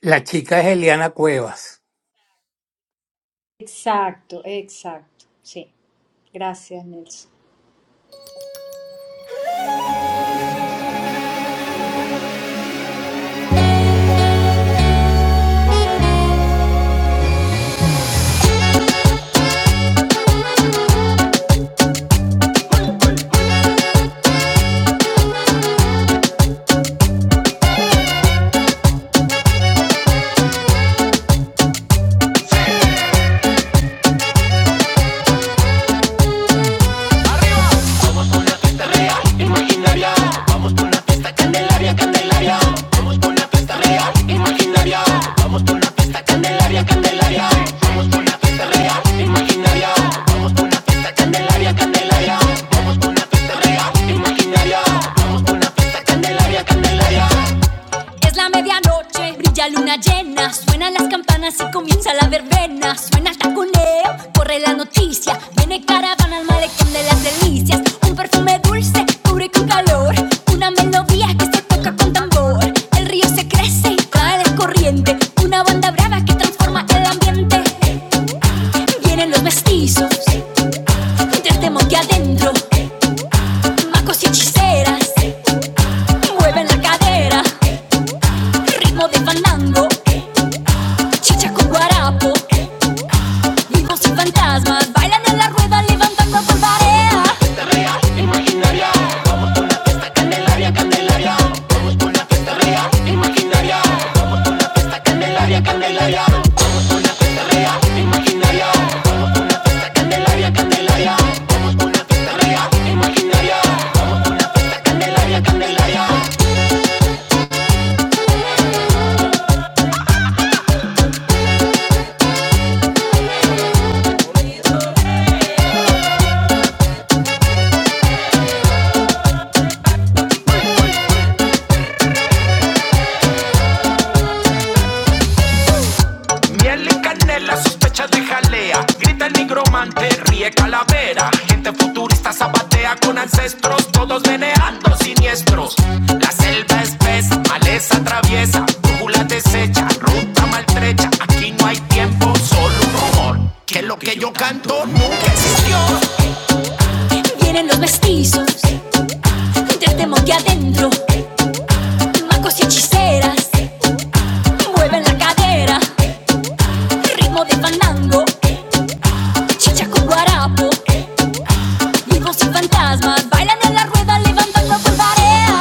Speaker 4: La chica es Eliana Cuevas.
Speaker 2: Exacto, exacto. Sí. Gracias, Nelson.
Speaker 3: Es la medianoche, brilla luna llena, suenan las campanas y comienza la verbena, suena el taconeo, corre la noticia, viene caravana al malecón de las delicias, un perfume dulce, cubre con calor, una melodía que se toca con tambor, el río se crece y cae la corriente, una banda brava que transforma el ambiente, vienen los mestizos. Tres demos que adentro, magos y hechiceras mueven la cadera, ritmo de fandango, chicha con guarapo, vivos y fantasmas bailan en la rueda levantando polvareda. Miel y canela, sospecha de jalea. Grita el nigromante, ríe calavera. Gente futurista zapatea con ancestros, todos meneando siniestros. La selva espesa, maleza traviesa, brújula desecha, ruta maltrecha. Aquí no hay tiempo, solo un rumor. Que lo que yo canto nunca existió. Vienen los mestizos desde monte adentro, magos y hechiceras mueven la cadera, ritmo de fandango, chicha con guarapo. Vivos y fantasmas bailan en la rueda levantando por tarea.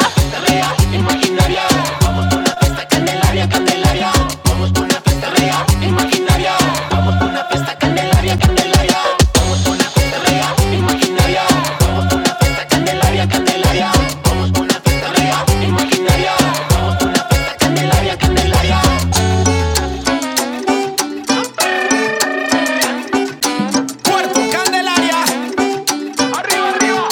Speaker 3: Cuerpo Candelaria. candelaria. Puerto Candelaria, Arriba, arriba.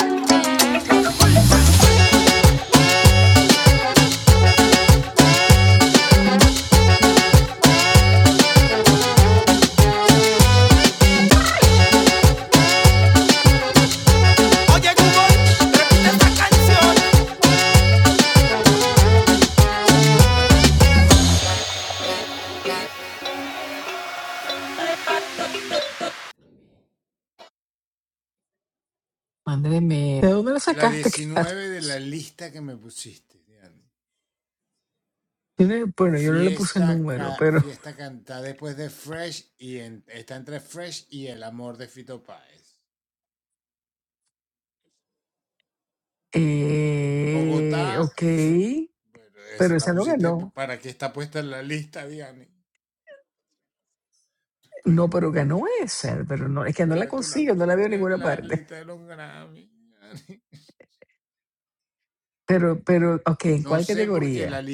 Speaker 1: Mándeme. ¿De dónde lo sacaste, Carlos? Tiene- Bueno, yo no le puse número, pero. Eh, ok. Pero esa no ganó. No, pero ganó esa. Pero no, es que no la consigo, no la veo en ninguna parte. Pero, pero, ok, ¿en cuál categoría?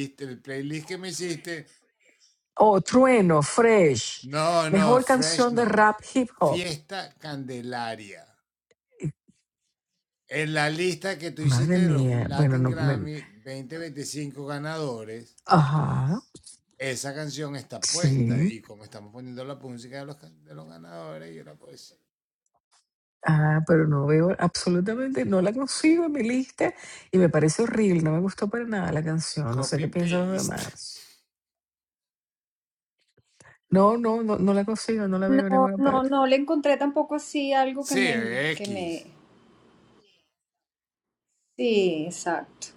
Speaker 1: Oh, Trueno, Fresh. Mejor canción de rap hip hop. Madre mía. Bueno, no. me- Ajá. Sí. Ah, pero no veo absolutamente, no la consigo en mi lista y me parece horrible, no me gustó para nada la canción, no sé qué piensan los demás. No, no, no, no la consigo, no la veo en
Speaker 2: No,
Speaker 1: ninguna
Speaker 2: no,
Speaker 1: parte.
Speaker 2: no le encontré tampoco así algo que me, que me. Sí, exacto.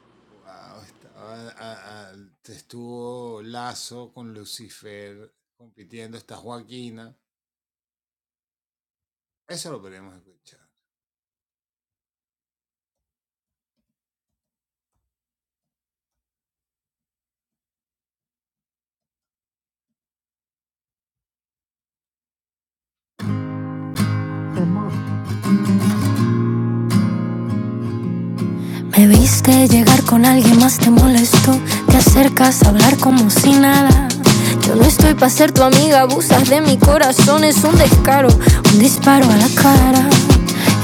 Speaker 1: Ramón,
Speaker 3: Me viste llegar con alguien más, te molestó. Te acercas a hablar como si nada. Yo no estoy para ser tu amiga, abusas de mi corazón, es un descaro, un disparo a la cara.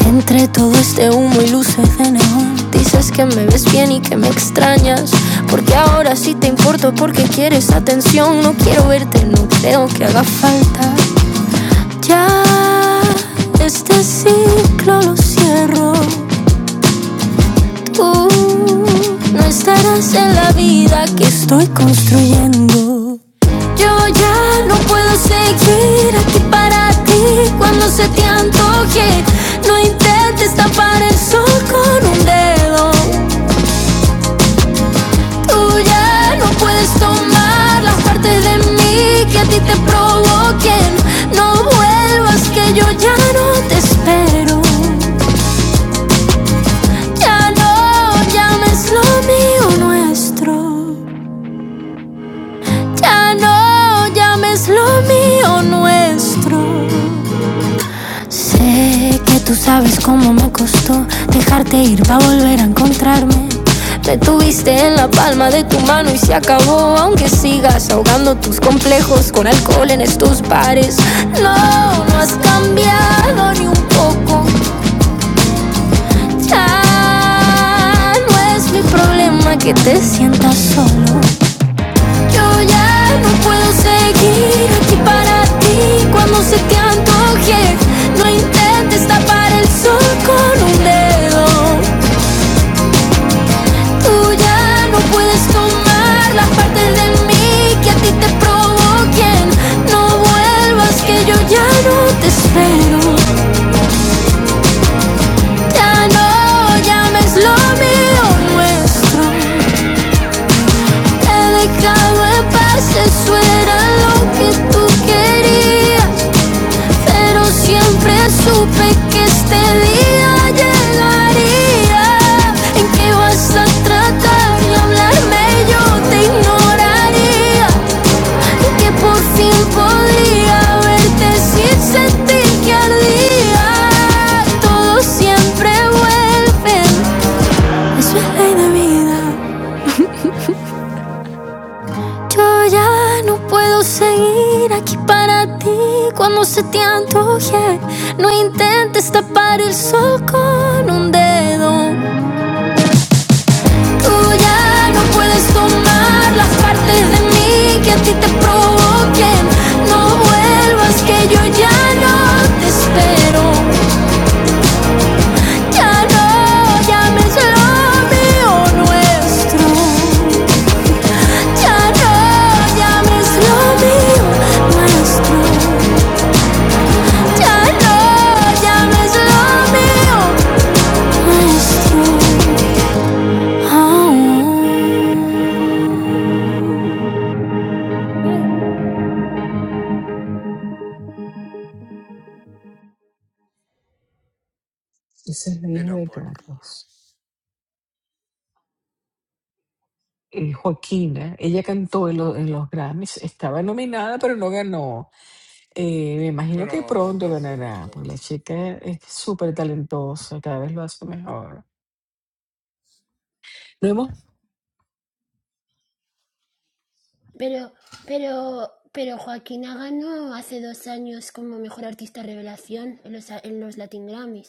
Speaker 3: Entre todo este humo y luces de neón, dices que me ves bien y que me extrañas. Porque ahora sí te importo, porque quieres atención. No quiero verte, no creo que haga falta. Ya este ciclo lo cierro. Tú no estarás en la vida que estoy construyendo. Yo ya no puedo seguir aquí para ti cuando se te antoje. No intentes tapar el sol con un dedo. Tú ya no puedes tomar las partes de mí que a ti te provoquen. No vuelvas que yo ya no te espero. Ya no llames lo mío nuestro. Ya no llames lo mío nuestro. Sé que tú sabes cómo me costó dejarte ir para volver a encontrarme. Me tuviste en la palma de tu mano y se acabó, aunque sigas ahogando tus complejos con alcohol en estos bares. No, no has cambiado ni un poco. Ya no es mi problema que te sientas solo. Yo ya no puedo seguir aquí para ti cuando se te antoje. No intentes tapar el sol con un dedo. Tú ya no puedes tomar las partes de mí que a ti te provoquen. No vuelvas que yo ya no te espero. Ya no llames lo mío nuestro. Te he dejado en paz, eso era lo que tú querías. Siempre supe que este día llegaría en que vas a tratar de hablarme y yo te ignoraría en que por fin podría verte sin que ardía todo siempre vuelve eso es ley de vida yo ya no puedo seguir aquí para ti cuando se te antoje no intentes tapar el sol con un dedo Tú ya no puedes tomar las partes de mí que a ti te provoquen. No vuelvas que yo ya no te espero. Ya no llames lo mío nuestro. Ya no llames lo mío nuestro. Ya no llames lo mío nuestro. Ah.
Speaker 1: esa es la hija de Carlos. Eh, Joaquina, ella cantó en, lo- en los Grammys, estaba nominada pero no ganó. Eh, me imagino que pronto ganará, porque la chica es súper talentosa, cada vez lo hace mejor. No hemos...
Speaker 8: Pero, pero, pero Joaquín ganó hace dos años como mejor artista revelación en los, en los Latin Grammys.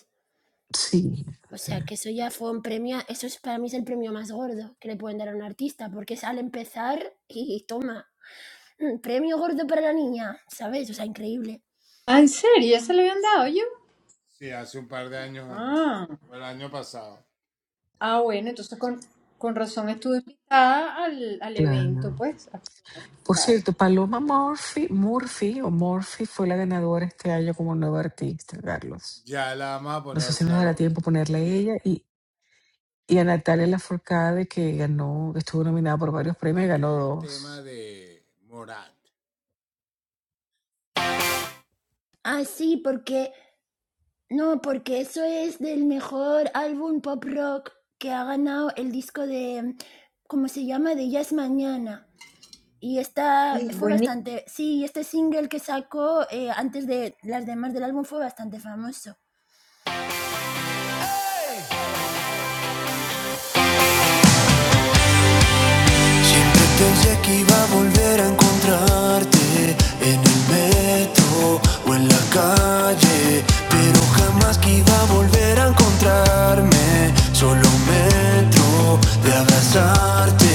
Speaker 1: Sí,
Speaker 8: O
Speaker 1: sí,
Speaker 8: sea, que eso ya fue un premio, eso es, para mí es el premio más gordo que le pueden dar a un artista, porque es al empezar y, toma, mm, premio gordo para la niña, ¿sabes? O sea, increíble.
Speaker 2: Ah, ¿en serio? ¿Ya se lo habían dado yo? Ah, ah bueno, entonces con, con razón estuve invitada al, al
Speaker 1: claro.
Speaker 2: evento, pues, a actuar,
Speaker 1: Por
Speaker 2: claro.
Speaker 1: cierto, Paloma Murphy, Murphy o Murphy fue la ganadora este año como nueva artista, Carlos. No sé si nos dará tiempo ponerle a ella y, y a Natalia Lafourcade que ganó, que estuvo nominada por varios premios, y ganó dos.
Speaker 8: Ah, sí, porque, no, porque eso es del mejor álbum pop rock que ha ganado el disco de, ¿cómo se llama? De Ya es Mañana. Y esta
Speaker 2: Sí,
Speaker 8: fue
Speaker 2: buenísimo.
Speaker 8: bastante, sí, este single que sacó eh, antes de las demás del álbum fue bastante famoso.
Speaker 3: Siempre pensé que iba a volver a encontrarte en el metro o en la calle, pero jamás que iba a volver a encontrarme. Solo un metro de abrazarte.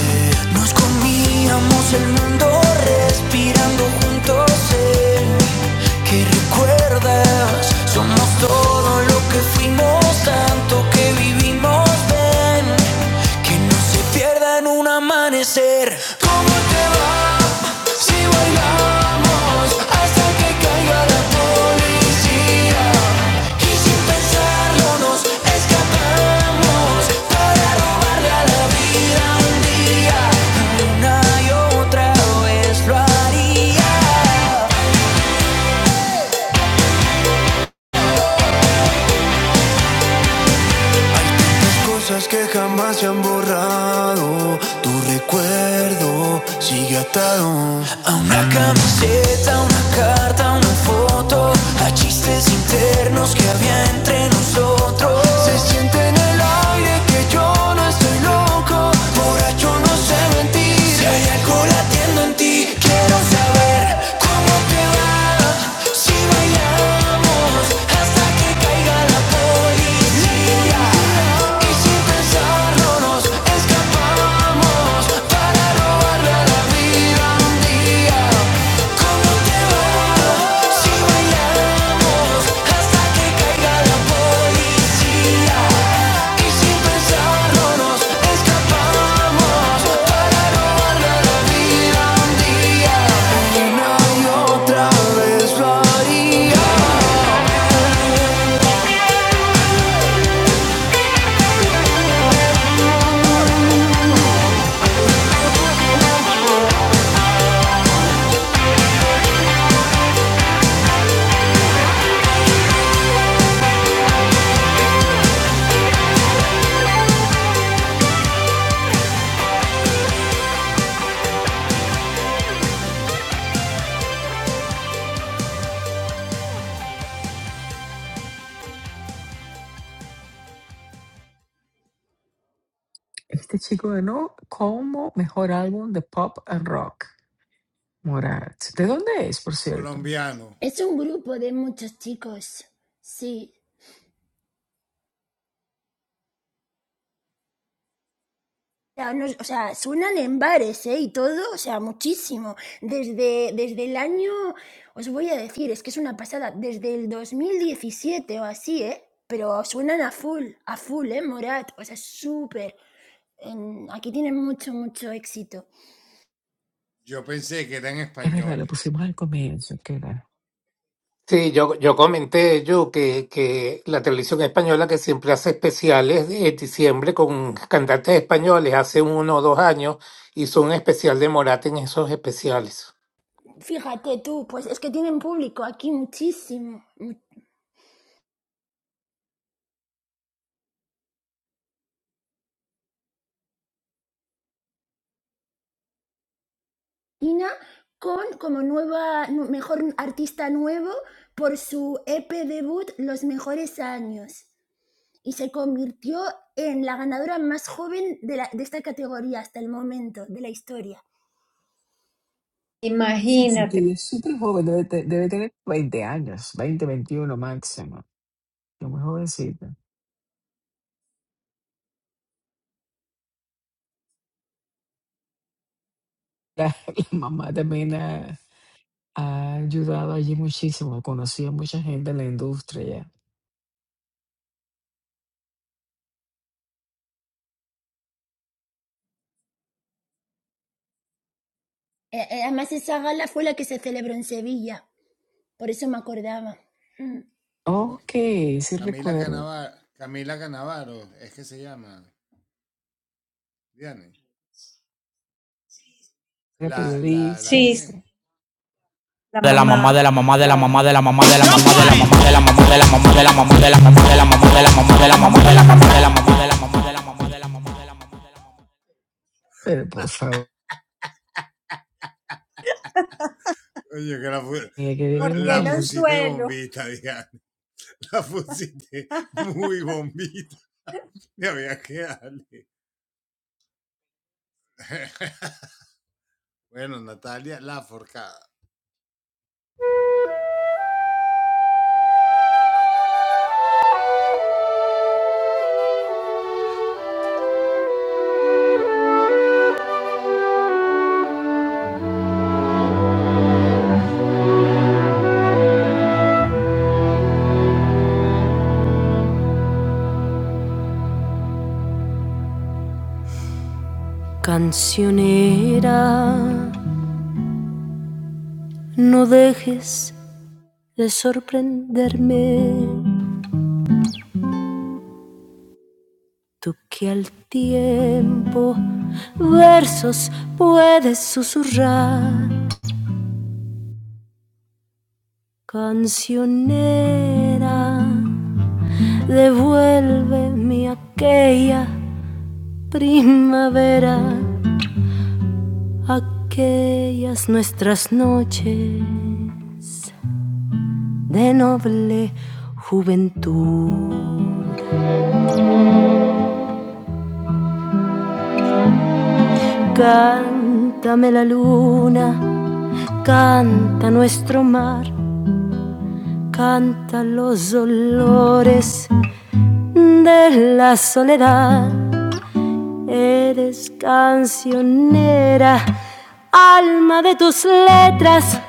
Speaker 3: Nos comíamos el mundo respirando juntos sé que recuerdas. Somos todo lo que fuimos, tanto que vivimos. Ven, que no se pierda en un amanecer. ¿Cómo te va si bailamos hasta que caiga la policía? Y sin pensarlo nos escapamos para robarle a la vida un día. Una y otra vez lo haría. Cosas que jamás se han borrado. Tu recuerdo sigue atado a una camiseta, una carta, una foto. A chistes internos que había entre nosotros. Se siente en el aire que yo no estoy loco. Borracho no sé Si hay algo latiendo en ti, quiero saber cómo te va. Si bailamos hasta que caiga la policía. Y sin pensarlo nos escapamos para robarle la vida un día. Si bailamos hasta que caiga la policía. Y sin pensarlo nos escapamos para la vida un día.
Speaker 1: Este chico ganó como mejor álbum de pop and rock, Morat. ¿De dónde es, por cierto?
Speaker 8: Es un grupo de muchos chicos, sí, sea, no- o sea, suenan en bares, ¿eh? Y todo, o sea, muchísimo. Desde, desde el año, os voy a decir, es que es una pasada, desde el 2017 o así, ¿eh? Pero suenan a full, a full, ¿eh? Morat, o sea, súper. En- Aquí tienen mucho, mucho éxito.
Speaker 1: Es verdad, lo pusimos al comienzo, que era.
Speaker 4: Sí, yo, yo comenté yo que, que la televisión española que siempre hace especiales en diciembre con cantantes españoles, hace uno o dos años hizo un especial de Morat en esos especiales.
Speaker 8: Fíjate tú, pues es que tienen público aquí muchísimo. Tina con como nueva, nu- mejor artista nuevo por su EP debut Los Mejores Años. y se convirtió en la ganadora más joven de, la- de esta categoría hasta el momento de la historia.
Speaker 1: que
Speaker 2: Imagínate.
Speaker 1: ella es súper joven, debe, te- debe tener 20 años, 20, 21 máximo. Es muy jovencita. La, la mamá también. Ha ayudado allí muchísimo. Conocí a mucha gente en la industria.
Speaker 8: Eh, eh, además, esa gala fue la que se celebró en Sevilla, por eso me acordaba. Mm.
Speaker 1: Ok, sí recuerdo. Era periodista,
Speaker 2: Sí, sí,
Speaker 1: sí.
Speaker 2: la
Speaker 3: de la mamá
Speaker 2: mamá,
Speaker 3: de la mamá de la
Speaker 2: claro.
Speaker 3: mamá de la mamá de la mamá de la mamá de la mamá de la mamá de la mamá de la mamá de la mamá de la mamá de la mamá de la mamá de la mamá de la mamá de la mamá de la mamá de la mamá
Speaker 1: Pero por favor, hay que dirle a la
Speaker 2: Porque el
Speaker 1: gente.
Speaker 2: anzuelo.
Speaker 3: Cancionera, no dejes de sorprenderme. Tú que al tiempo versos puedes susurrar. Cancionera, devuélveme aquella primavera, aquellas nuestras noches de noble juventud. Cántame la luna, canta nuestro mar, canta los olores de la soledad Eres cancionera, alma de tus letras,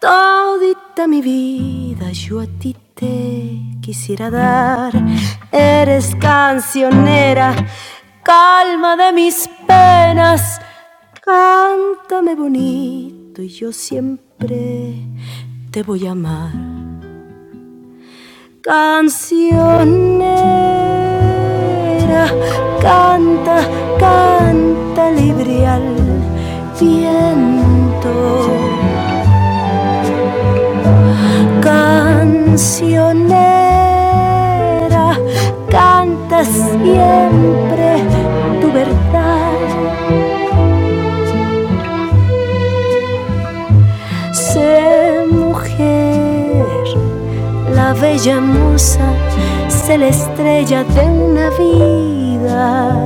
Speaker 3: todita mi vida yo a ti te quisiera dar. Eres cancionera, calma de mis penas, cántame bonito y yo siempre te voy a amar. Cancionera, canta, canta libre al viento. Cancionera, canta siempre tu verdad. Sé mujer, la bella mus celeste Navidad,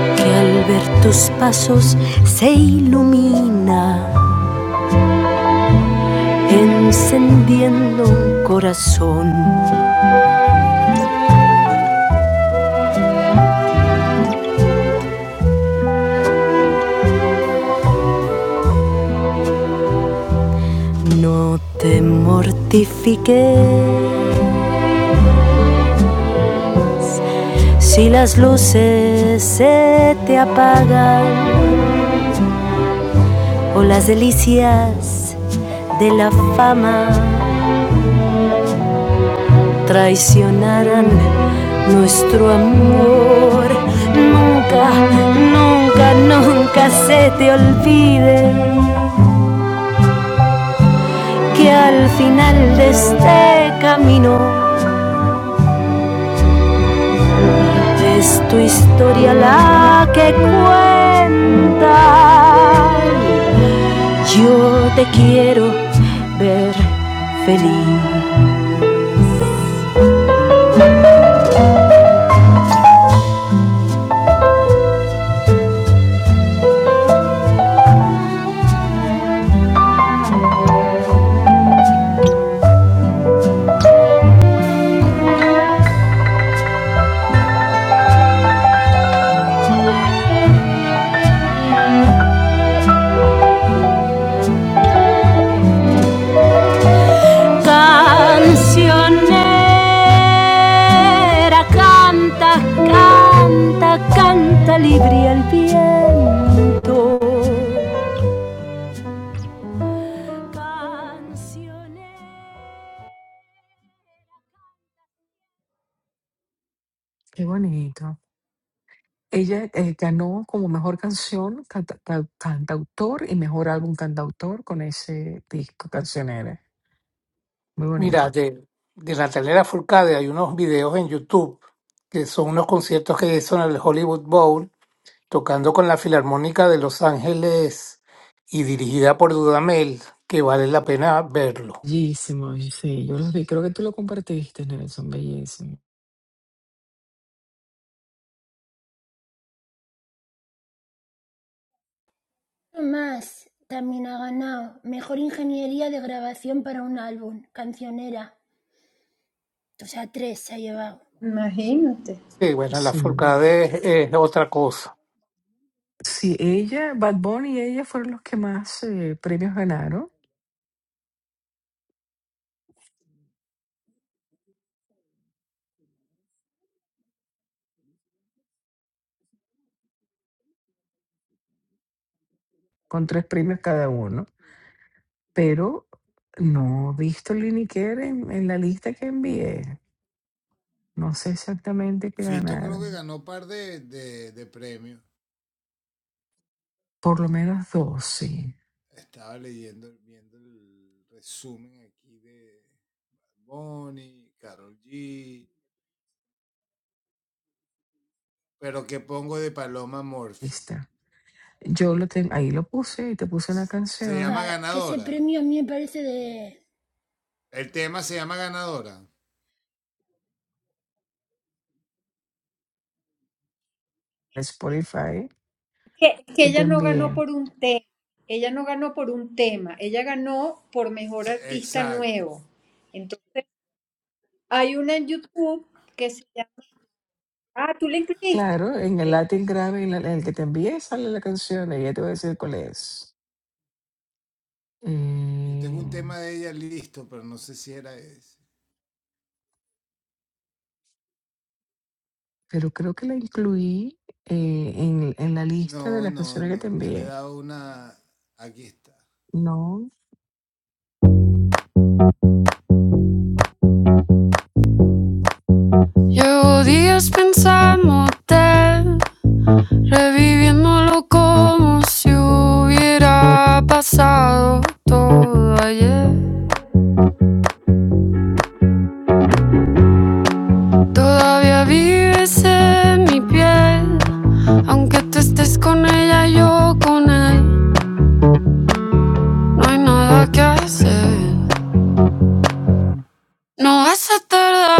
Speaker 3: que al ver tus pasos se ilumina encendiendo un corazón. No te mortifiques si las luces se te apagan o las delicias de la fama traicionaran nuestro amor. Nunca, nunca, nunca se te olvide que al final de este camino Es tu historia la que cuenta. Yo te quiero ver feliz. Cancionera, canta, canta, canta libre al viento. Cancionera.
Speaker 1: Qué bonito. Ella eh, ganó como mejor canción, canta- ca- cantautor y mejor álbum cantautor con ese disco cancionera. Muy
Speaker 4: Mira,
Speaker 1: bonito.
Speaker 4: de, de Natalia Furcade hay unos videos en YouTube que son unos conciertos que hizo en el Hollywood Bowl tocando con la Filarmónica de Los Ángeles y dirigida por Dudamel, que vale la pena verlo.
Speaker 1: Bellísimo, y sí, yo los vi. Creo que tú lo compartiste, Nelson. Bellísimo.
Speaker 8: Más también ha ganado Mejor Ingeniería de Grabación para un álbum, cancionera. O sea, tres se ha llevado.
Speaker 2: Imagínate.
Speaker 4: Sí, bueno, la
Speaker 1: Sí.
Speaker 4: Furcade es es otra cosa.
Speaker 1: Sí, ella, Bad Bunny y ella fueron los que más eh, premios ganaron. con tres premios cada uno, pero no he visto Lini Care en, en la lista que envié. No sé exactamente qué ganaron. Por lo menos dos, sí. Lista. Yo lo tengo, ahí lo puse y te puse una
Speaker 8: O
Speaker 1: canción
Speaker 8: sea, que ese premio a mí me parece de...
Speaker 1: de Spotify
Speaker 2: que, que
Speaker 1: que te
Speaker 2: ella no ganó
Speaker 1: envié.
Speaker 2: por un tema, ella no ganó por un tema, ella ganó por mejor artista nuevo. Entonces, hay una en YouTube que se llama, ah, tú la incluiste.
Speaker 1: Claro, en el
Speaker 2: Ok,
Speaker 1: Latin Grammy, en la- en el que te envié, sale la canción y ya te voy a decir cuál es. Eh, pero creo que la incluí eh, en, en la lista de las canciones que te envié. No.
Speaker 3: Llevo días pensándote Reviviéndolo como si hubiera pasado todo ayer. Todavía vives en mi piel, aunque tú estés con ella, yo con él. No hay nada que hacer, no vas a tardar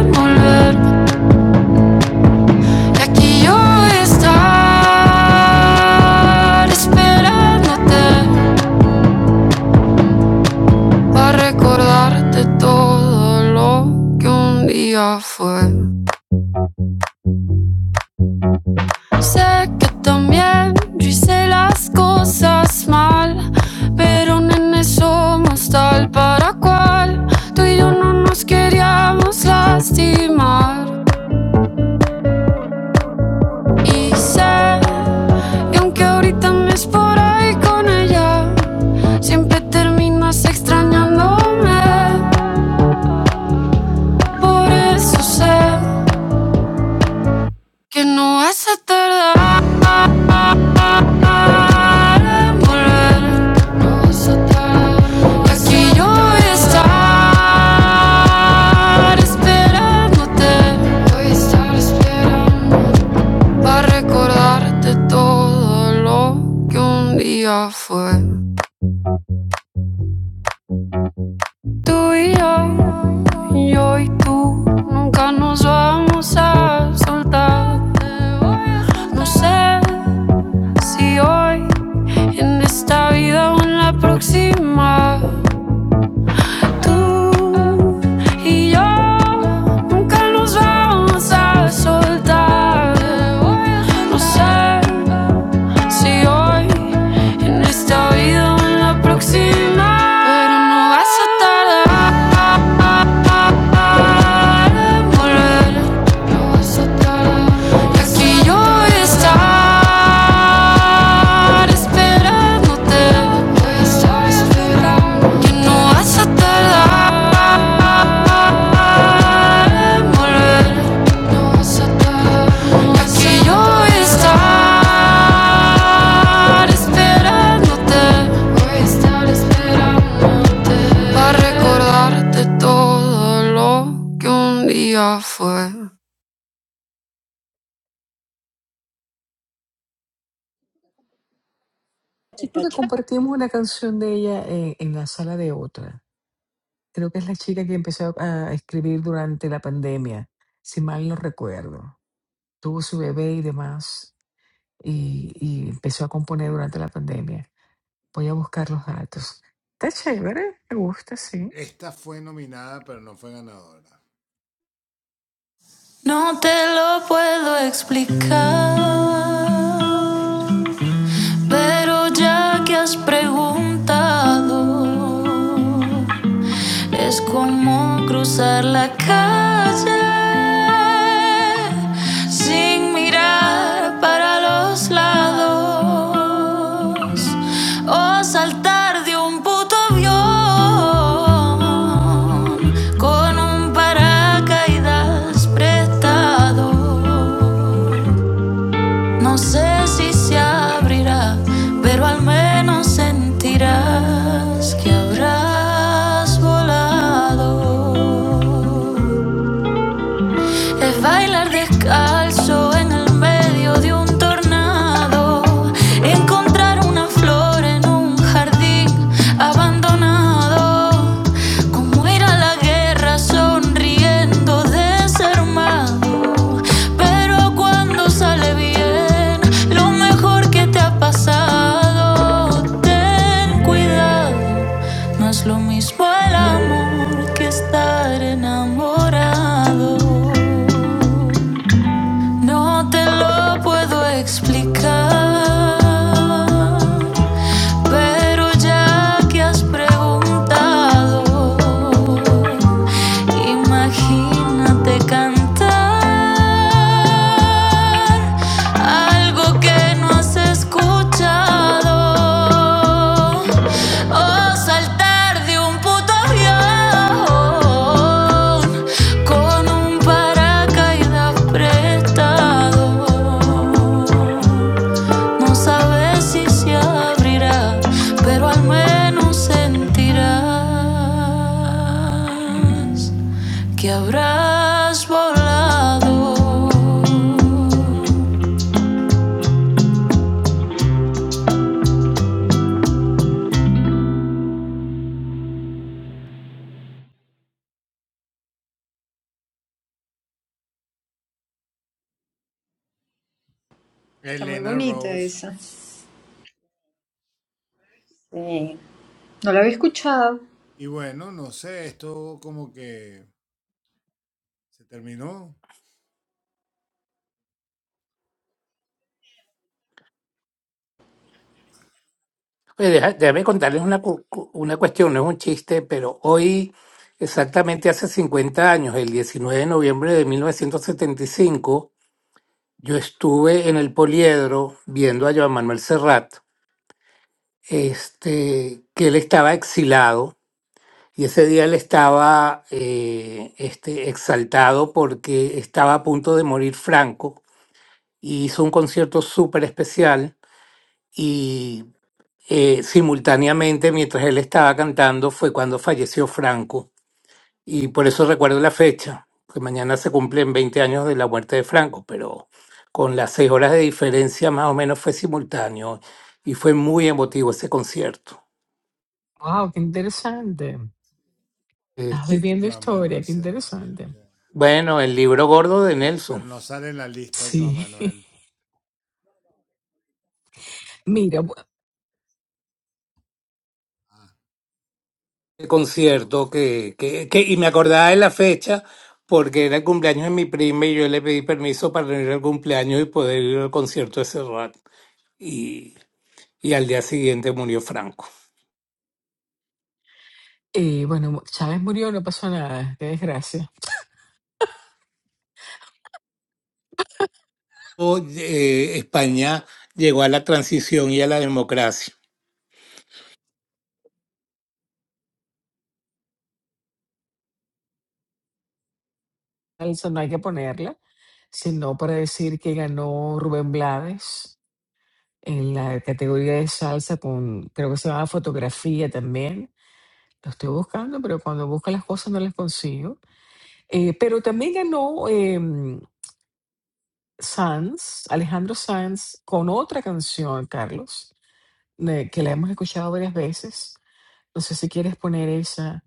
Speaker 3: en volver. Y aquí yo voy a estar esperándote. para recordarte todo lo que un día fue. Sé que también yo hice las cosas mal, pero nene somos tal para cual. Tú y yo no nos queríamos lastimar. Y sé que aunque ahorita me es por ahí con ella, siempre terminas extrañándome. Por eso sé que no vas a tardar. a No Aquí yo voy esperándote. Voy a estar esperando. Para recordarte todo lo que un día fue. Tú y yo, yo y tú, nunca nos vamos a soltar. No sé si hoy, en esta vida o en la próxima. Tú y yo, nunca nos vamos a soltar. No sé si hoy, en esta vida o en la próxima. Pero no vas a tardar para no yo voy esperando. Que no vas tardar morir. yo voy esperándote. Para recordarte todo lo que un día fue.
Speaker 1: Sí,
Speaker 2: Está
Speaker 1: porque
Speaker 2: chévere,
Speaker 1: compartimos una canción de ella en, en la sala de otra. Creo que es la chica que empezó a escribir durante la pandemia, si mal no recuerdo. Tuvo su bebé y demás, y, y empezó a componer durante la pandemia. Voy a buscar los datos. Está chévere, me gusta, sí.
Speaker 3: No te lo puedo explicar. Pero ya que has preguntado, Es como cruzar la calle sin mirar para los lados o saltar de un puto avión con un paracaídas prestado. No sé si se abrirá, pero al menos sentirás que habrás volado. Es bailar descalzo en el medio de un tornado. Encontrar una flor en un jardín abandonado. Como ir a la guerra sonriendo desarmado. Pero cuando sale bien, lo mejor que te ha pasado. Ten cuidado, no es lo mismo el amor que estar enamorado. No te lo puedo explicar, pero ya que has preguntado, imagínate cantar algo que no has escuchado o saltar de un puente con un paracaídas prestado. No sabes si se abrirá, pero al menos sentirás que habrás volado.
Speaker 2: está muy bonita esa. Sí, No la había escuchado.
Speaker 4: Oye, deja- déjame contarles una, cu- cu- una cuestión, no es un chiste, pero hoy, exactamente hace 50 años, el 19 de noviembre de 1975 yo estuve en el Poliedro viendo a Joan Manuel Serrat, este, que él estaba exilado y ese día él estaba eh, este, exaltado porque estaba a punto de morir Franco y hizo un concierto súper especial. y eh, simultáneamente mientras él estaba cantando fue cuando falleció Franco. Y por eso recuerdo la fecha, que mañana se cumplen 20 años de la muerte de Franco, pero con las seis horas de diferencia más o menos fue simultáneo y fue muy emotivo ese concierto.
Speaker 1: Wow, qué interesante.
Speaker 4: Eh,
Speaker 1: Estás
Speaker 4: sí.
Speaker 1: viviendo historia, qué interesante.
Speaker 4: bueno, el libro gordo de Nelson,
Speaker 1: Sí. Mira, bu-
Speaker 4: el concierto que, que, que, y me acordaba de la fecha porque era el cumpleaños de mi prima y yo le pedí permiso para ir al cumpleaños y poder ir al concierto de Serrat. Y y al día siguiente murió Franco.
Speaker 1: eh, bueno, Chávez murió, no pasó nada, qué desgracia.
Speaker 4: O, eh, España llegó a la transición y a la democracia.
Speaker 1: salsa no hay que ponerla, sino para decir que ganó Rubén Blades en la categoría de salsa con, creo que se llama fotografía también. Lo estoy buscando, pero cuando busco las cosas no las consigo. Eh, pero también ganó em, Sanz, Alejandro Sanz, con otra canción, Carlos, de- que la hemos escuchado varias veces. No sé si quieres poner esa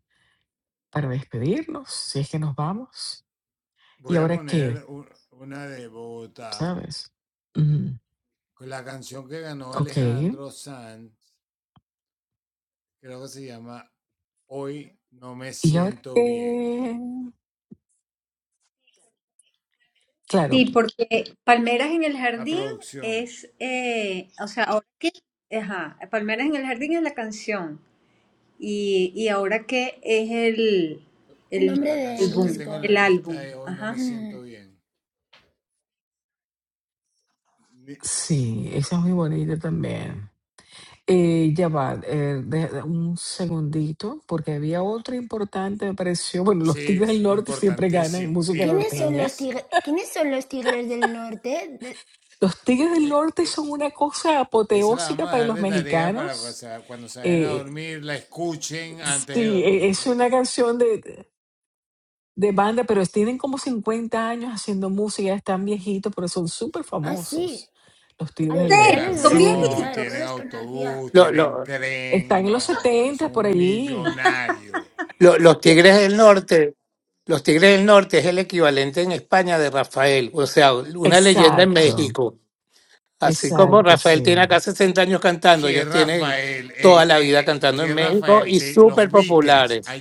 Speaker 1: para despedirnos, si es que nos vamos. ¿Y ahora qué? ¿Sabes? Ujú. Ok. Y ahora que, claro,
Speaker 2: Sí, porque Palmeras en el Jardín es, eh, o sea, ahora que, ajá, Palmeras en el Jardín es la canción. Y, y ahora qué es el,
Speaker 8: el
Speaker 2: el
Speaker 8: nombre del
Speaker 2: álbum,
Speaker 8: disco.
Speaker 2: el álbum, ajá.
Speaker 8: Mm.
Speaker 1: sí, esa es muy bonita también. Eh, ya va, eh, de- de- un segundito, porque había otra importante, me pareció. Bueno, los Tigres del Norte siempre ganan música
Speaker 8: ¿Quiénes son
Speaker 1: norteña.
Speaker 8: los tigres, ¿Quiénes son los tigres del norte? De-
Speaker 1: Los Tigres del Norte son una cosa apoteósica para los mexicanos. Eh, sí, e- es una canción de, de banda, pero tienen como 50 años haciendo música, ya están viejitos, pero son súper
Speaker 8: Ah, sí,
Speaker 1: famosos. Los Tigres
Speaker 8: Ay,
Speaker 2: ¿En
Speaker 1: del
Speaker 8: ya
Speaker 2: serio?
Speaker 1: Norte,
Speaker 8: les voy
Speaker 2: Son
Speaker 8: a
Speaker 1: sí.
Speaker 8: escuchar, no
Speaker 2: viejitos.
Speaker 8: los conocía.
Speaker 4: Lo- lo-
Speaker 1: Están en los 70 por allí.
Speaker 4: lo- los
Speaker 1: Ya-
Speaker 4: Tigres del Norte, los Tigres del Norte es el equivalente en España de Rafael, o sea, una leyenda en
Speaker 1: Exacto,
Speaker 4: México. Así como
Speaker 1: exacto,
Speaker 4: Rafael
Speaker 1: sí.
Speaker 4: tiene acá 60 años cantando, ellos tienen toda la vida cantando en México y súper populares.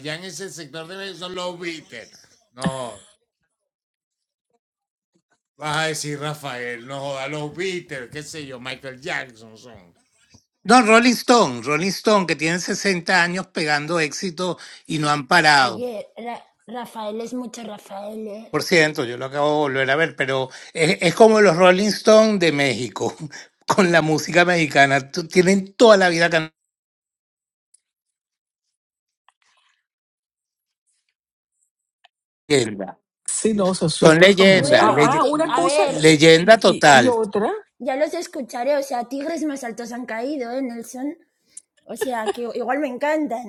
Speaker 4: No, Rolling Stone, Rolling Stone, que tienen 60 años pegando éxito y no han parado.
Speaker 8: Oye, Ra- Rafael es mucho Rafael, ¿eh?
Speaker 4: Por ciento yo lo acabo de volver a ver, pero es, es como los Rolling Stones de México, con la música mexicana. Tú- Tienen toda la vida cantando. leyendas.
Speaker 1: Sí, no, son
Speaker 4: Son
Speaker 1: súper famosos.
Speaker 4: leyendas,
Speaker 1: Ah,
Speaker 8: Bueno,
Speaker 1: ah,
Speaker 4: leye-
Speaker 8: te-
Speaker 1: una
Speaker 8: a
Speaker 1: cosa
Speaker 8: ver,
Speaker 1: eh, eh,
Speaker 4: leyenda
Speaker 1: y, y
Speaker 4: total.
Speaker 1: otra,
Speaker 8: ya los escucharé. O sea, tigres más altos han caído, ¿eh, Nelson? O sea, que igual me encantan.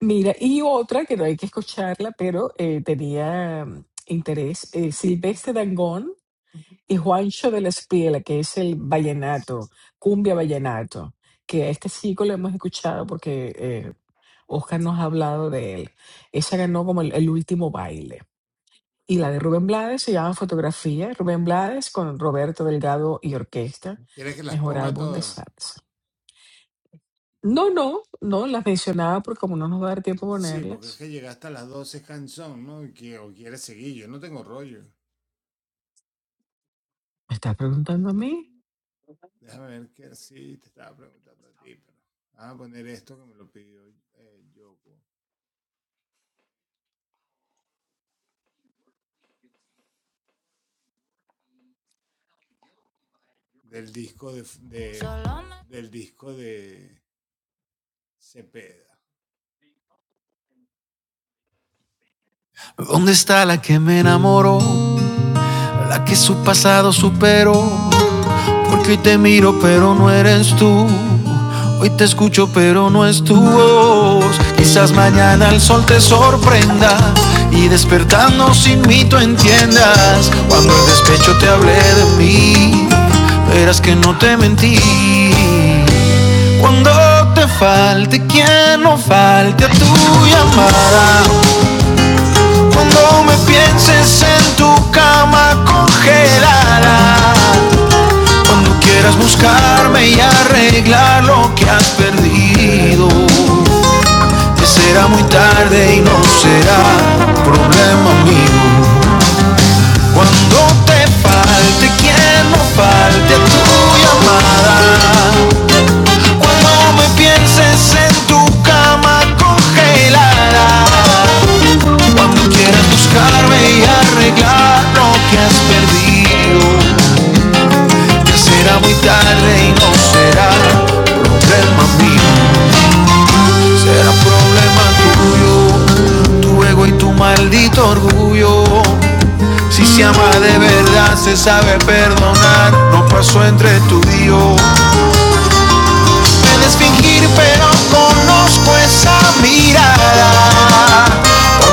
Speaker 1: mira, y otra que no hay que escucharla, pero eh, tenía mm, interés, eh, Silvestre Dangón y Juancho de la Espiela, que es el vallenato, cumbia vallenato, que a este chico lo hemos escuchado porque eh, Oscar nos ha hablado de él. Esa ganó como el el último baile. Y la de Rubén Blades se llama Fotografía, Rubén Blades con Roberto Delgado y Orquesta, mejor álbum de salsa. No, no, no, las mencionaba porque como no nos va a dar tiempo a ponerlas, me estás preguntando a mí.
Speaker 3: Donde me enamoré, la que su pasado superó, porque hoy te mira.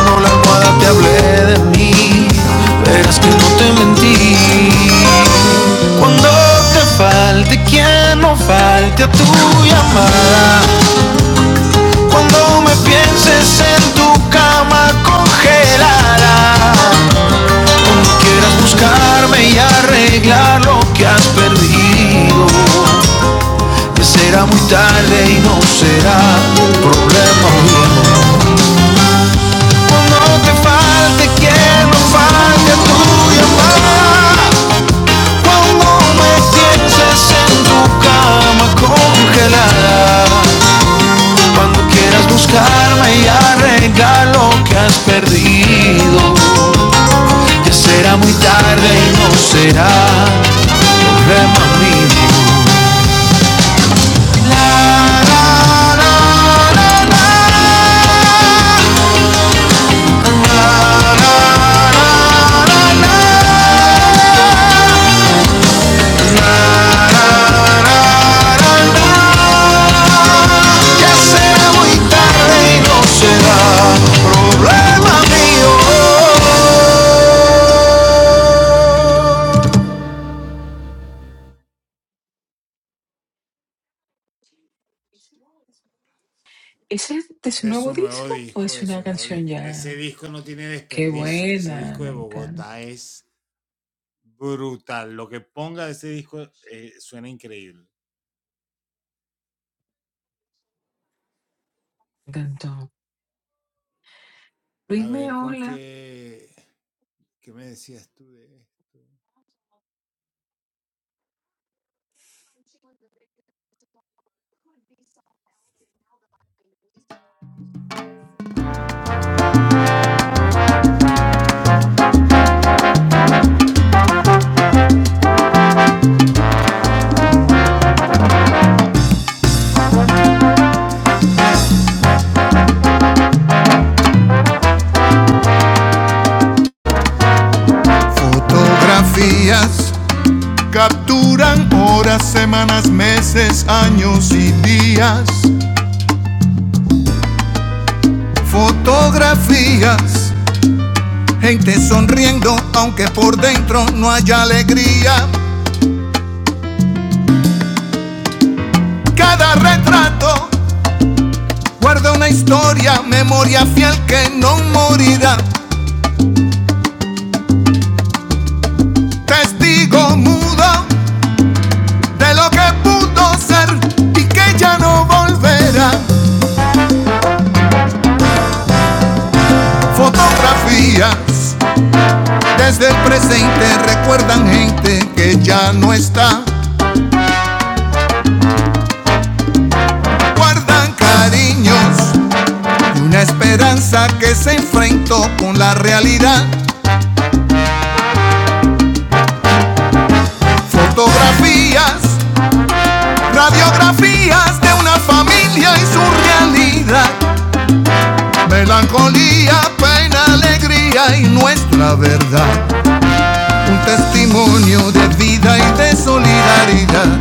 Speaker 3: No la almohada te hablé de mí, verás que no te mentí. Cuando te falte quien no falte a tu llamada, cuando me pienses en tu cama congelada, quieras buscarme y arreglar lo que has perdido, que será muy tarde y no será problema mío. No me pienses en tu cama congelada. No Quieras buscar regalo que has perdido, que será muy tarde y no será, rema mío. Que será muy tarde y no será, rema mío.
Speaker 1: ¿Ese es de su nuevo disco o es una canción ya? Qué buena, me encanta, me encantó. Luis Meola,
Speaker 3: Fotografías capturan horas, semanas, meses, años y días. Fotografías, gente sonriendo, aunque por dentro no haya alegría. Cada retrato Guarda una historia, memoria fiel que no morirá. Testigo mudo de lo que pudo ser y que ya no volverá. Fotografías desde el presente recuerdan gente que ya no está. Guardan cariños y una esperanza que se enfrentó con la realidad. Fotografías, radiografías de una familia y su realidad Melancolía, pena, alegría y nuestra verdad. Un testimonio de vida y de solidaridad.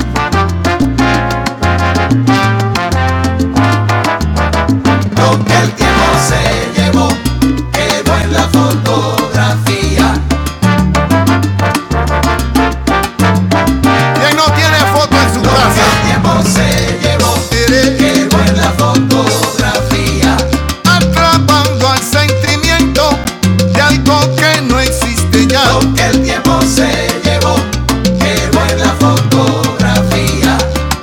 Speaker 3: Quien no tiene foto en su casa. Atrapando al sentimiento de algo que no existe ya. Porque el tiempo se llevó.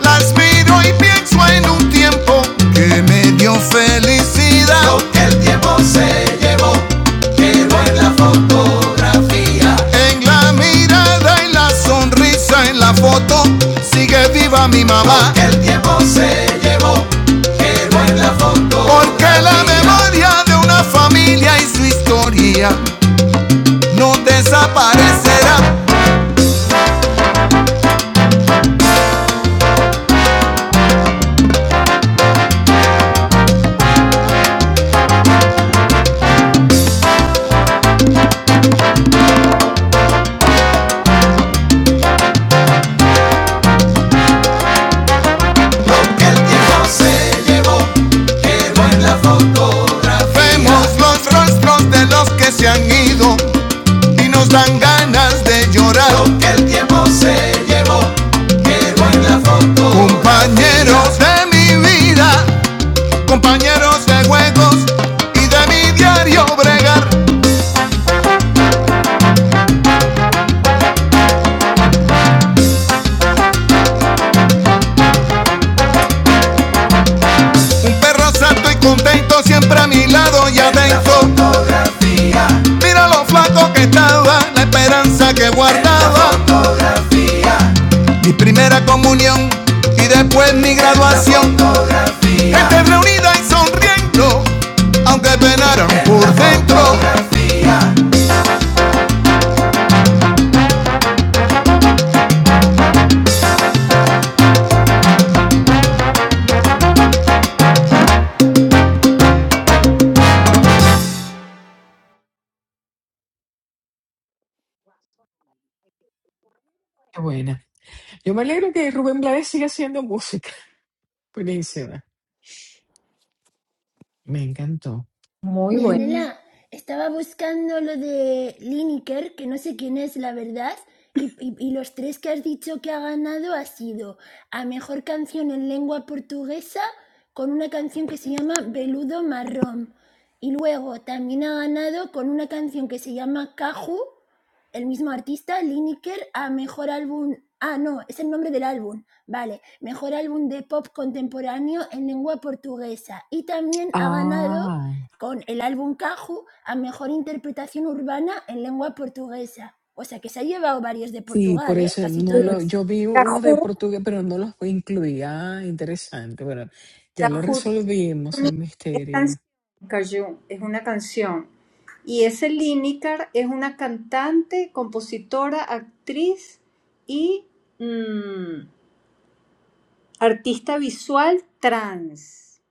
Speaker 3: Las miro y pienso en un tiempo que me dio felicidad. En la mirada, en la sonrisa, en la foto, sigue viva mi mamá. Porque Él te llevó toda Porque la la memoria de una familia y su historia no desaparecerá. tiempo se llevó, quedó en la fotografía. Vemos los rostros de los que se han ido y nos dan ganas de llorar. Compañeros de mi vida, compañeros de juegos y de mi diario bregar. Un perro santo y contento siempre a mi lado y adentro. Mira lo flaco que estaba, la esperanza que guardaba. Mi primera comunión y después mi graduación. Gente reunida y sonriendo, aunque penaron por dentro.
Speaker 1: qué buena. Yo me alegro que Rubén Blades siga haciendo música. Buenísima, me encantó.
Speaker 2: Muy
Speaker 8: Mi
Speaker 2: bueno.
Speaker 5: Buenísimo.
Speaker 8: Anela, estaba buscando lo de Lineker, que no sé quién es, la verdad. Y, y- y los tres que has dicho que ha ganado ha sido a mejor canción en lengua portuguesa con una canción que se llama Veludo Marrón. Y luego también ha ganado con una canción que se llama Caju, el mismo artista, Lineker, a mejor álbum. Ah, no, es el nombre del álbum. Vale, mejor álbum de pop contemporáneo en lengua portuguesa. Y también ha ganado
Speaker 1: Ah.
Speaker 8: con el álbum Caju a Mejor Interpretación Urbana en Lengua Portuguesa. O sea que se ha llevado varios de
Speaker 1: Sí,
Speaker 8: Portugal,
Speaker 1: por
Speaker 8: ¿eh?
Speaker 1: eso
Speaker 8: Casi
Speaker 1: no
Speaker 2: Sí.
Speaker 1: lo,
Speaker 8: todos.
Speaker 1: yo vi unos de
Speaker 2: Cajú,
Speaker 1: portugués, pero no los incluía. Ah, interesante. Bueno, ya lo
Speaker 2: Cajú
Speaker 1: resolvimos el
Speaker 2: también es
Speaker 1: misterio.
Speaker 2: canción. Cajú es una canción. Y ese Lineker es una cantante, compositora, actriz y mm, artista visual trans.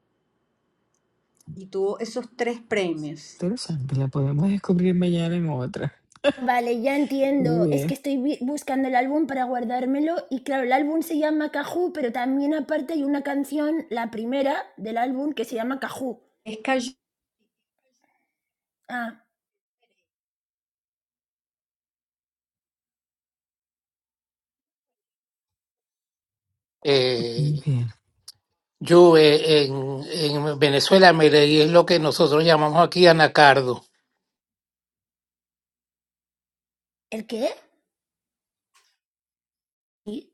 Speaker 2: Y tuvo esos tres premios.
Speaker 1: Interesante, la podemos descubrir mañana en otra.
Speaker 8: Vale, ya
Speaker 1: Muy
Speaker 8: entiendo. Es que
Speaker 1: bien,
Speaker 8: estoy buscando el álbum para guardármelo y claro, el álbum se llama Caju pero también aparte hay una canción, la primera del álbum, que se llama Caju
Speaker 2: Es Cajú
Speaker 8: Ah,
Speaker 1: muy
Speaker 4: Eh,
Speaker 1: bien.
Speaker 4: yo eh, en, en Venezuela me es lo que nosotros llamamos aquí anacardo.
Speaker 8: ¿el qué? Sí.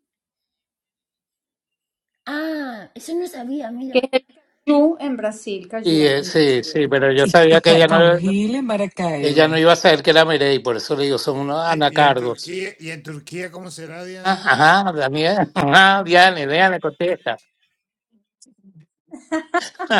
Speaker 8: Ah, eso no sabía, mira.
Speaker 2: en Brasil,
Speaker 4: Y
Speaker 2: Cajú
Speaker 4: eh,
Speaker 2: en
Speaker 4: sí,
Speaker 2: portugués.
Speaker 4: sí, pero yo
Speaker 1: Y, y
Speaker 4: sabía que
Speaker 1: Ca-
Speaker 4: ella no,
Speaker 1: Caujil en
Speaker 4: ella no
Speaker 1: Maracaibo.
Speaker 4: iba a saber que era Merey, por eso le digo, son unos anacardos. Ah, Ajá, Daniel, ajá, Diane, Diane, contesta.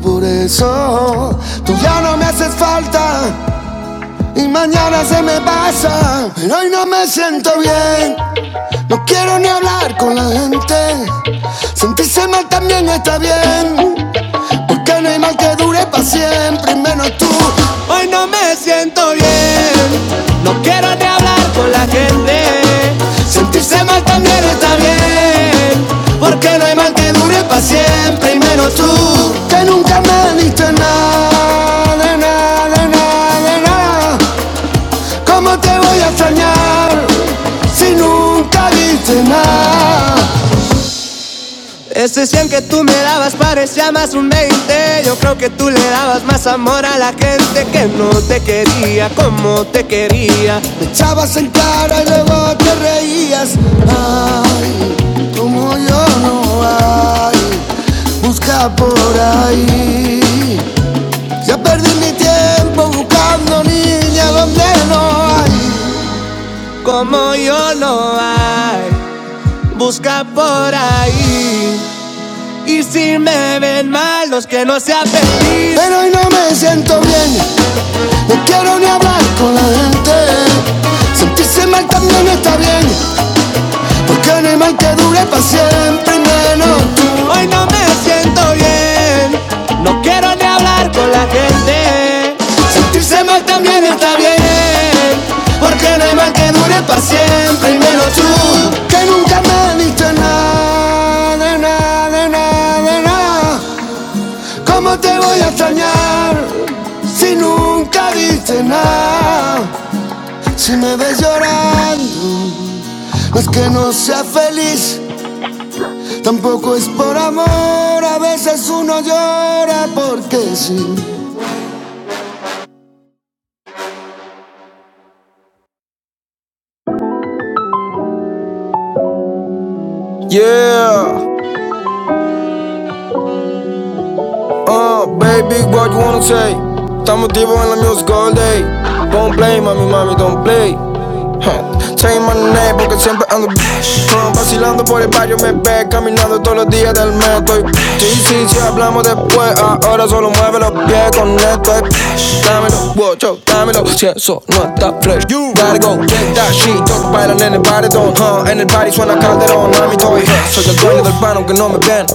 Speaker 3: Por eso no me haces falta y mañana se me pasa.
Speaker 2: me siento bien. Debo hablar con la gente.
Speaker 3: hablar con la gente. Sentirse mal también está bien, porque no hay mal que dure para siempre, y menos tú, que nunca me diste nada, de nada, de nada, de nada. ¿Cómo te voy a extrañar si nunca diste nada? Ese 100 que tú me dabas parecía más un 20, Yo creo que tú le dabas más amor a la gente que no te guía Pero hoy no me siento bien No quiero ni hablar con la gente. Sentirse mal también está bien, porque no hay mal que dure para siempre. y Menos tú. Hoy no me siento bien, no quiero ni hablar con la gente. Sentirse mal también está bien, porque no hay mal que dure para siempre. Y menos tú, que nunca me diste nada, de nada, de nada, de nada. ¿Cómo te voy a extrañar si nunca diste nada? Si me ves llorando, es que no sea feliz, tampoco es por amor, a veces uno llora porque sí. Yeah. Uh, baby, what you wanna say? Estamos activos en la music all day. Don't play, mami, mami, don't play. Huh. Say my name porque siempre ando huh, Vacilando por el barrio me ve Caminando todos los días del mes Estoy sí, sí, sí, hablamos después Ahora solo mueve los pies con esto Dámelo, wow, yo, dámelo Si eso no está fresh You gotta go get that shit Todos bailan en el baritón huh. En el party suena calderón Mami, estoy huh. Soy el dueño del pan mano aunque no me vean.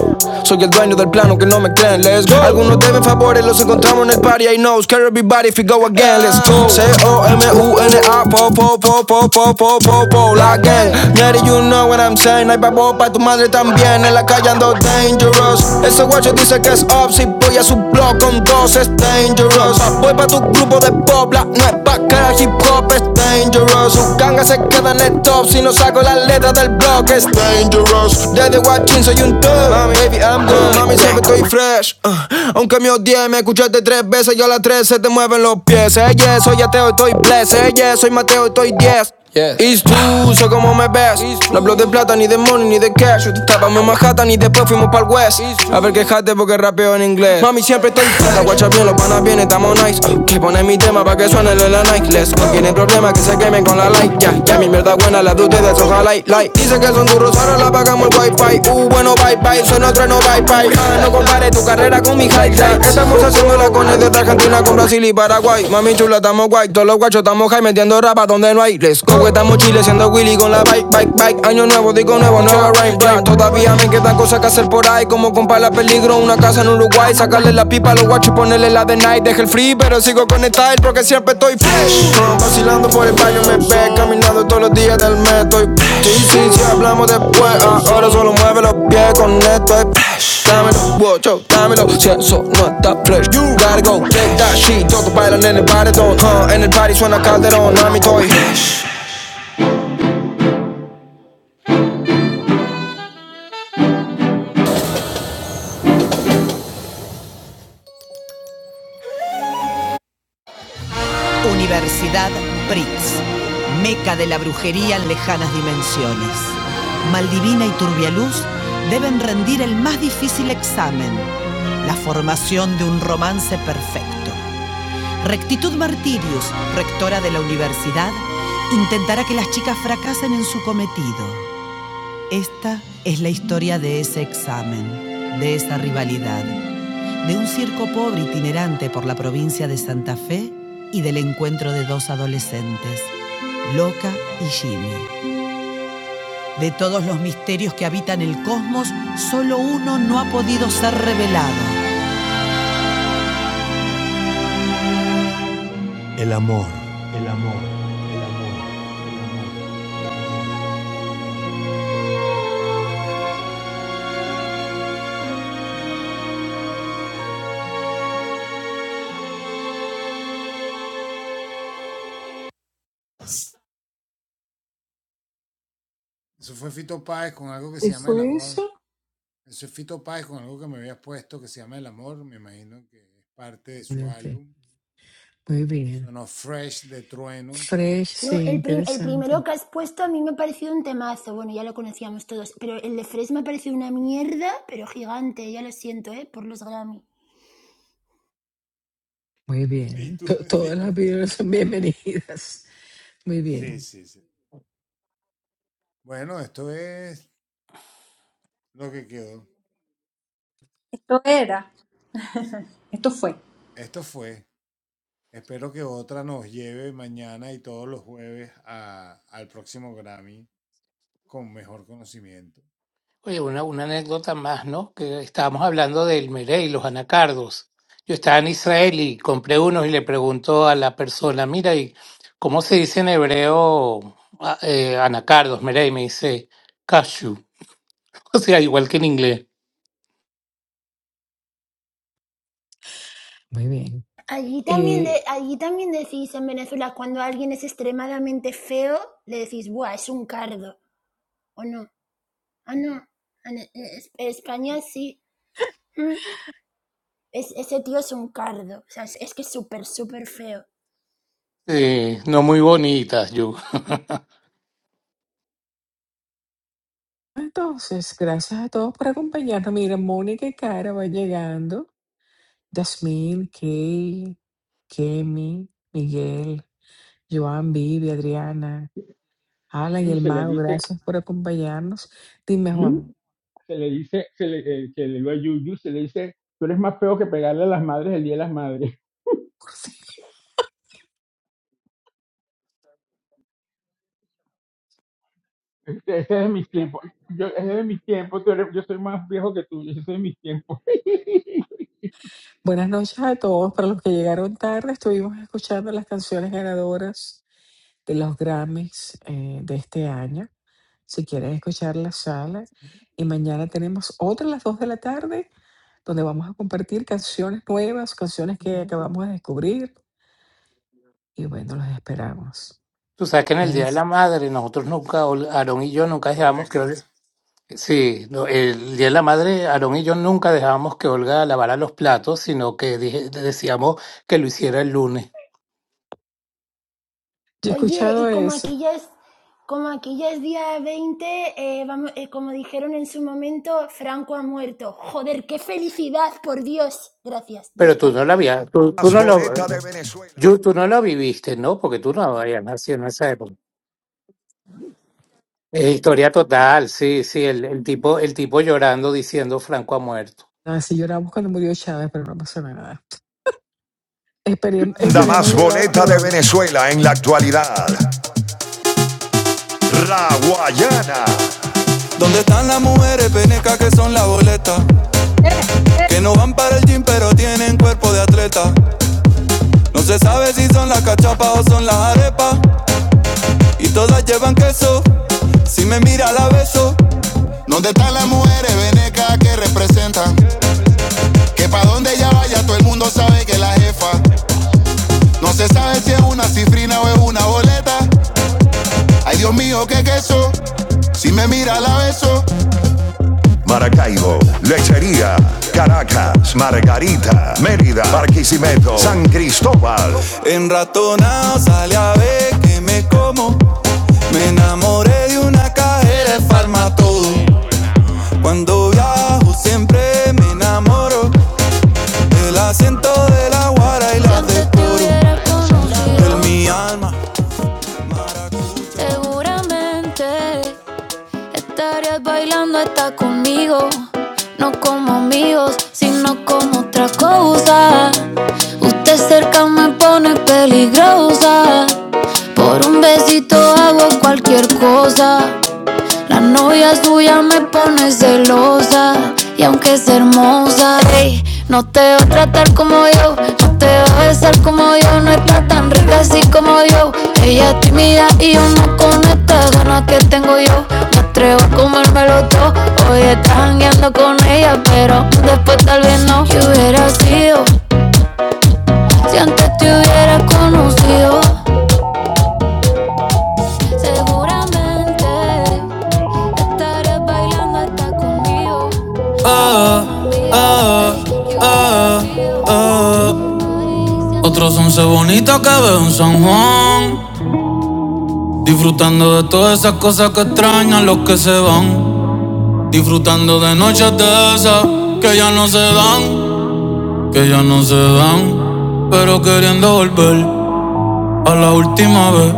Speaker 3: Soy el dueño del plano que no me creen. Let's go. Algunos deben favores, los encontramos en el party. I know, scare everybody if we go again. Let's go. C-O-M-U-N-A, po, po, po, po, po, po, po, po, la gang. Mary, you know what I'm saying. Hay babo pa' tu madre también. En la calle ando dangerous. Ese guacho dice que es up. Si voy a su blog con dos, es dangerous. Voy pa' tu grupo de pobla, no es pa' que que el hip hop es dangerous. Sus gangas se quedan en el top si no saco las letras del blog. Es dangerous. Desde Watching soy un top. Mami, baby, I'm done. Mami, siempre estoy fresh. Uh, aunque me odie, me escuchaste tres veces. Yo a las tres se te mueven los pies. Ella, soy ateo y estoy blessed. Ella, soy Mateo y estoy diez. Yeah. It's tú, sé cómo me ves. No hablo de plata, ni de money, ni de cash. Yo te estábamos en Manhattan y después fuimos pa'l West. A ver, quejate porque rapeo en inglés. Mami, siempre estoy flat. La guacha bien, los panas bien, estamos nice. Que pone mi tema pa' que suene de la Nike. Les no tienen problema que se quemen con la like. Ya, yeah, ya, yeah, mi mierda buena, la de ustedes, ojalá y like. Dice que son duros, ahora la pagamos el wifi. Uh, bueno, bye bye, soy otro no bye bye. Ah, no compares tu carrera con mi high tech. Estamos haciendo la con el de Argentina con Brasil y Paraguay. Mami chula, estamos guay. Todos los guachos estamos high metiendo rapa donde no hay. Let's go. Let's go, estamos chile siendo Willy con la bike, bike, bike. Año nuevo, digo nuevo, nueva rain, rain. Todavía me quedan cosas que hacer por ahí, como comprar la peligro, una casa en Uruguay, sacarle la pipa a los guachos y ponerle la de night. Deje el free, pero sigo con el style porque siempre estoy fresh. Uh, vacilando por el baño me ve, caminando todos los días del mes, estoy fresh. Sí, sí, sí, hablamos después, ahora solo mueve los pies con esto, es fresh. Dámelo, wow, yo, dámelo, si eso no está fresh. You gotta go, take that shit, todos bailan en el paredón, huh? En el party suena calderón, a mi toy fresh. Universidad BRICS, meca de la brujería en lejanas dimensiones. Maldivina y Turbialuz deben rendir el más difícil examen, la formación de un romance perfecto. Rectitud Martirius, rectora de la universidad, intentará que las chicas fracasen en su cometido. Esta es la historia de ese examen, de esa rivalidad de un circo pobre itinerante por la provincia de Santa Fe y del encuentro de dos adolescentes, Loca y Jimmy. De todos los misterios que habitan el cosmos, solo uno no ha podido ser revelado.
Speaker 1: ¿Qué fue eso? Espérate. Muy bien. Fresh,
Speaker 8: No,
Speaker 1: sí,
Speaker 8: el, prim- el
Speaker 1: interesante.
Speaker 8: primero que has puesto a mí me ha parecido un temazo. Bueno, ya lo conocíamos todos. Pero el de Fresh me ha parecido una mierda, pero gigante. Ya lo siento, ¿eh? Por los Grammy.
Speaker 1: Muy bien. To- Todas las opiniones son bienvenidas. Muy bien,
Speaker 2: Esto era, esto fue.
Speaker 4: Oye, una, una anécdota más, ¿no? Que estábamos hablando del meré y los anacardos. Yo estaba en Israel y compré unos y le pregunto a la persona, mira, ¿y cómo se dice en hebreo a- eh, anacardos, meré? Y me dice, cashew. O sea, igual que en inglés.
Speaker 1: muy bien.
Speaker 8: Allí también, de,
Speaker 1: Eh,
Speaker 8: allí también decís en Venezuela, cuando alguien es extremadamente feo, le decís, ¡buah, es un cardo! ¿O no? Ah, no. En, en- en España sí. Mm, es- ese tío es un cardo. O sea, es, es que es súper, súper feo.
Speaker 4: Eh, no muy bonitas, yo.
Speaker 1: Entonces, gracias a todos por acompañarnos. Mira, Mónica y Cara van llegando. Yasmín, Kay, Kemi, Miguel, Joan, Vivi, Adriana, Alan y
Speaker 7: Yu
Speaker 1: el
Speaker 7: se le
Speaker 1: Mago,
Speaker 7: dice,
Speaker 1: gracias por acompañarnos. Dime,
Speaker 7: Yu
Speaker 1: Juan.
Speaker 7: se le dice, se le, eh, que le digo a Yu, Yu se le dice, tú eres más feo que pegarle a las madres el día de las madres. Ese es de mis tiempos. Yo, ese es de mis tiempos, tú eres- yo soy más viejo que tú, ese es de mis tiempos.
Speaker 1: Buenas noches a todos. Para los que llegaron tarde, estuvimos escuchando las canciones ganadoras de los Grammys eh, de este año. Si quieren escuchar la sala. Y mañana tenemos otra a las 2 de la tarde donde vamos a compartir canciones nuevas, canciones que acabamos de descubrir y bueno, los esperamos.
Speaker 4: Tú sabes que en el Día de
Speaker 1: Nels.
Speaker 4: la Madre, nosotros nunca, o Aarón y yo nunca dejábamos que... Olga- Sí, no, el Día de la Madre, Aarón y yo nunca dejábamos que Olga lavara los platos, sino que dije- decíamos que lo hiciera el lunes.
Speaker 1: Yo he
Speaker 8: Oye, y
Speaker 1: escuchado
Speaker 8: como
Speaker 1: eso.
Speaker 8: aquí ya es, como aquí ya es día 20 eh, vamos, eh, como dijeron en su momento, Franco ha muerto. Joder, qué felicidad, por Dios. Gracias, ya
Speaker 4: Pero
Speaker 8: está.
Speaker 4: tú no la habías, tú, tú
Speaker 3: Más
Speaker 4: no lo,
Speaker 3: boleta de Venezuela.
Speaker 4: yo, tú no lo viviste, ¿no? Porque tú no habías nacido en esa época. Es historia total, sí, sí, el, el tipo, el tipo llorando diciendo Franco ha muerto.
Speaker 1: Así lloramos cuando murió Chávez, pero no pasó nada. Esperem-
Speaker 3: Banda
Speaker 1: esperemos
Speaker 3: más
Speaker 1: llorar
Speaker 3: boleta de
Speaker 1: pronto.
Speaker 3: Venezuela en la actualidad. La Guayana. ¿Dónde están las mujeres penecas que son la boleta?
Speaker 2: Eh, eh.
Speaker 3: Que no van para el gym pero tienen cuerpo de atleta. No se sabe si son las cachapas o son las arepas. y todas llevan queso. Si me mira la beso. ¿Dónde están las mujeres venecas que representan? Que pa' donde ella vaya todo el mundo sabe que es la jefa. No se sabe si es una cifrina o es una boleta. Ay Dios mío, qué queso. Si me mira la beso. Maracaibo, Lechería, Caracas, Margarita, Mérida, Barquisimeto, San Cristóbal. En ratonao sale a ver que me como. Me enamoré de una cajera de farmatodo. Cuando viajo siempre me enamoro del acento de la guara y Si la de te decoro. hubiera En mi alma seguramente estarías bailando hasta conmigo. No como amigos, sino como otra cosa. Usted cerca me pone peligrosa. Por un besito hago cualquier cosa. La novia
Speaker 2: No me
Speaker 3: suya me
Speaker 2: enseñas me
Speaker 3: pone
Speaker 2: pones en los
Speaker 3: celosa y aunque es hermosa, ey, no te va a tratar como yo,
Speaker 1: Como
Speaker 3: no
Speaker 1: yo,
Speaker 3: te va a besar como yo, no
Speaker 1: como yo,
Speaker 3: está
Speaker 1: na,
Speaker 3: tan rica
Speaker 1: na,
Speaker 3: así
Speaker 1: na,
Speaker 3: como
Speaker 1: na,
Speaker 3: yo.
Speaker 1: como yo.
Speaker 3: Ella es tímida y yo no con esta ganas que tengo yo. Me atrevo a comérmelo todo. Hoy estás jangueando con ella, pero después tal vez no. Que hubiera sido si antes te hubiera conocido. Seguramente estaré bailando hasta conmigo. Ah, ah, ah, ah. Otros once bonitos que veo en San Juan. Disfrutando de todas esas cosas que extrañan los que se van. Disfrutando de noches de esas que ya no se dan, que ya no se dan. Pero queriendo volver a la última vez.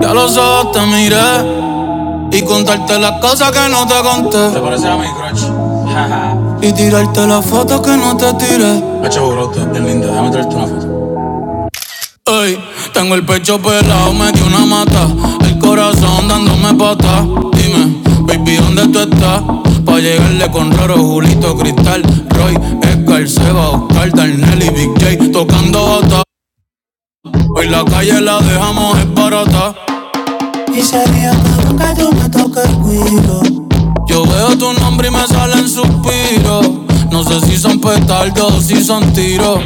Speaker 3: Ya los ojos te miré Y contarte las cosas que no te conté. Te conté. pareces a mi crush. Y tirarte las fotos que no te tiré. Hacho brote, es linda, déjame traerte una foto. Ey, tengo el pecho pelado, me dio una mata. El corazón dándome pata. Dime, baby, ¿dónde tú estás? Pa' llegarle con raro Julito Cristal, Roy, Edgar, Seba, Oscar, Darnell y Big J tocando bata. Hoy la calle la dejamos es barata. Y sería que nunca yo me toque el cuido. Yo veo tu nombre y me salen suspiros. No sé si son petardos o si son tiros.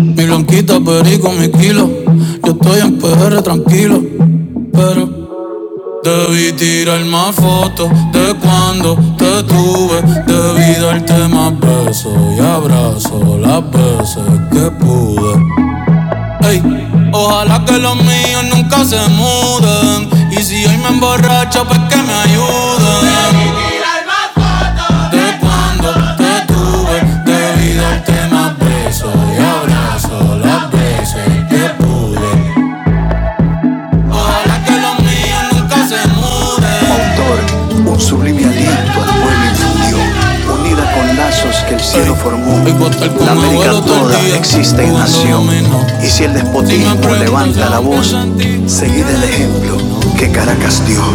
Speaker 3: Mi blanquita perico, mi kilo. Yo estoy en PR tranquilo. Pero debí tirar más fotos de cuando te tuve. Debí darte más
Speaker 2: de
Speaker 3: besos y
Speaker 2: antemano.
Speaker 3: abrazos las veces que pude. Ey, ojalá que los míos nunca se muden. Y si hoy me emborracho, pues que me ayuden. De cuando te tuve, te vi darte más besos y abrazo las veces que pude. Autor, un sublime aliento al pueblo infundió, unida con lazos que el cielo hey, formó. La América toda existe en nación. Y si el Si despotismo levanta la voz, ¿dónde seguid el ejemplo que Caracas dio.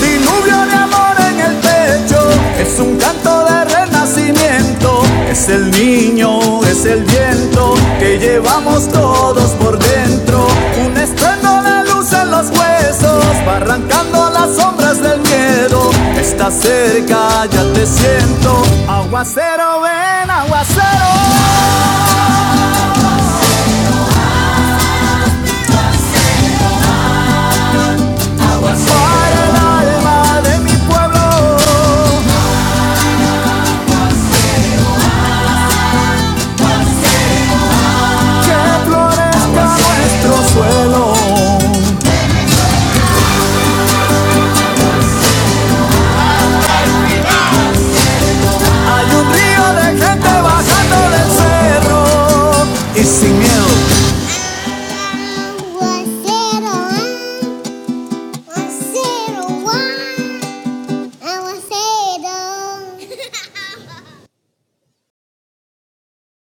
Speaker 3: Diluvio de amor en el pecho, es un canto de renacimiento, es el niño, es el viento que llevamos todos por dentro, un estreno de luz en los huesos, va arrancando las sombras del miedo, está cerca, ya te siento, aguacero ven, aguacero, para el alma de mi pueblo, que florezca nuestro suelo. Hay un río de gente bajando del cerro.